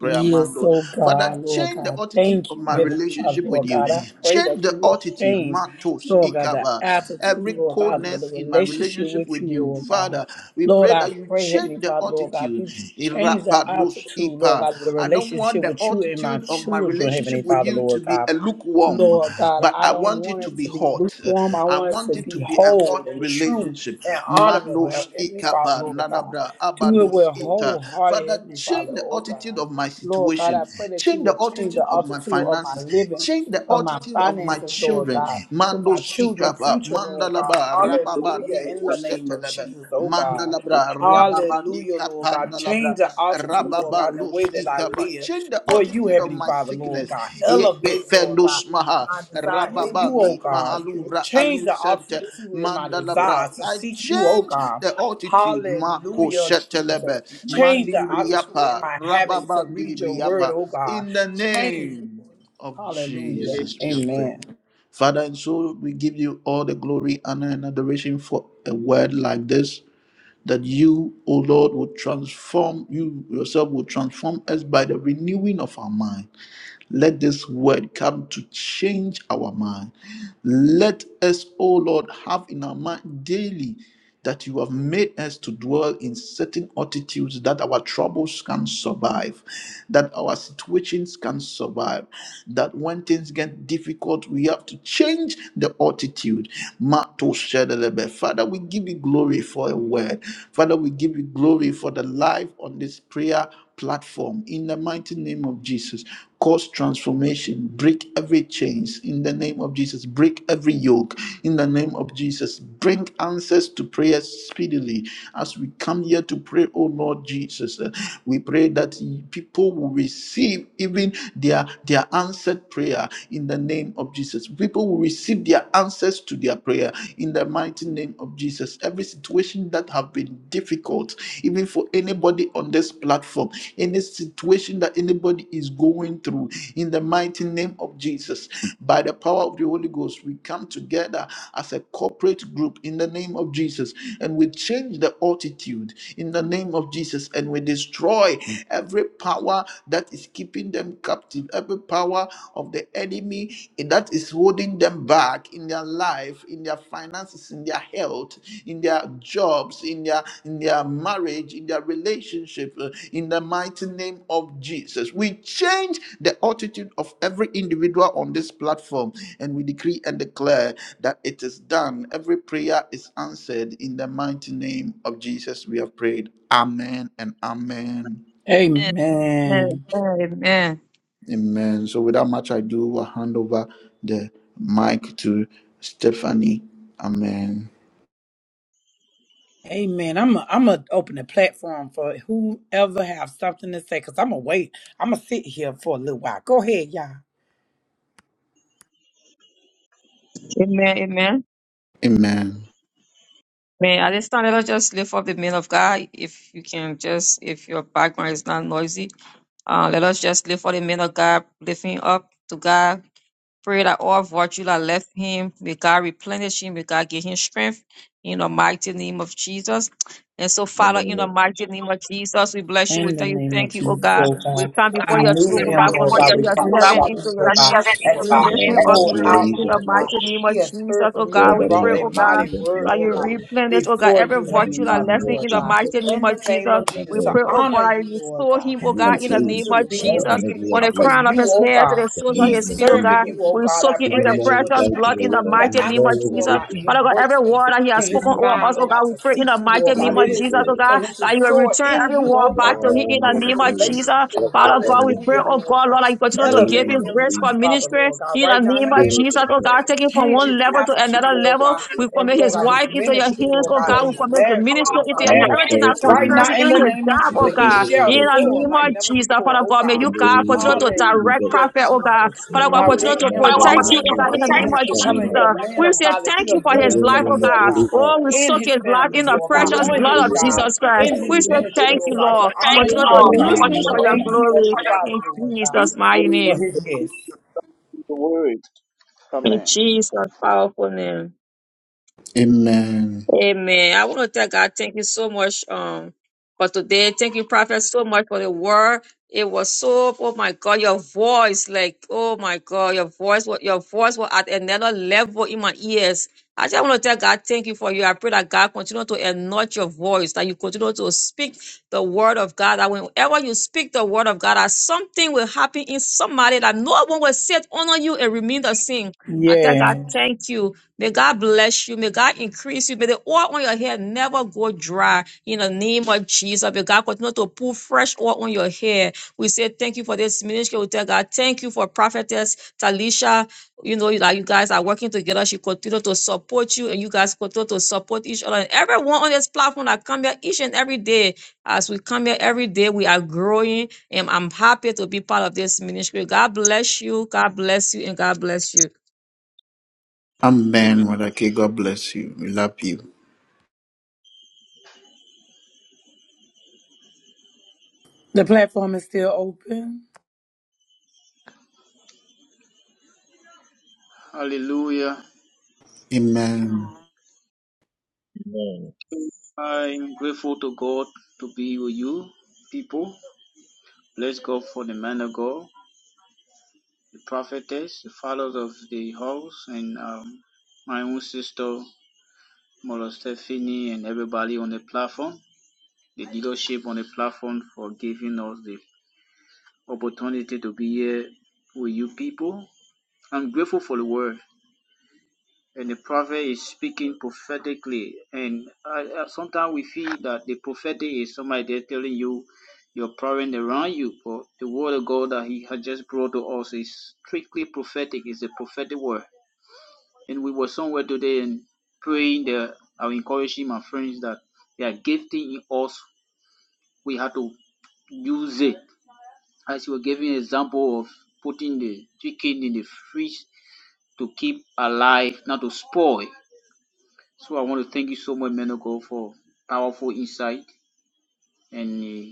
Speaker 1: Yes, oh God, Lord God, thank you, Heavenly Father, Lord God. I pray that you would change, Lord God, the attitude, Lord God, of the relationship with you, Lord God. Lord, I pray, Heavenly Father, Lord God, that you change the attitude, Lord God, of the relationship with you and my children, Heavenly Father, Lord God. Lord God, I don't want it to be lukewarm. I want it to be whole and true and honorable, Heavenly Father, Lord God. Do it with wholehearted, Heavenly Father, oh God. Lord God, I pray that you will change the altitude of my living, of my finances, Lord God, with my children, future, Lord God. Hallelujah. In the name of Jesus, oh God. Hallelujah, Lord God. Change the altitude, Lord God, in the way that I live for you, Heavenly Father, Lord God. Elevate, Lord God, my desire in you, oh God. Change the altitude in my desire to seek you, oh God. Hallelujah, Jesus. Change the attitude and my habits to read your word, oh God. Change. Hallelujah. Amen.
Speaker 3: Amen.
Speaker 1: Amen.
Speaker 3: Amen.
Speaker 1: Amen. I'm a, I'm gonna open the platform for whoever have something to say, cause I'm gonna wait. I'm gonna sit here for a little while. Go ahead, y'all.
Speaker 3: Amen. Amen. At this time, let us just lift up the man of God. If you can just, if your background is not noisy, uh, let us just lift up the man of God, lifting up to God. Pray that all virtue that left him, may God replenish him, may God give him strength in the mighty name of Jesus. And so,
Speaker 6: in the
Speaker 3: Father, in
Speaker 6: name
Speaker 3: the
Speaker 6: of Jesus.
Speaker 3: mighty name of Jesus, we bless you. We
Speaker 1: In the
Speaker 3: tell you,
Speaker 1: name of
Speaker 3: thank you, oh
Speaker 1: Jesus,
Speaker 3: God.
Speaker 1: Lord
Speaker 3: We
Speaker 1: God,
Speaker 3: come before your
Speaker 6: We
Speaker 1: renew
Speaker 3: throne, oh
Speaker 6: Spirit
Speaker 1: him,
Speaker 3: God,
Speaker 6: thank of you
Speaker 1: Lord
Speaker 6: for
Speaker 1: God,
Speaker 6: your God,
Speaker 3: committing
Speaker 6: truth,
Speaker 3: your
Speaker 6: oh God.
Speaker 1: replenish
Speaker 3: servant
Speaker 1: him,
Speaker 6: Father,
Speaker 3: into
Speaker 6: You
Speaker 3: your
Speaker 1: Lord
Speaker 6: are
Speaker 1: God,
Speaker 3: hands.
Speaker 6: sharing it
Speaker 1: as
Speaker 6: with
Speaker 3: We
Speaker 6: us
Speaker 1: he
Speaker 3: lift
Speaker 1: had
Speaker 6: in
Speaker 3: him
Speaker 6: Father, the we are
Speaker 3: up
Speaker 1: poured
Speaker 6: spirit.
Speaker 3: before you
Speaker 1: out,
Speaker 6: believed
Speaker 3: in
Speaker 6: of
Speaker 3: the
Speaker 1: Lord
Speaker 6: you.
Speaker 1: God.
Speaker 3: mighty name
Speaker 1: He
Speaker 3: of
Speaker 1: has
Speaker 3: Jesus,
Speaker 1: heard
Speaker 3: oh
Speaker 1: from you
Speaker 3: God.
Speaker 1: and
Speaker 3: We
Speaker 6: Wherever you
Speaker 3: pray,
Speaker 1: brought a
Speaker 6: are
Speaker 3: oh God,
Speaker 6: believed
Speaker 1: mighty
Speaker 6: of
Speaker 1: word,
Speaker 6: your
Speaker 3: that you
Speaker 1: Lord
Speaker 6: prayer.
Speaker 1: God,
Speaker 3: replenish, oh God,
Speaker 1: before you,
Speaker 3: every
Speaker 6: In the
Speaker 1: Heavenly
Speaker 3: virtue that
Speaker 1: Father,
Speaker 6: name
Speaker 3: left
Speaker 6: of
Speaker 3: him
Speaker 1: Lord
Speaker 3: in the
Speaker 1: God.
Speaker 6: Jesus,
Speaker 3: mighty name
Speaker 1: In the
Speaker 3: of
Speaker 1: name
Speaker 3: Jesus.
Speaker 1: of
Speaker 6: Father,
Speaker 3: We
Speaker 1: Jesus, to
Speaker 3: pray, oh
Speaker 1: honor
Speaker 3: God, that
Speaker 1: you,
Speaker 3: you
Speaker 1: Lord
Speaker 3: restore
Speaker 1: God,
Speaker 3: him, oh
Speaker 6: you
Speaker 3: God, in the
Speaker 1: continue
Speaker 6: replace
Speaker 3: name
Speaker 1: to
Speaker 3: of
Speaker 1: be
Speaker 6: whatever
Speaker 3: Jesus.
Speaker 6: energy
Speaker 1: obedient
Speaker 3: From
Speaker 6: has
Speaker 3: the
Speaker 1: for
Speaker 6: left.
Speaker 3: crown of
Speaker 1: you,
Speaker 3: his
Speaker 1: oh
Speaker 3: head to
Speaker 1: God.
Speaker 3: the
Speaker 6: In
Speaker 3: soles
Speaker 6: the
Speaker 3: of
Speaker 1: He's
Speaker 3: his
Speaker 6: name of
Speaker 3: feet, oh God.
Speaker 1: serving you,
Speaker 6: Jesus,
Speaker 1: oh
Speaker 3: We
Speaker 1: God.
Speaker 3: soak
Speaker 1: I
Speaker 3: you in
Speaker 1: pray
Speaker 6: even
Speaker 3: your
Speaker 1: that
Speaker 6: more
Speaker 1: you will
Speaker 3: precious
Speaker 6: insight in
Speaker 3: blood
Speaker 6: the
Speaker 1: change
Speaker 3: in the
Speaker 6: world,
Speaker 1: the
Speaker 3: mighty name
Speaker 6: more
Speaker 3: of
Speaker 1: attitude, Lord
Speaker 3: Jesus.
Speaker 1: God, in
Speaker 6: revelation.
Speaker 1: his
Speaker 3: Father God, every
Speaker 1: workspace,
Speaker 3: word that He
Speaker 6: In the
Speaker 3: has
Speaker 1: in
Speaker 6: name
Speaker 1: his
Speaker 3: spoken
Speaker 6: of
Speaker 3: over
Speaker 1: mind,
Speaker 3: us, oh
Speaker 1: Lord
Speaker 6: Jesus,
Speaker 1: God,
Speaker 3: God, we
Speaker 1: to
Speaker 3: pray in the
Speaker 1: seek you, Lord
Speaker 3: mighty
Speaker 1: God.
Speaker 3: name
Speaker 6: Spirit
Speaker 1: It
Speaker 3: of
Speaker 6: of
Speaker 1: is
Speaker 3: Jesus, oh
Speaker 6: God,
Speaker 1: for
Speaker 3: God,
Speaker 1: him to
Speaker 3: that you will
Speaker 1: soar
Speaker 3: return
Speaker 1: in
Speaker 3: every
Speaker 1: you, oh
Speaker 3: word back
Speaker 1: God.
Speaker 3: to Him in
Speaker 6: Father,
Speaker 3: the
Speaker 1: His
Speaker 6: we are
Speaker 3: name of
Speaker 6: believed.
Speaker 3: Jesus.
Speaker 1: relationship,
Speaker 6: Rest
Speaker 3: Father
Speaker 6: upon
Speaker 3: God,
Speaker 6: me.
Speaker 3: we pray,
Speaker 1: hallelujah,
Speaker 6: In
Speaker 3: oh
Speaker 1: Lord
Speaker 3: God,
Speaker 1: God.
Speaker 3: Lord, that you
Speaker 6: the
Speaker 3: continue to give
Speaker 1: Elevate
Speaker 6: name
Speaker 3: Him
Speaker 6: of
Speaker 1: him,
Speaker 3: grace for
Speaker 1: Heavenly
Speaker 6: Jesus,
Speaker 1: Father,
Speaker 3: ministry
Speaker 1: Lord God,
Speaker 3: in
Speaker 1: right
Speaker 3: the
Speaker 1: now in the
Speaker 3: name of
Speaker 1: name
Speaker 6: Spirit
Speaker 1: of
Speaker 3: Jesus, oh
Speaker 1: Jesus.
Speaker 3: God, take it from
Speaker 1: Change his
Speaker 3: one level to
Speaker 1: attitude,
Speaker 3: another
Speaker 1: Lord
Speaker 3: level.
Speaker 1: God,
Speaker 3: We
Speaker 1: and
Speaker 3: commit
Speaker 1: Lord
Speaker 3: His
Speaker 1: God, his
Speaker 3: wife into your
Speaker 1: ministry,
Speaker 6: of
Speaker 3: hands,
Speaker 1: Lord
Speaker 3: oh
Speaker 1: God,
Speaker 6: God,
Speaker 3: God,
Speaker 1: and
Speaker 3: we
Speaker 1: his
Speaker 3: commit the
Speaker 1: marriage,
Speaker 6: I
Speaker 3: ministry
Speaker 1: Heavenly
Speaker 3: into your
Speaker 1: Father,
Speaker 3: hands,
Speaker 1: Lord
Speaker 6: must
Speaker 1: God.
Speaker 3: everything that
Speaker 6: pretty
Speaker 1: Right now
Speaker 3: concerns Him,
Speaker 6: much
Speaker 1: in
Speaker 3: even
Speaker 1: the
Speaker 3: His
Speaker 1: name of
Speaker 3: job,
Speaker 6: the
Speaker 3: oh
Speaker 1: Jesus, he
Speaker 3: God,
Speaker 6: glory
Speaker 1: shall
Speaker 3: in
Speaker 6: of
Speaker 3: the
Speaker 1: soar
Speaker 3: name
Speaker 1: like
Speaker 3: of
Speaker 6: Jesus,
Speaker 1: never
Speaker 3: Jesus,
Speaker 1: before,
Speaker 3: Father
Speaker 1: oh
Speaker 3: God, may
Speaker 6: the
Speaker 1: God.
Speaker 3: you, God,
Speaker 6: glory
Speaker 3: continue
Speaker 6: of
Speaker 3: to direct
Speaker 6: Jesus,
Speaker 1: Hallelujah,
Speaker 3: prophet, oh God,
Speaker 1: Jesus.
Speaker 6: the
Speaker 3: Father God,
Speaker 6: glory
Speaker 3: continue
Speaker 1: Direct
Speaker 6: of
Speaker 3: to
Speaker 6: my
Speaker 1: him, Lord
Speaker 3: protect
Speaker 1: God.
Speaker 3: him, oh God, in
Speaker 1: He
Speaker 3: the name
Speaker 1: is
Speaker 3: of Jesus.
Speaker 1: becoming the man
Speaker 3: We
Speaker 1: of
Speaker 3: say
Speaker 1: God that
Speaker 3: thank
Speaker 1: you
Speaker 3: you
Speaker 6: Is
Speaker 1: have
Speaker 3: for his
Speaker 1: built him to
Speaker 3: life,
Speaker 1: be,
Speaker 3: oh
Speaker 6: the
Speaker 1: Lord
Speaker 3: God.
Speaker 6: Holy
Speaker 1: God,
Speaker 6: God,
Speaker 3: Oh, we
Speaker 1: in
Speaker 3: soak
Speaker 1: his
Speaker 3: his life
Speaker 1: family,
Speaker 3: in the
Speaker 1: Lord
Speaker 6: you
Speaker 1: God,
Speaker 3: precious
Speaker 6: the
Speaker 1: on
Speaker 3: blood
Speaker 1: his
Speaker 3: of
Speaker 6: Holy God,
Speaker 1: job,
Speaker 3: Jesus Christ.
Speaker 1: in
Speaker 3: We
Speaker 1: his
Speaker 3: say
Speaker 1: ministry,
Speaker 3: thank you,
Speaker 1: Lord God, to
Speaker 3: Lord.
Speaker 1: honor
Speaker 3: Continue
Speaker 1: you,
Speaker 3: to
Speaker 1: oh God.
Speaker 3: use him for your
Speaker 1: Thank you,
Speaker 3: glory
Speaker 1: Heavenly Father,
Speaker 3: in
Speaker 1: Lord God,
Speaker 3: Jesus' mighty
Speaker 1: for
Speaker 3: name.
Speaker 1: his yes.
Speaker 7: Word.
Speaker 3: In
Speaker 7: Amen.
Speaker 3: Jesus' powerful name. Amen. I want to thank God. Thank you so much um for today. Thank you, Prophet, so much for the word. It was so oh my God, your voice, like oh my God, your voice was your voice was at another level in my ears. I just want to tell God, thank you for you. I pray that God continue to anoint your voice, that you continue to speak the word of God. That whenever you speak the word of God, that something will happen in somebody that no one will sit under you and remain the same. I tell God,
Speaker 1: Yeah.
Speaker 3: thank you. May God bless you. May God increase you. May the oil on your hair never go dry. In the name of Jesus, may God continue to pour fresh oil on your hair. We say thank you for this ministry. We tell God, thank you for prophetess Talisha. You know that you guys are working together. She continue to support you, and you guys continue to support each other. And everyone on this platform that come here each and every day, as we come here every day, we are growing. And I'm happy to be part of this ministry. God bless you. God bless you, and God bless you.
Speaker 7: Amen.
Speaker 1: The platform is still open.
Speaker 7: Hallelujah. I'm grateful to God to be with you, people. Bless God for the man of God, the prophetess, the fathers of the house, and um, my own sister, Mother Stephanie, and everybody on the platform. the leadership on the platform for giving us the opportunity to be here with you people. I'm grateful for the word, and the prophet is speaking prophetically. And I, I, sometimes we feel that the prophetic is somebody there telling you your problem around you, but the word of God that He has just brought to us is strictly prophetic. It's a prophetic word. And we were somewhere today and praying that I'm encouraging my friends that they are gifting in us. We have to use it as you were giving example of putting the chicken in the fridge to keep alive, not to spoil. So I want to thank you so much, man of God, for powerful insight, and uh,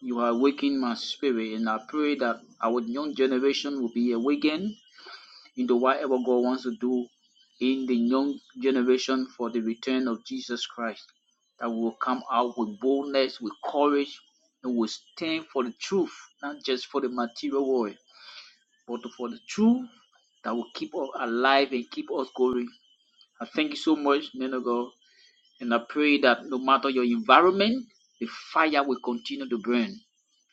Speaker 7: you are awakening my spirit. And I pray that our young generation will be awakened into whatever God wants to do in the young generation for the return of Jesus Christ. That we will come out with boldness, with courage, and will stand for the truth, not just for the material world. but for the truth that will keep us alive and keep us going. I thank you so much, men of God, and I pray that no matter your environment, the fire will continue to burn.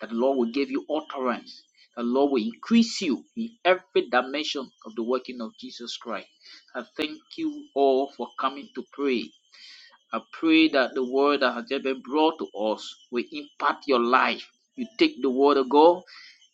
Speaker 7: That the Lord will give you utterance. that The Lord will increase you in every dimension of the working of Jesus Christ. I thank you all for coming to pray. I pray that the word that has just been brought to us will impact your life. You take the word of God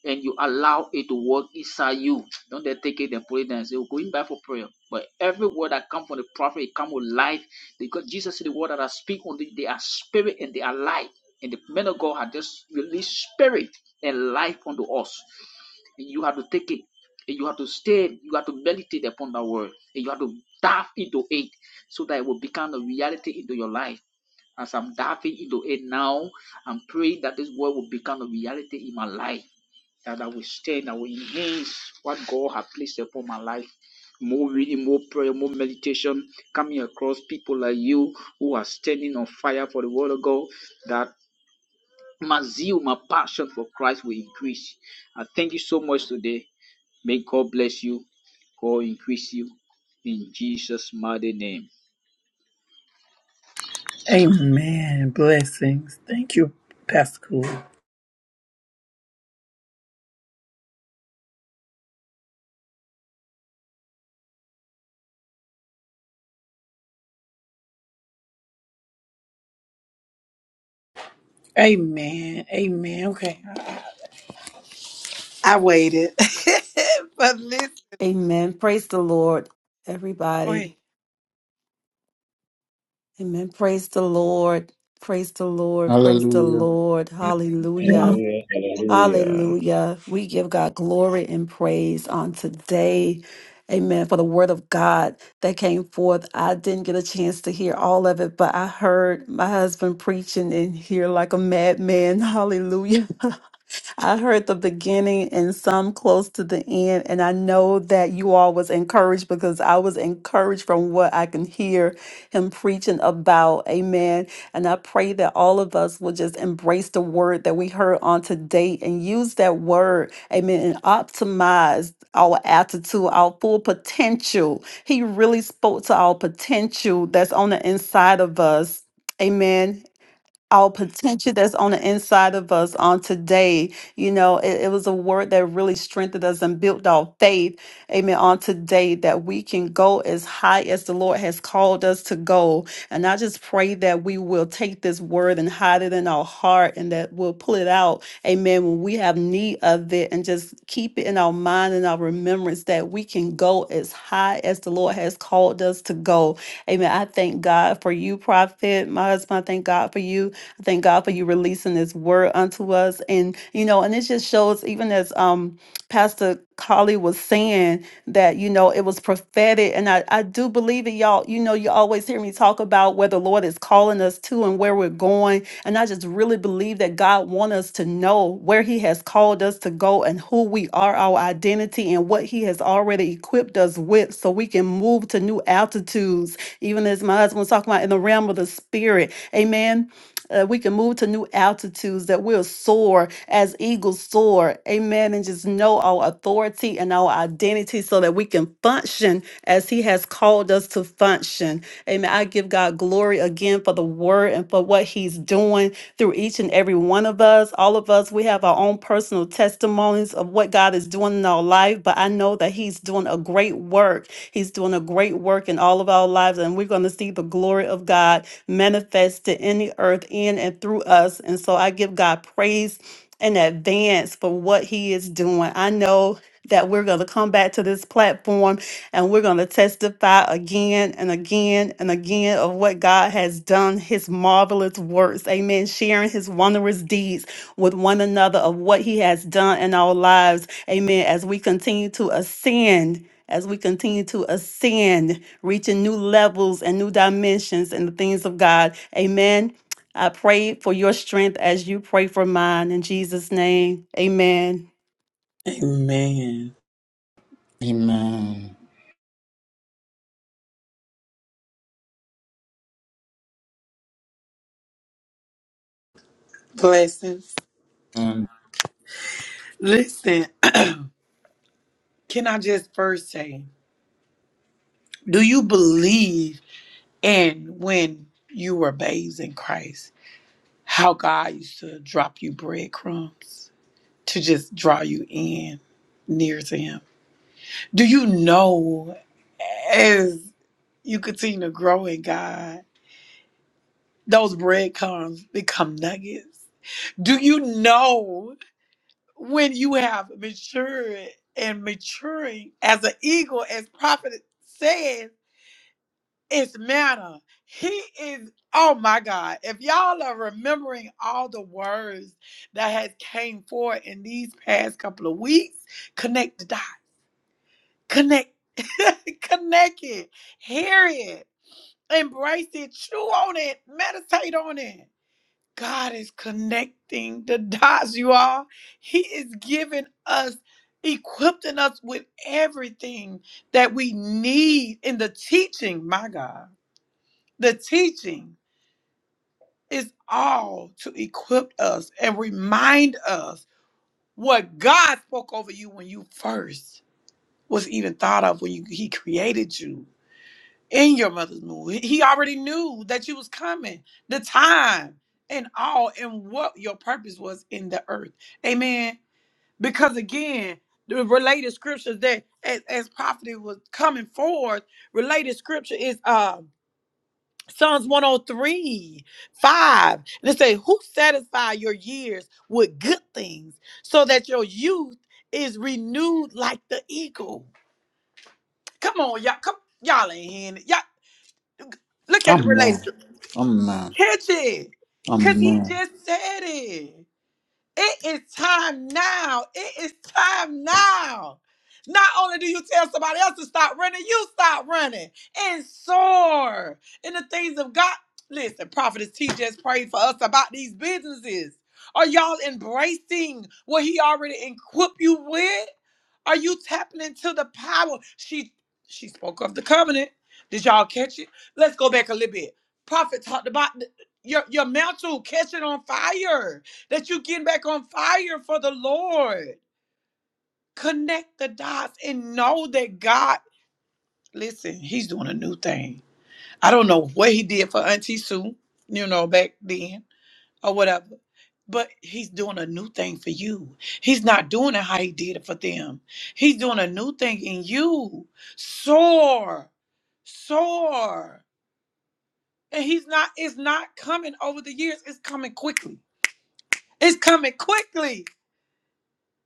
Speaker 7: and you allow it to work inside you. Don't they take it and put it down and say, "We're going back for prayer. But every word that comes from the prophet, it comes with life. Because Jesus said the word that I speak on the, they are spirit and they are life. And the men of God had just released spirit and life unto us. You have to take it. And you have to stay. You have to meditate upon that word. And you have to dive into it so that it will become a reality into your life. As I'm diving into it now, I'm praying that this word will become a reality in my life. That I will stand, I will enhance what God has placed upon my life. More reading, more prayer, more meditation, coming across people like you who are standing on fire for the word of God That. My zeal, my passion for Christ will increase. I thank you so much today. May God bless you. God increase you in Jesus' mighty name.
Speaker 1: Amen. Blessings. Thank you, Pastor Cool. Amen. Amen. Okay. I waited. [laughs] but listen.
Speaker 8: Amen. Praise the Lord,
Speaker 1: Go ahead.
Speaker 8: everybody. Amen. Praise the Lord. Praise the Lord. Praise the Lord. Hallelujah.
Speaker 3: Amen.
Speaker 6: Hallelujah, hallelujah.
Speaker 8: Hallelujah. We give God glory and praise on today. Amen. For the word of God that came forth. I didn't get a chance to hear all of it, but I heard my husband preaching in here like a madman. Hallelujah. [laughs] I heard the beginning and some close to the end, and I know that you all was encouraged because I was encouraged from what I can hear him preaching about. Amen. And I pray that all of us will just embrace the word that we heard on today and use that word, amen, and optimize our attitude, our full potential. He really spoke to our potential that's on the inside of us. Amen our potential that's on the inside of us on today. You know, it, it was a word that really strengthened us and built our faith. Amen. On today, that we can go as high as the Lord has called us to go. And I just pray that we will take this word and hide it in our heart and that we'll pull it out. Amen. When we have need of it and just keep it in our mind and our remembrance that we can go as high as the Lord has called us to go. Amen. I thank God for you, prophet. My husband, I thank God for you. I thank God for you releasing this word unto us. And, you know, and it just shows, even as um Pastor Carly was saying, that, you know, it was prophetic. And I, I do believe it, y'all. You know, you always hear me talk about where the Lord is calling us to and where we're going. And I just really believe that God wants us to know where He has called us to go and who we are, our identity, and what He has already equipped us with so we can move to new altitudes, even as my husband was talking about in the realm of the spirit. Amen uh, we can move to new altitudes, that we'll soar as eagles soar. Amen. And just know our authority and our identity so that we can function as He has called us to function. Amen. I give God glory again for the word and for what He's doing through each and and every one of us, all of us, we have our own personal testimonies of what God is doing in our life. But I know that He's doing a great work. He's doing a great work in all of our lives, and we're going to see the glory of God manifest to the earth in and through us. And so I give God praise in advance for what He is doing. I know that we're going to come back to this platform and we're going to testify again and again and again of what God has done, his marvelous works. Amen. Sharing his wondrous deeds with one another of what he has done in our lives. Amen. As we continue to ascend. As we continue to ascend, reaching new levels and new dimensions in the things of God. Amen. I pray for your strength as you pray for mine in Jesus' name. Amen.
Speaker 1: Amen.
Speaker 2: Amen.
Speaker 1: Blessings.
Speaker 2: Amen.
Speaker 1: Listen. [clears throat] Can I just first say, do you believe in when you were babes in Christ, how God used to drop you breadcrumbs to just draw you in near to Him? Do you know as you continue to grow in God, those breadcrumbs become nuggets? Do you know when you have matured and maturing as an eagle, as prophet said? It's manna. He is, oh my God. If y'all are remembering all the words that has came forth in these past couple of weeks, connect the dot. Connect, [laughs] connect it, hear it, embrace it, chew on it, meditate on it. God is connecting the dots, you all. He is giving us, equipping us with everything that we need in the teaching, my God. The teaching is all to equip us and remind us what God spoke over you when you first was even thought of when you, He created you in your mother's womb. He he already knew that you was coming, the time and all, and what your purpose was in the earth. Amen. Because again, the related scriptures that as, as prophet was coming forth, related scripture is um. Psalms one, oh, three, five, And it say, Who satisfy your years with good things so that your youth is renewed like the eagle? Come on, y'all. Come, y'all ain't hearing it. Y'all look at the relationship. Catch it. Cause he just said it. It is time now. It is time now. Not only do you tell somebody else to stop running, you stop running and soar in the things of God. Listen, Prophetess T just prayed for us about these businesses. Are y'all embracing what he already equipped you with? Are you tapping into the power? She she spoke of the covenant. Did y'all catch it? Let's go back a little bit. Prophet talked about the- your, your mantle catching on fire that you're getting back on fire for the Lord. Connect the dots and know that God, listen, He's doing a new thing. I don't know what He did for Auntie Sue, you know, back then or whatever, but He's doing a new thing for you. He's not doing it how He did it for them, He's doing a new thing in you. Soar, soar. And He's not, it's not coming over the years, it's coming quickly. It's coming quickly.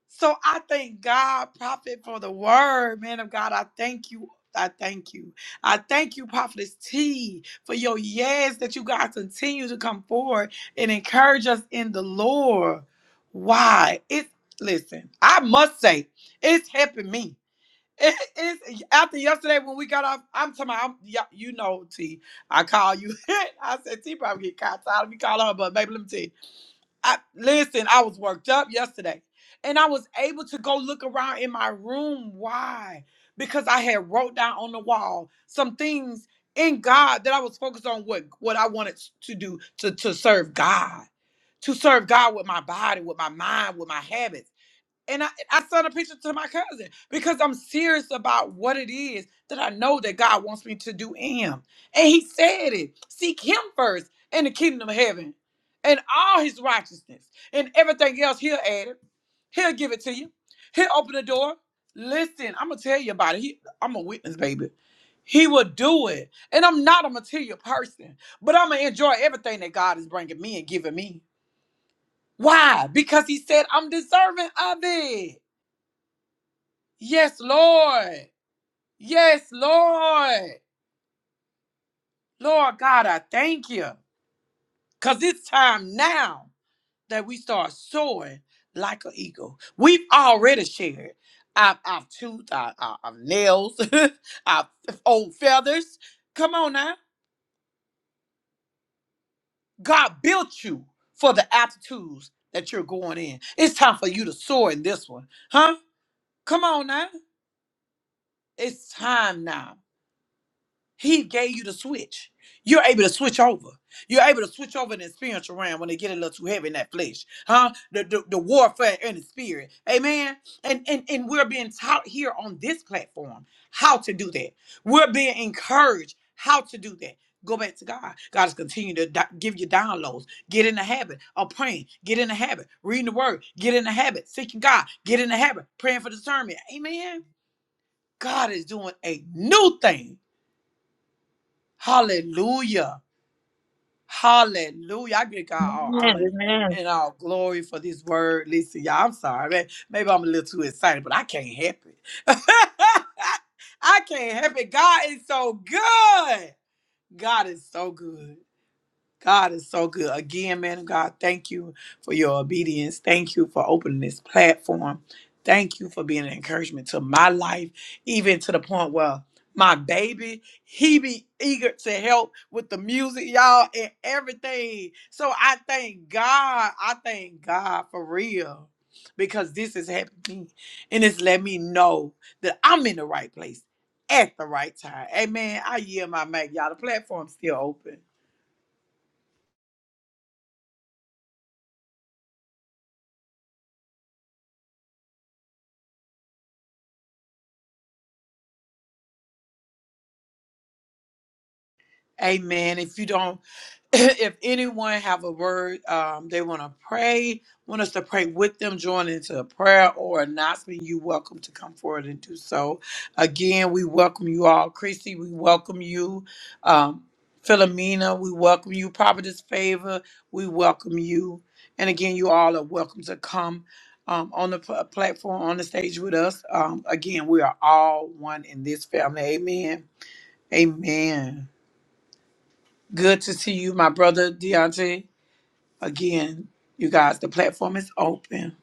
Speaker 1: So I thank God, prophet, for the word, man of God. I thank you. I thank you. I thank you, Prophetess T, for your yes that you guys continue to come forward and encourage us in the Lord. Why? It's listen, I must say, it's helping me. It- it's after yesterday when we got off. I'm talking about, I'm, yeah, you know, T. I call you. [laughs] I said, T probably get caught tired of me calling her, but baby, let me tell you. I listen, I was worked up yesterday. And I was able to go look around in my room. Why? Because I had wrote down on the wall some things in God that I was focused on what what I wanted to do to, to serve God, to serve God with my body, with my mind, with my habits and I, I sent a picture to my cousin because I'm serious about what it is that I know that God wants me to do in him. And he said it. Seek him first and the kingdom of heaven and all his righteousness and everything else he'll add it. He'll give it to you. He'll open the door. Listen, I'm gonna tell you about it. He, I'm a witness, baby. He will do it. And I'm not a material person, but I'm gonna enjoy everything that God is bringing me and giving me. Why? Because he said I'm deserving of it. Yes, Lord. Yes, Lord. Lord God, I thank you. Because it's time now that we start soaring like an eagle. We've already shared our, our tooth, our, our, our nails, [laughs] our old feathers. Come on now. God built you for the altitudes that you're going in. It's time for you to soar in this one. Huh? Come on now. It's time now. He gave you the switch. You're able to switch over. You're able to switch over in the spiritual realm when they get a little too heavy in that flesh, huh? The the, the warfare in the spirit, amen. And and and we're being taught here on this platform how to do that. We're being encouraged how to do that. Go back to God. God is continuing to di- give you downloads. Get in the habit of praying. Get in the habit reading the word. Get in the habit seeking God. Get in the habit praying for discernment. Amen. God is doing a new thing Hallelujah. Hallelujah. I give God all honor
Speaker 3: Amen.
Speaker 1: and all glory for this word. Listen, y'all, I'm sorry. Man. Maybe I'm a little too excited, but I can't help it. [laughs] I can't help it. God is so good. God is so good. God is so good. Again, man of God, thank you for your obedience. Thank you for opening this platform. Thank you for being an encouragement to my life, even to the point where my baby, he be eager to help with the music, y'all, and everything. So I thank God. I thank God for real. Because this has happened to me. And it's let me know that I'm in the right place at the right time. Amen. I yield my mic. Y'all, the platform's still open. Amen. If you don't, [clears throat] if anyone have a word, um, they want to pray, want us to pray with them, join into a prayer or announcement, you welcome to come forward and do so. Again, we welcome you all. Chrissy, we welcome you. Um, Philomena, we welcome you. Providence Favor, we welcome you. And again, you all are welcome to come um, on the pl- platform, on the stage with us. Um, again, we are all one in this family. Amen. Amen. Good to see you, my brother Deontay. Again, you guys, the platform is open.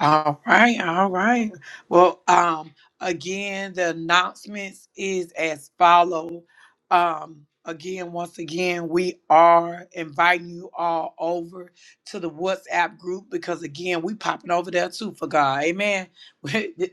Speaker 1: All right, all right. Well, um, again, the announcements is as follow. Um, again, once again, we are inviting you all over to the WhatsApp group because again, we popping over there too for God. Amen. [laughs] Hey,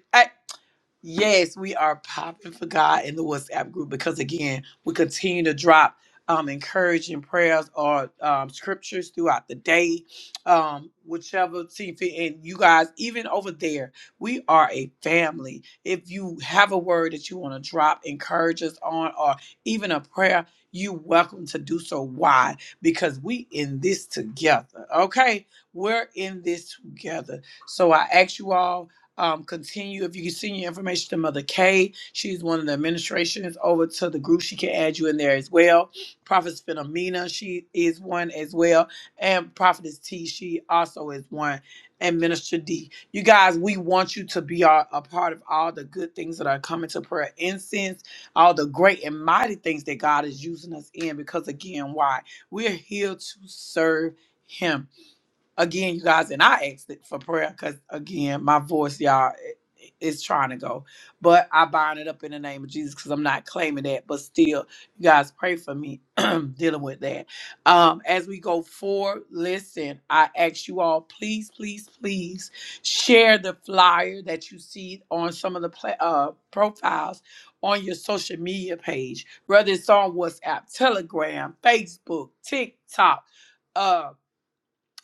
Speaker 1: Yes, we are popping for God in the WhatsApp group because again, we continue to drop um, encouraging prayers or um, scriptures throughout the day, um, whichever team fit. And you guys, even over there, we are a family. If you have a word that you want to drop, encourage us on, or even a prayer, you welcome to do so. Why? Because we in this together. Okay, we're in this together. So I ask you all um, continue if you can send your information to Mother K. She's one of the administrations over to the group. She can add you in there as well. Prophetess Philomena, she is one as well, and Prophetess T, she also is one, and Minister D. You guys, we want you to be a, a part of all the good things that are coming to prayer incense, all the great and mighty things that God is using us in. Because again, why? We're here to serve Him again, you guys, and I asked it for prayer because again, my voice, y'all, it, it's trying to go. But I bind it up in the name of Jesus because I'm not claiming that. But still, you guys pray for me [clears throat] dealing with that. Um, as we go forward, listen, I ask you all, please, please, please share the flyer that you see on some of the pla- uh, profiles on your social media page, whether it's on WhatsApp, Telegram, Facebook, TikTok uh,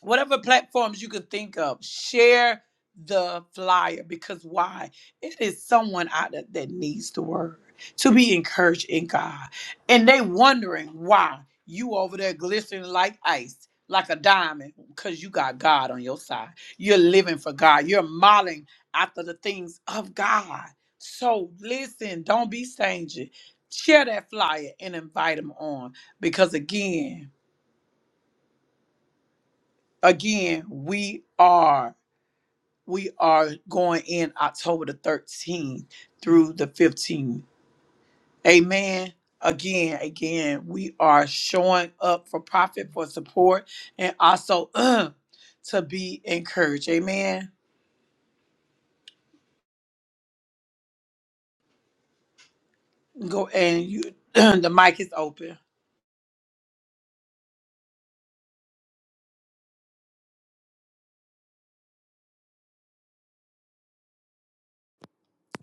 Speaker 1: whatever platforms you can think of, share the flyer because why? It is someone out there that needs the word to be encouraged in God. And they wondering why you over there glistening like ice, like a diamond, because you got God on your side. You're living for God. You're modeling after the things of God. So listen, don't be stingy. Share that flyer and invite them on because again, again, we are we are going in October the 13th through the 15th. Amen. Again, again, we are showing up for profit, for support, and also [clears throat] uh, to be encouraged. Amen. Go and you, [clears throat] the mic is open.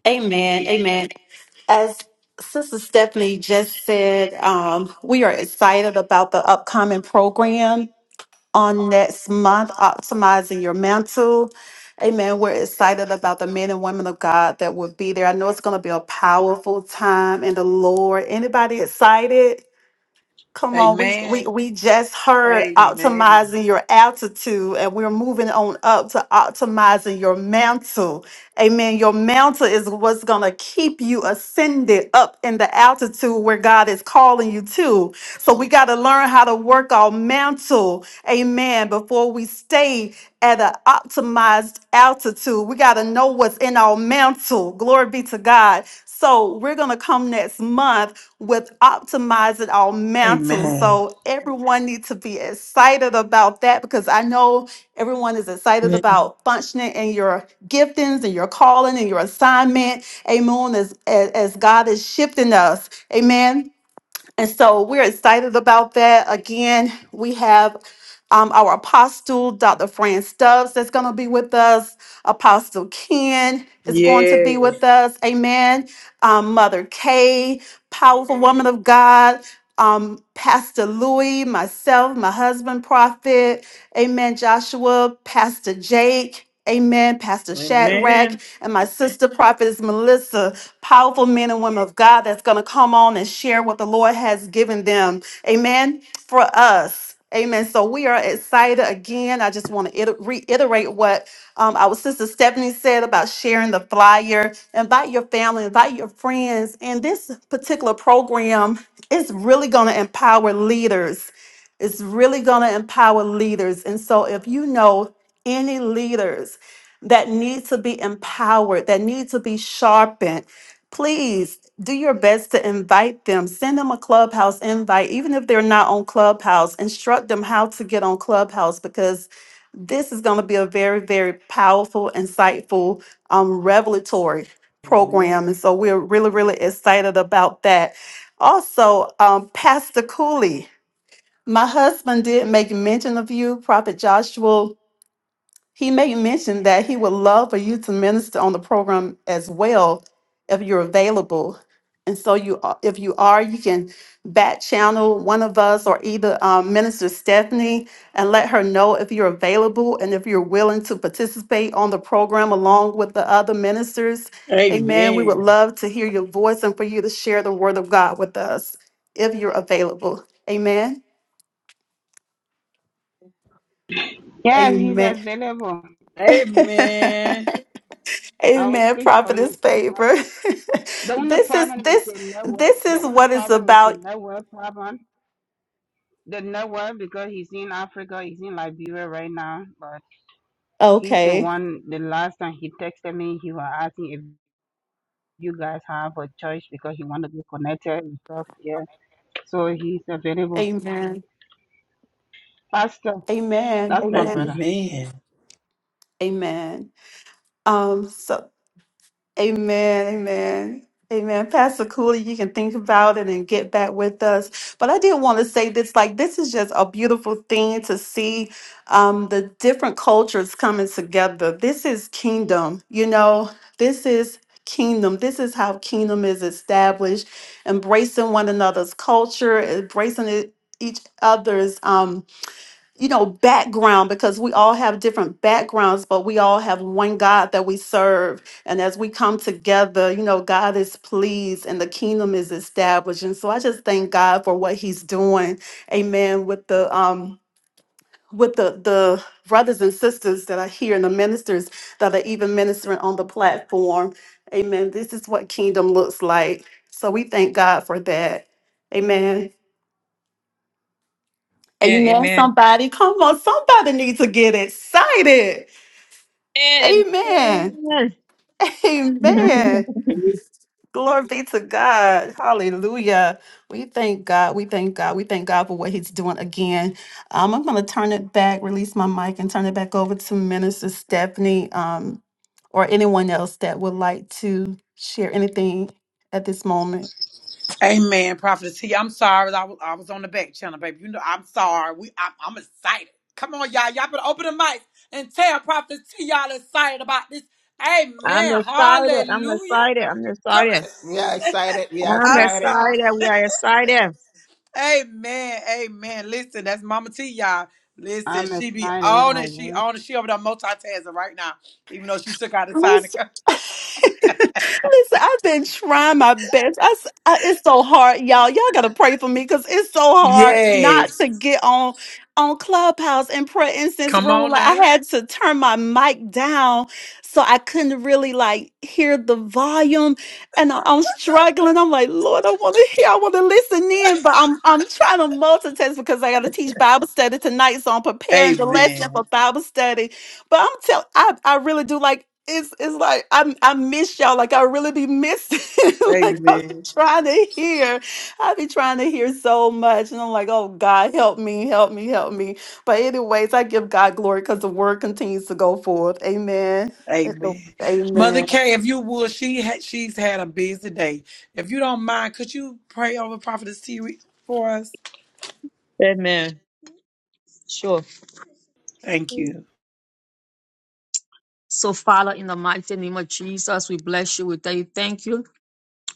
Speaker 8: Amen. Amen. As Sister Stephanie just said, um, we are excited about the upcoming program on next month, Optimizing Your Mantle. Amen. We're excited about the men and women of God that will be there. I know it's going to be a powerful time in the Lord. Anybody excited? Come on, we we we just heard optimizing your altitude, and we're moving on up to optimizing your mantle. Amen. Your mantle is what's gonna keep you ascended up in the altitude where God is calling you to. So we gotta learn how to work our mantle, amen, before we stay at an optimized altitude. We gotta know what's in our mantle. Glory be to God. So we're gonna come next month with optimizing our mantles.
Speaker 1: Amen.
Speaker 8: So everyone needs to be excited about that because I know everyone is excited
Speaker 3: Amen.
Speaker 8: about functioning in your giftings and your calling and your assignment. Amen. As, as, as God is shifting us. Amen. And so we're excited about that. Again, we have um, our apostle, Dr. Fran Stubbs, that's going to be with us. Apostle Ken is going to be
Speaker 1: Yes.
Speaker 8: with us. Amen. Um, Mother Kay, powerful woman of God. Um, Pastor Louis, myself, my husband, Prophet. Amen. Joshua, Pastor Jake. Amen. Pastor Shadrach
Speaker 1: Amen.
Speaker 8: and my sister prophetess Melissa powerful men and women of God that's going to come on and share what the Lord has given them. Amen. For us. Amen. So we are excited again. I just want to iter- reiterate what um, our sister Stephanie said about sharing the flyer. Invite your family, invite your friends. And this particular program is really going to empower leaders. It's really going to empower leaders. And so if you know any leaders that need to be empowered, that need to be sharpened, please do your best to invite them. Send them a Clubhouse invite, even if they're not on Clubhouse. Instruct them how to get on Clubhouse because this is going to be a very, very powerful, insightful, um, revelatory program. And
Speaker 1: Amen.
Speaker 8: so we're really, really excited about that. Also, um, Pastor Cooley, my husband did make mention of you, Prophet Joshua he may mention that he would love for you to minister on the program as well if you're available. And so you are- if you are, you can back channel one of us or either um, Minister Stephanie and let her know if you're available and if you're willing to participate on the program along with the other ministers. Amen. We would
Speaker 1: Amen.
Speaker 8: love to hear your voice and for you to share the word of God with us if you're available. Amen.
Speaker 9: Yes, he's
Speaker 8: Amen.
Speaker 9: available.
Speaker 8: [laughs]
Speaker 1: Amen.
Speaker 9: I will
Speaker 8: Amen,
Speaker 9: speak for
Speaker 8: prophetess
Speaker 9: him.
Speaker 8: favor.
Speaker 9: The
Speaker 8: [laughs]
Speaker 9: only
Speaker 8: this is
Speaker 9: problem is
Speaker 8: this
Speaker 9: the network.
Speaker 8: this
Speaker 9: The
Speaker 8: is
Speaker 9: only
Speaker 8: what it's
Speaker 9: problem is the
Speaker 8: about.
Speaker 9: network problem. The network because he's in Africa, he's in Liberia right now. But he's the
Speaker 8: Okay.
Speaker 9: one. The last time he texted me, he was asking if you guys have a church because he wanted to be connected and stuff. Yeah, so he's available.
Speaker 8: Amen.
Speaker 9: Pastor,
Speaker 8: Amen.
Speaker 9: that's my
Speaker 8: Amen.
Speaker 9: brother.
Speaker 1: Amen.
Speaker 8: Amen. Um, so Amen, amen, amen. Pastor Cooley, you can think about it and get back with us. But I did want to say this like, this is just a beautiful thing to see um, the different cultures coming together. This is kingdom, you know, this is kingdom. This is how kingdom is established, embracing one another's culture, embracing it- each other's. um, you know, background because we all have different backgrounds, but we all have one God that we serve. And as we come together, you know, God is pleased and the kingdom is established. And so I just thank God for what he's doing. Amen. With the um with the the brothers and sisters that are here and the ministers that are even ministering on the platform. Amen. This is what kingdom looks like. So we thank God for that. Amen. Amen. Somebody, come on. Somebody needs to get excited. Amen.
Speaker 3: Amen.
Speaker 8: Amen.
Speaker 3: [laughs]
Speaker 8: Glory be to God. Hallelujah. We thank God. We thank God. We thank God for what He's doing again. Um, I'm going to turn it back, release my mic, and turn it back over to Minister Stephanie um, or anyone else that would like to share anything at this moment.
Speaker 1: Amen, Prophet T. I'm sorry. I was, I was on the back channel, baby. You know, I'm sorry. We, I'm, I'm excited. Come on, y'all. Y'all better open the mic and tell Prophet T y'all excited about this.
Speaker 3: I'm
Speaker 1: Amen.
Speaker 3: excited. I'm
Speaker 1: Hallelujah.
Speaker 3: excited. I'm
Speaker 1: Come
Speaker 3: excited.
Speaker 2: We are excited. We are
Speaker 3: I'm
Speaker 1: I'm
Speaker 2: excited.
Speaker 1: sorry.
Speaker 3: excited. We are excited.
Speaker 1: Amen. Amen. Listen, that's Mama T, y'all. Listen,
Speaker 9: I'm
Speaker 1: she be
Speaker 9: excited.
Speaker 1: on
Speaker 9: I
Speaker 1: it. She
Speaker 9: work.
Speaker 1: on it. She over there multitasking right now, even though she took out the time to
Speaker 8: Listen,
Speaker 1: come.
Speaker 8: listen, I've been trying my best. I s I it's so hard, y'all. Y'all gotta pray for me because it's so hard not
Speaker 1: Yes.
Speaker 8: to get on on Clubhouse and prayer instance
Speaker 1: Come
Speaker 8: room.
Speaker 1: on
Speaker 8: Like
Speaker 1: now.
Speaker 8: I had to turn my mic down so I couldn't really like hear the volume, and I, am struggling. I'm like, Lord, I want to hear, I want to listen in, but I'm I'm trying to multitask because I gotta teach Bible study tonight, so I'm preparing the lesson
Speaker 1: Amen.
Speaker 8: for Bible study but I'm tell I I really do like it's it's like I I miss y'all like I really be missing [laughs] like i
Speaker 1: Amen.
Speaker 8: be trying to hear I be trying to hear so much and I'm like oh God help me help me help me but anyways I give God glory because the word continues to go forth Amen
Speaker 1: Amen. Mother
Speaker 8: Amen
Speaker 1: Kay, if you would, she had she's had a busy day. If you don't mind, could you pray over Prophetess T for us?
Speaker 3: Amen. Sure.
Speaker 1: Thank you.
Speaker 3: So, Father, in the mighty name of Jesus, we bless you. We tell you thank you.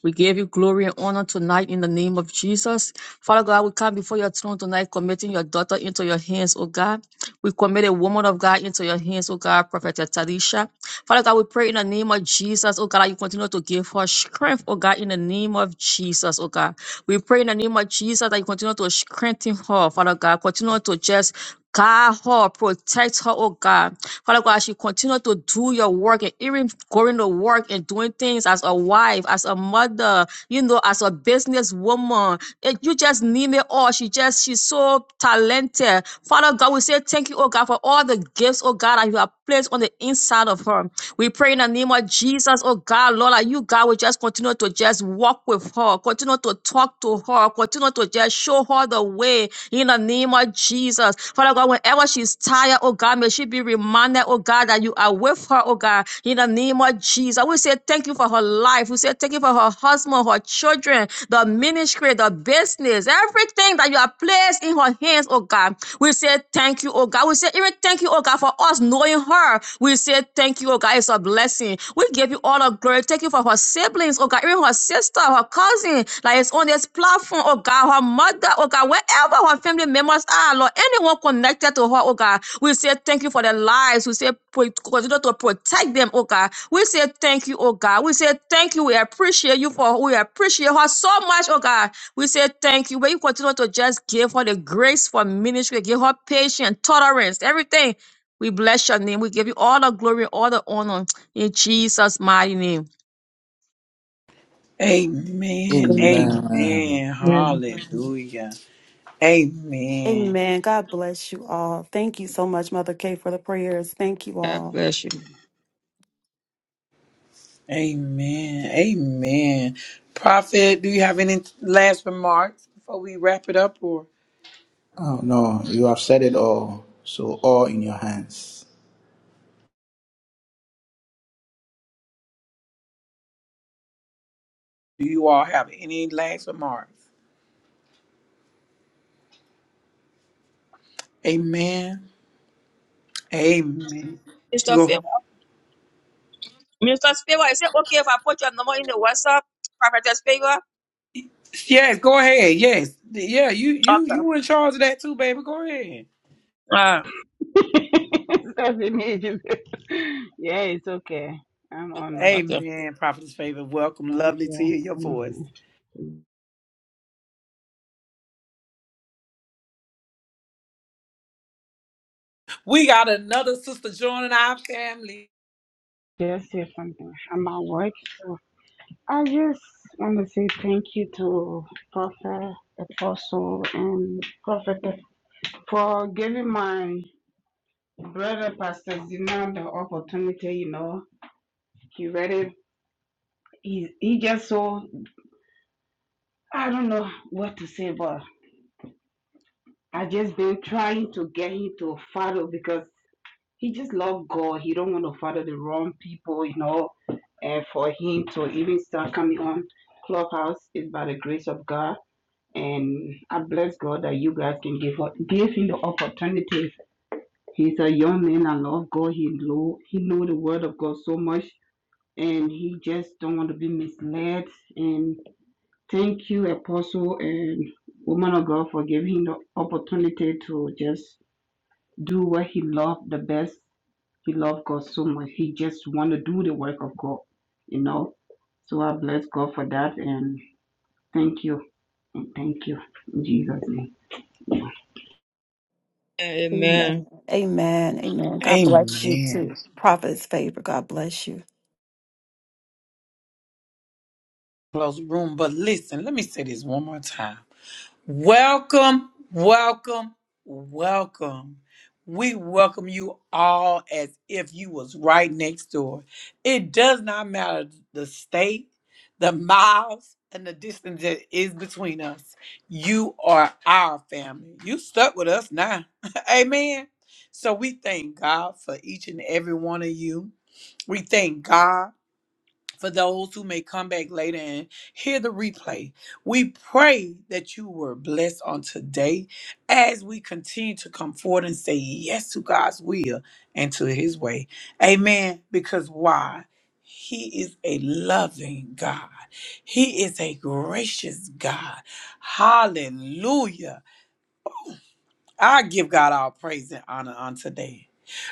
Speaker 3: We give you glory and honor tonight in the name of Jesus. Father God, we come before your throne tonight, committing your daughter into your hands, oh God. We commit a woman of God into your hands, oh God, Prophet Talisha. Father God, we pray in the name of Jesus, oh God, that you continue to give her strength, oh God, in the name of Jesus, oh God. We pray in the name of Jesus that you continue to strengthen her, Father God. Continue to just guide her, protect protect her, oh God. Father God, as she continue to do your work and even going to work and doing things as a wife, as a mother, you know, as a businesswoman. and you just need it all. She just, she's so talented. Father God, we say thank you, oh God, for all the gifts, oh God, that you have placed on the inside of her. We pray in the name of Jesus, oh God, Lord, that you, God, will just continue to just walk with her her, continue to talk to her, continue to just show her the way in the name of Jesus. Father God, whenever she's tired, oh God, may she be reminded, oh God, that you are with her, oh God, in the name of Jesus. We say thank you for her life. We say thank you for her husband, her children, the ministry, the business, everything that you have placed in her hands, oh God. We say thank you, oh God. We say even thank you, oh God, for us knowing knowing her. We say thank you, oh God. It's a blessing. We give you all the glory. Thank you for her siblings, oh God, even her sister, her cousin, like it's on this platform, oh God, her mother, oh God, wherever her family members are, Lord, anyone connected to her, oh God. We say thank you for their lives. We say pro- continue to protect them, oh God. We say thank you, oh God. We say thank you. We appreciate you for we appreciate her so much, oh God. We say thank you. But you continue to just give her the grace for ministry, give her patience, tolerance, everything. We bless your name. We give you all the glory, all the honor in Jesus' mighty name.
Speaker 1: Amen. Amen. Hallelujah. Amen.
Speaker 8: Amen God bless you all thank you so much Mother Kay for the prayers thank you
Speaker 3: God
Speaker 8: all
Speaker 3: bless you.
Speaker 1: Amen. Prophet, do you have any last remarks before we wrap it up, or do you all have any last remarks? Amen. Amen.
Speaker 3: Mr.
Speaker 1: Go.
Speaker 3: Favor, Mr. Favor, is it okay if I put your number in the WhatsApp? Prophetess Favor?
Speaker 1: Yes. Go ahead. Yes. Yeah. You. You.
Speaker 3: Okay.
Speaker 1: You were in charge of that too, baby. Go ahead.
Speaker 3: Uh,
Speaker 9: [laughs] It's amazing. [laughs] yeah, it's okay. I'm on.
Speaker 3: Okay.
Speaker 1: Amen, Prophet's favor. Welcome.
Speaker 9: Thank
Speaker 1: Lovely to
Speaker 9: you.
Speaker 1: hear your voice.
Speaker 9: Amen.
Speaker 1: We got another sister joining our family.
Speaker 9: Just say something about work. So I just want to say thank you to Prophet Apostle and Prophet for giving my brother Pastor Zina the opportunity. You know, he read it. He he just so I don't know what to say, but I just been trying to get him to follow because. he just love God. He don't want to follow the wrong people, you know. And for him to even start coming on Clubhouse is by the grace of God. And I bless God that you guys can give give him the opportunity. He's a young man. I love God. He know he know the word of God so much, and he just don't want to be misled. And thank you, Apostle and woman of God, for giving him the opportunity to just do what he loved the best he loved God so much. He just want to do the work of God, you know. So I bless God for that and thank you and thank you in Jesus' name.
Speaker 3: Amen.
Speaker 8: Amen Amen Amen God bless you
Speaker 1: Amen.
Speaker 8: too Prophet's favor God bless you.
Speaker 1: Close room. But listen, let me say this one more time. Welcome, welcome, welcome. We welcome you all as if you was right next door. It does not matter the state, the miles, and the distance that is between us. You are our family. You stuck with us now. [laughs] Amen. So we thank God for each and every one of you. We thank God for those who may come back later and hear the replay. We pray that you were blessed on today as we continue to come forward and say yes to God's will and to his way. Amen. Because why? He is a loving God. He is a gracious God. Hallelujah. I give God all praise and honor on today.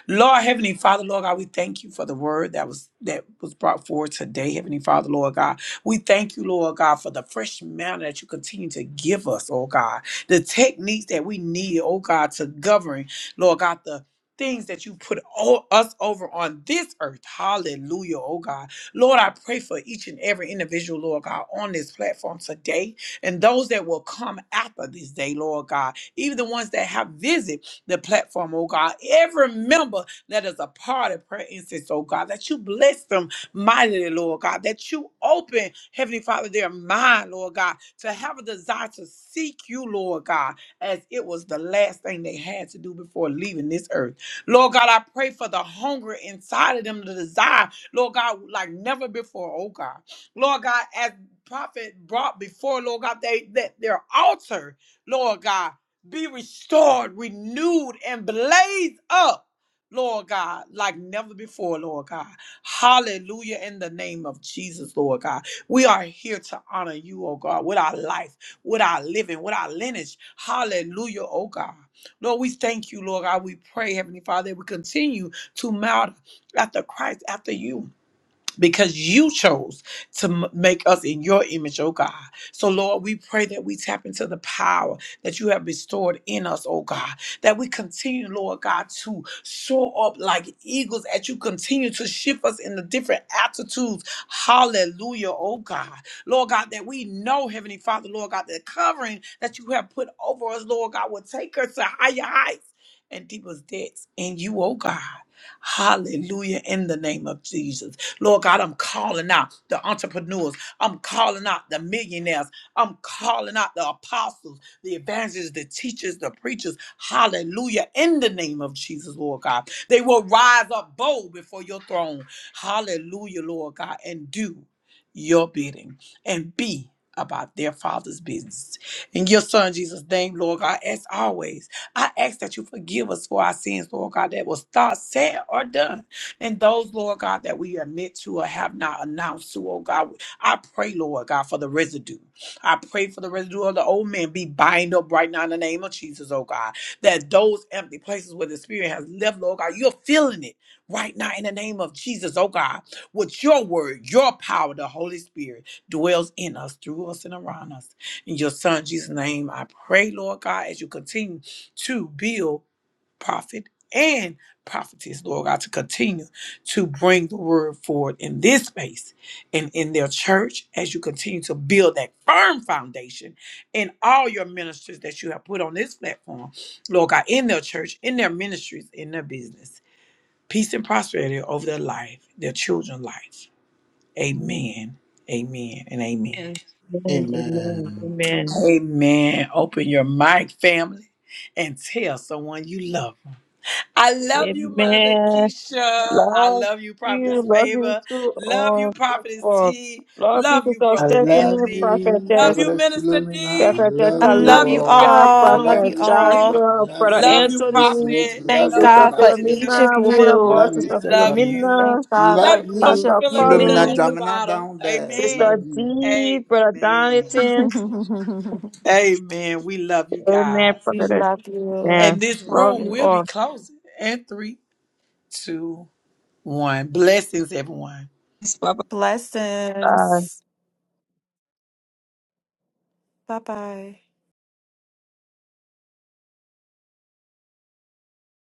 Speaker 1: Lord Heavenly Father, Lord God, we thank you for the word that was that was brought forward today, Heavenly Father, Lord God. We thank you, Lord God, for the fresh manner that you continue to give us, oh God. The techniques that we need, oh God, to govern, Lord God, the things that you put all, us over on this earth. Hallelujah, oh God. Lord, I pray for each and every individual, Lord God, on this platform today and those that will come after this day, Lord God even the ones that have visit the platform, oh God. Every member that is a part of prayer incense, oh God, that you bless them mightily, Lord God, that you open, Heavenly Father, their mind, Lord God, to have a desire to seek you, Lord God, as it was the last thing they had to do before leaving this earth. Lord God, I pray for the hunger inside of them, the desire, Lord God, like never before, oh God. Lord God, as prophet brought before, Lord God, they that their altar, Lord God be restored, renewed, and blaze up, Lord God, like never before, Lord God. Hallelujah, in the name of Jesus, Lord God. We are here to honor you, oh God, with our life, with our living, with our lineage. Hallelujah, oh God. Lord, we thank you, Lord God. We pray, Heavenly Father, that we continue to mount after Christ, after you because you chose to m- make us in your image, oh God. So, Lord, we pray that we tap into the power that you have restored in us, oh God, that we continue, Lord God, to soar up like eagles as you continue to shift us in the different altitudes. Hallelujah, oh God. Lord God, that we know, Heavenly Father, Lord God, the covering that you have put over us, Lord God, will take us to higher heights and deepest depths in you, oh God. Hallelujah, in the name of Jesus. Lord God, I'm calling out the entrepreneurs. I'm calling out the millionaires. I'm calling out the apostles, the evangelists, the teachers, the preachers. Hallelujah. In the name of Jesus, Lord God. They will rise up bold before your throne. Hallelujah, Lord God, and do your bidding and be about their father's business. In your son Jesus' name, Lord God, as always, I ask that you forgive us for our sins, Lord God, that was thought, said, or done. And those, Lord God, that we admit to or have not announced to, oh God, I pray, Lord God, for the residue. I pray for the residue of the old men be bind up right now in the name of Jesus, oh God. That those empty places where the Spirit has left, Lord God, you're filling it right now in the name of Jesus, oh God. With your word, your power, the Holy Spirit dwells in us, through us, and around us. In your Son, Jesus' name, I pray, Lord God, as you continue to build prophet and prophetess, Lord God, to continue to bring the word forward in this space and in their church as you continue to build that firm foundation in all your ministers that you have put on this platform, Lord God, in their church, in their ministries, in their business. Peace and prosperity over their life, their children's life. Amen. Amen and amen.
Speaker 3: amen, amen, amen.
Speaker 1: Amen. Open your mic, family, and tell someone you love. 'em. I love you, Mother
Speaker 3: Amen.
Speaker 1: Keisha. I
Speaker 3: Love
Speaker 1: love you, Prophetess
Speaker 3: you, love you
Speaker 1: Favor.
Speaker 3: too,
Speaker 1: Love you,
Speaker 3: all.
Speaker 1: Prophetess
Speaker 3: for-
Speaker 1: T.
Speaker 3: Love you,
Speaker 1: Love you,
Speaker 3: Sister
Speaker 1: Brother
Speaker 3: Stephanie,
Speaker 1: Anthony. Love
Speaker 3: Prophetess.
Speaker 1: you, Minister D.
Speaker 3: Pastor
Speaker 8: I love
Speaker 1: Love
Speaker 8: you
Speaker 1: you,
Speaker 3: Talisa,
Speaker 1: Prophet
Speaker 8: all. Love
Speaker 3: Pastor
Speaker 1: Prophet
Speaker 8: you
Speaker 1: Cooley.
Speaker 8: all.
Speaker 3: Joshua, Brother
Speaker 1: Love you,
Speaker 3: Anthony,
Speaker 1: Prophet.
Speaker 8: Thank
Speaker 1: Love you,
Speaker 3: Sister
Speaker 8: God for
Speaker 1: Prophetess
Speaker 8: each of
Speaker 3: Philomena, Woman
Speaker 1: Philomena.
Speaker 3: of
Speaker 8: you.
Speaker 3: God, Sister
Speaker 1: Love you.
Speaker 3: Philomena,
Speaker 8: Thank God
Speaker 1: Love
Speaker 8: for
Speaker 1: you
Speaker 8: each
Speaker 1: from
Speaker 8: of
Speaker 3: Pastor
Speaker 1: Philomena
Speaker 8: you.
Speaker 1: at the
Speaker 3: Polly,
Speaker 1: bottom. Amen.
Speaker 3: Sister D, Brother
Speaker 1: Amen.
Speaker 3: Donington.
Speaker 8: [laughs]
Speaker 1: Amen. We love you
Speaker 3: Amen,
Speaker 1: guys.
Speaker 8: we
Speaker 3: Prophet.
Speaker 8: love you.
Speaker 3: Amen.
Speaker 1: And this
Speaker 8: Love
Speaker 3: Love
Speaker 1: room
Speaker 3: you
Speaker 8: you.
Speaker 1: will be
Speaker 3: all.
Speaker 1: closing. And three, two. one. Blessings, everyone.
Speaker 3: Bye-bye.
Speaker 8: Blessings. Bye bye.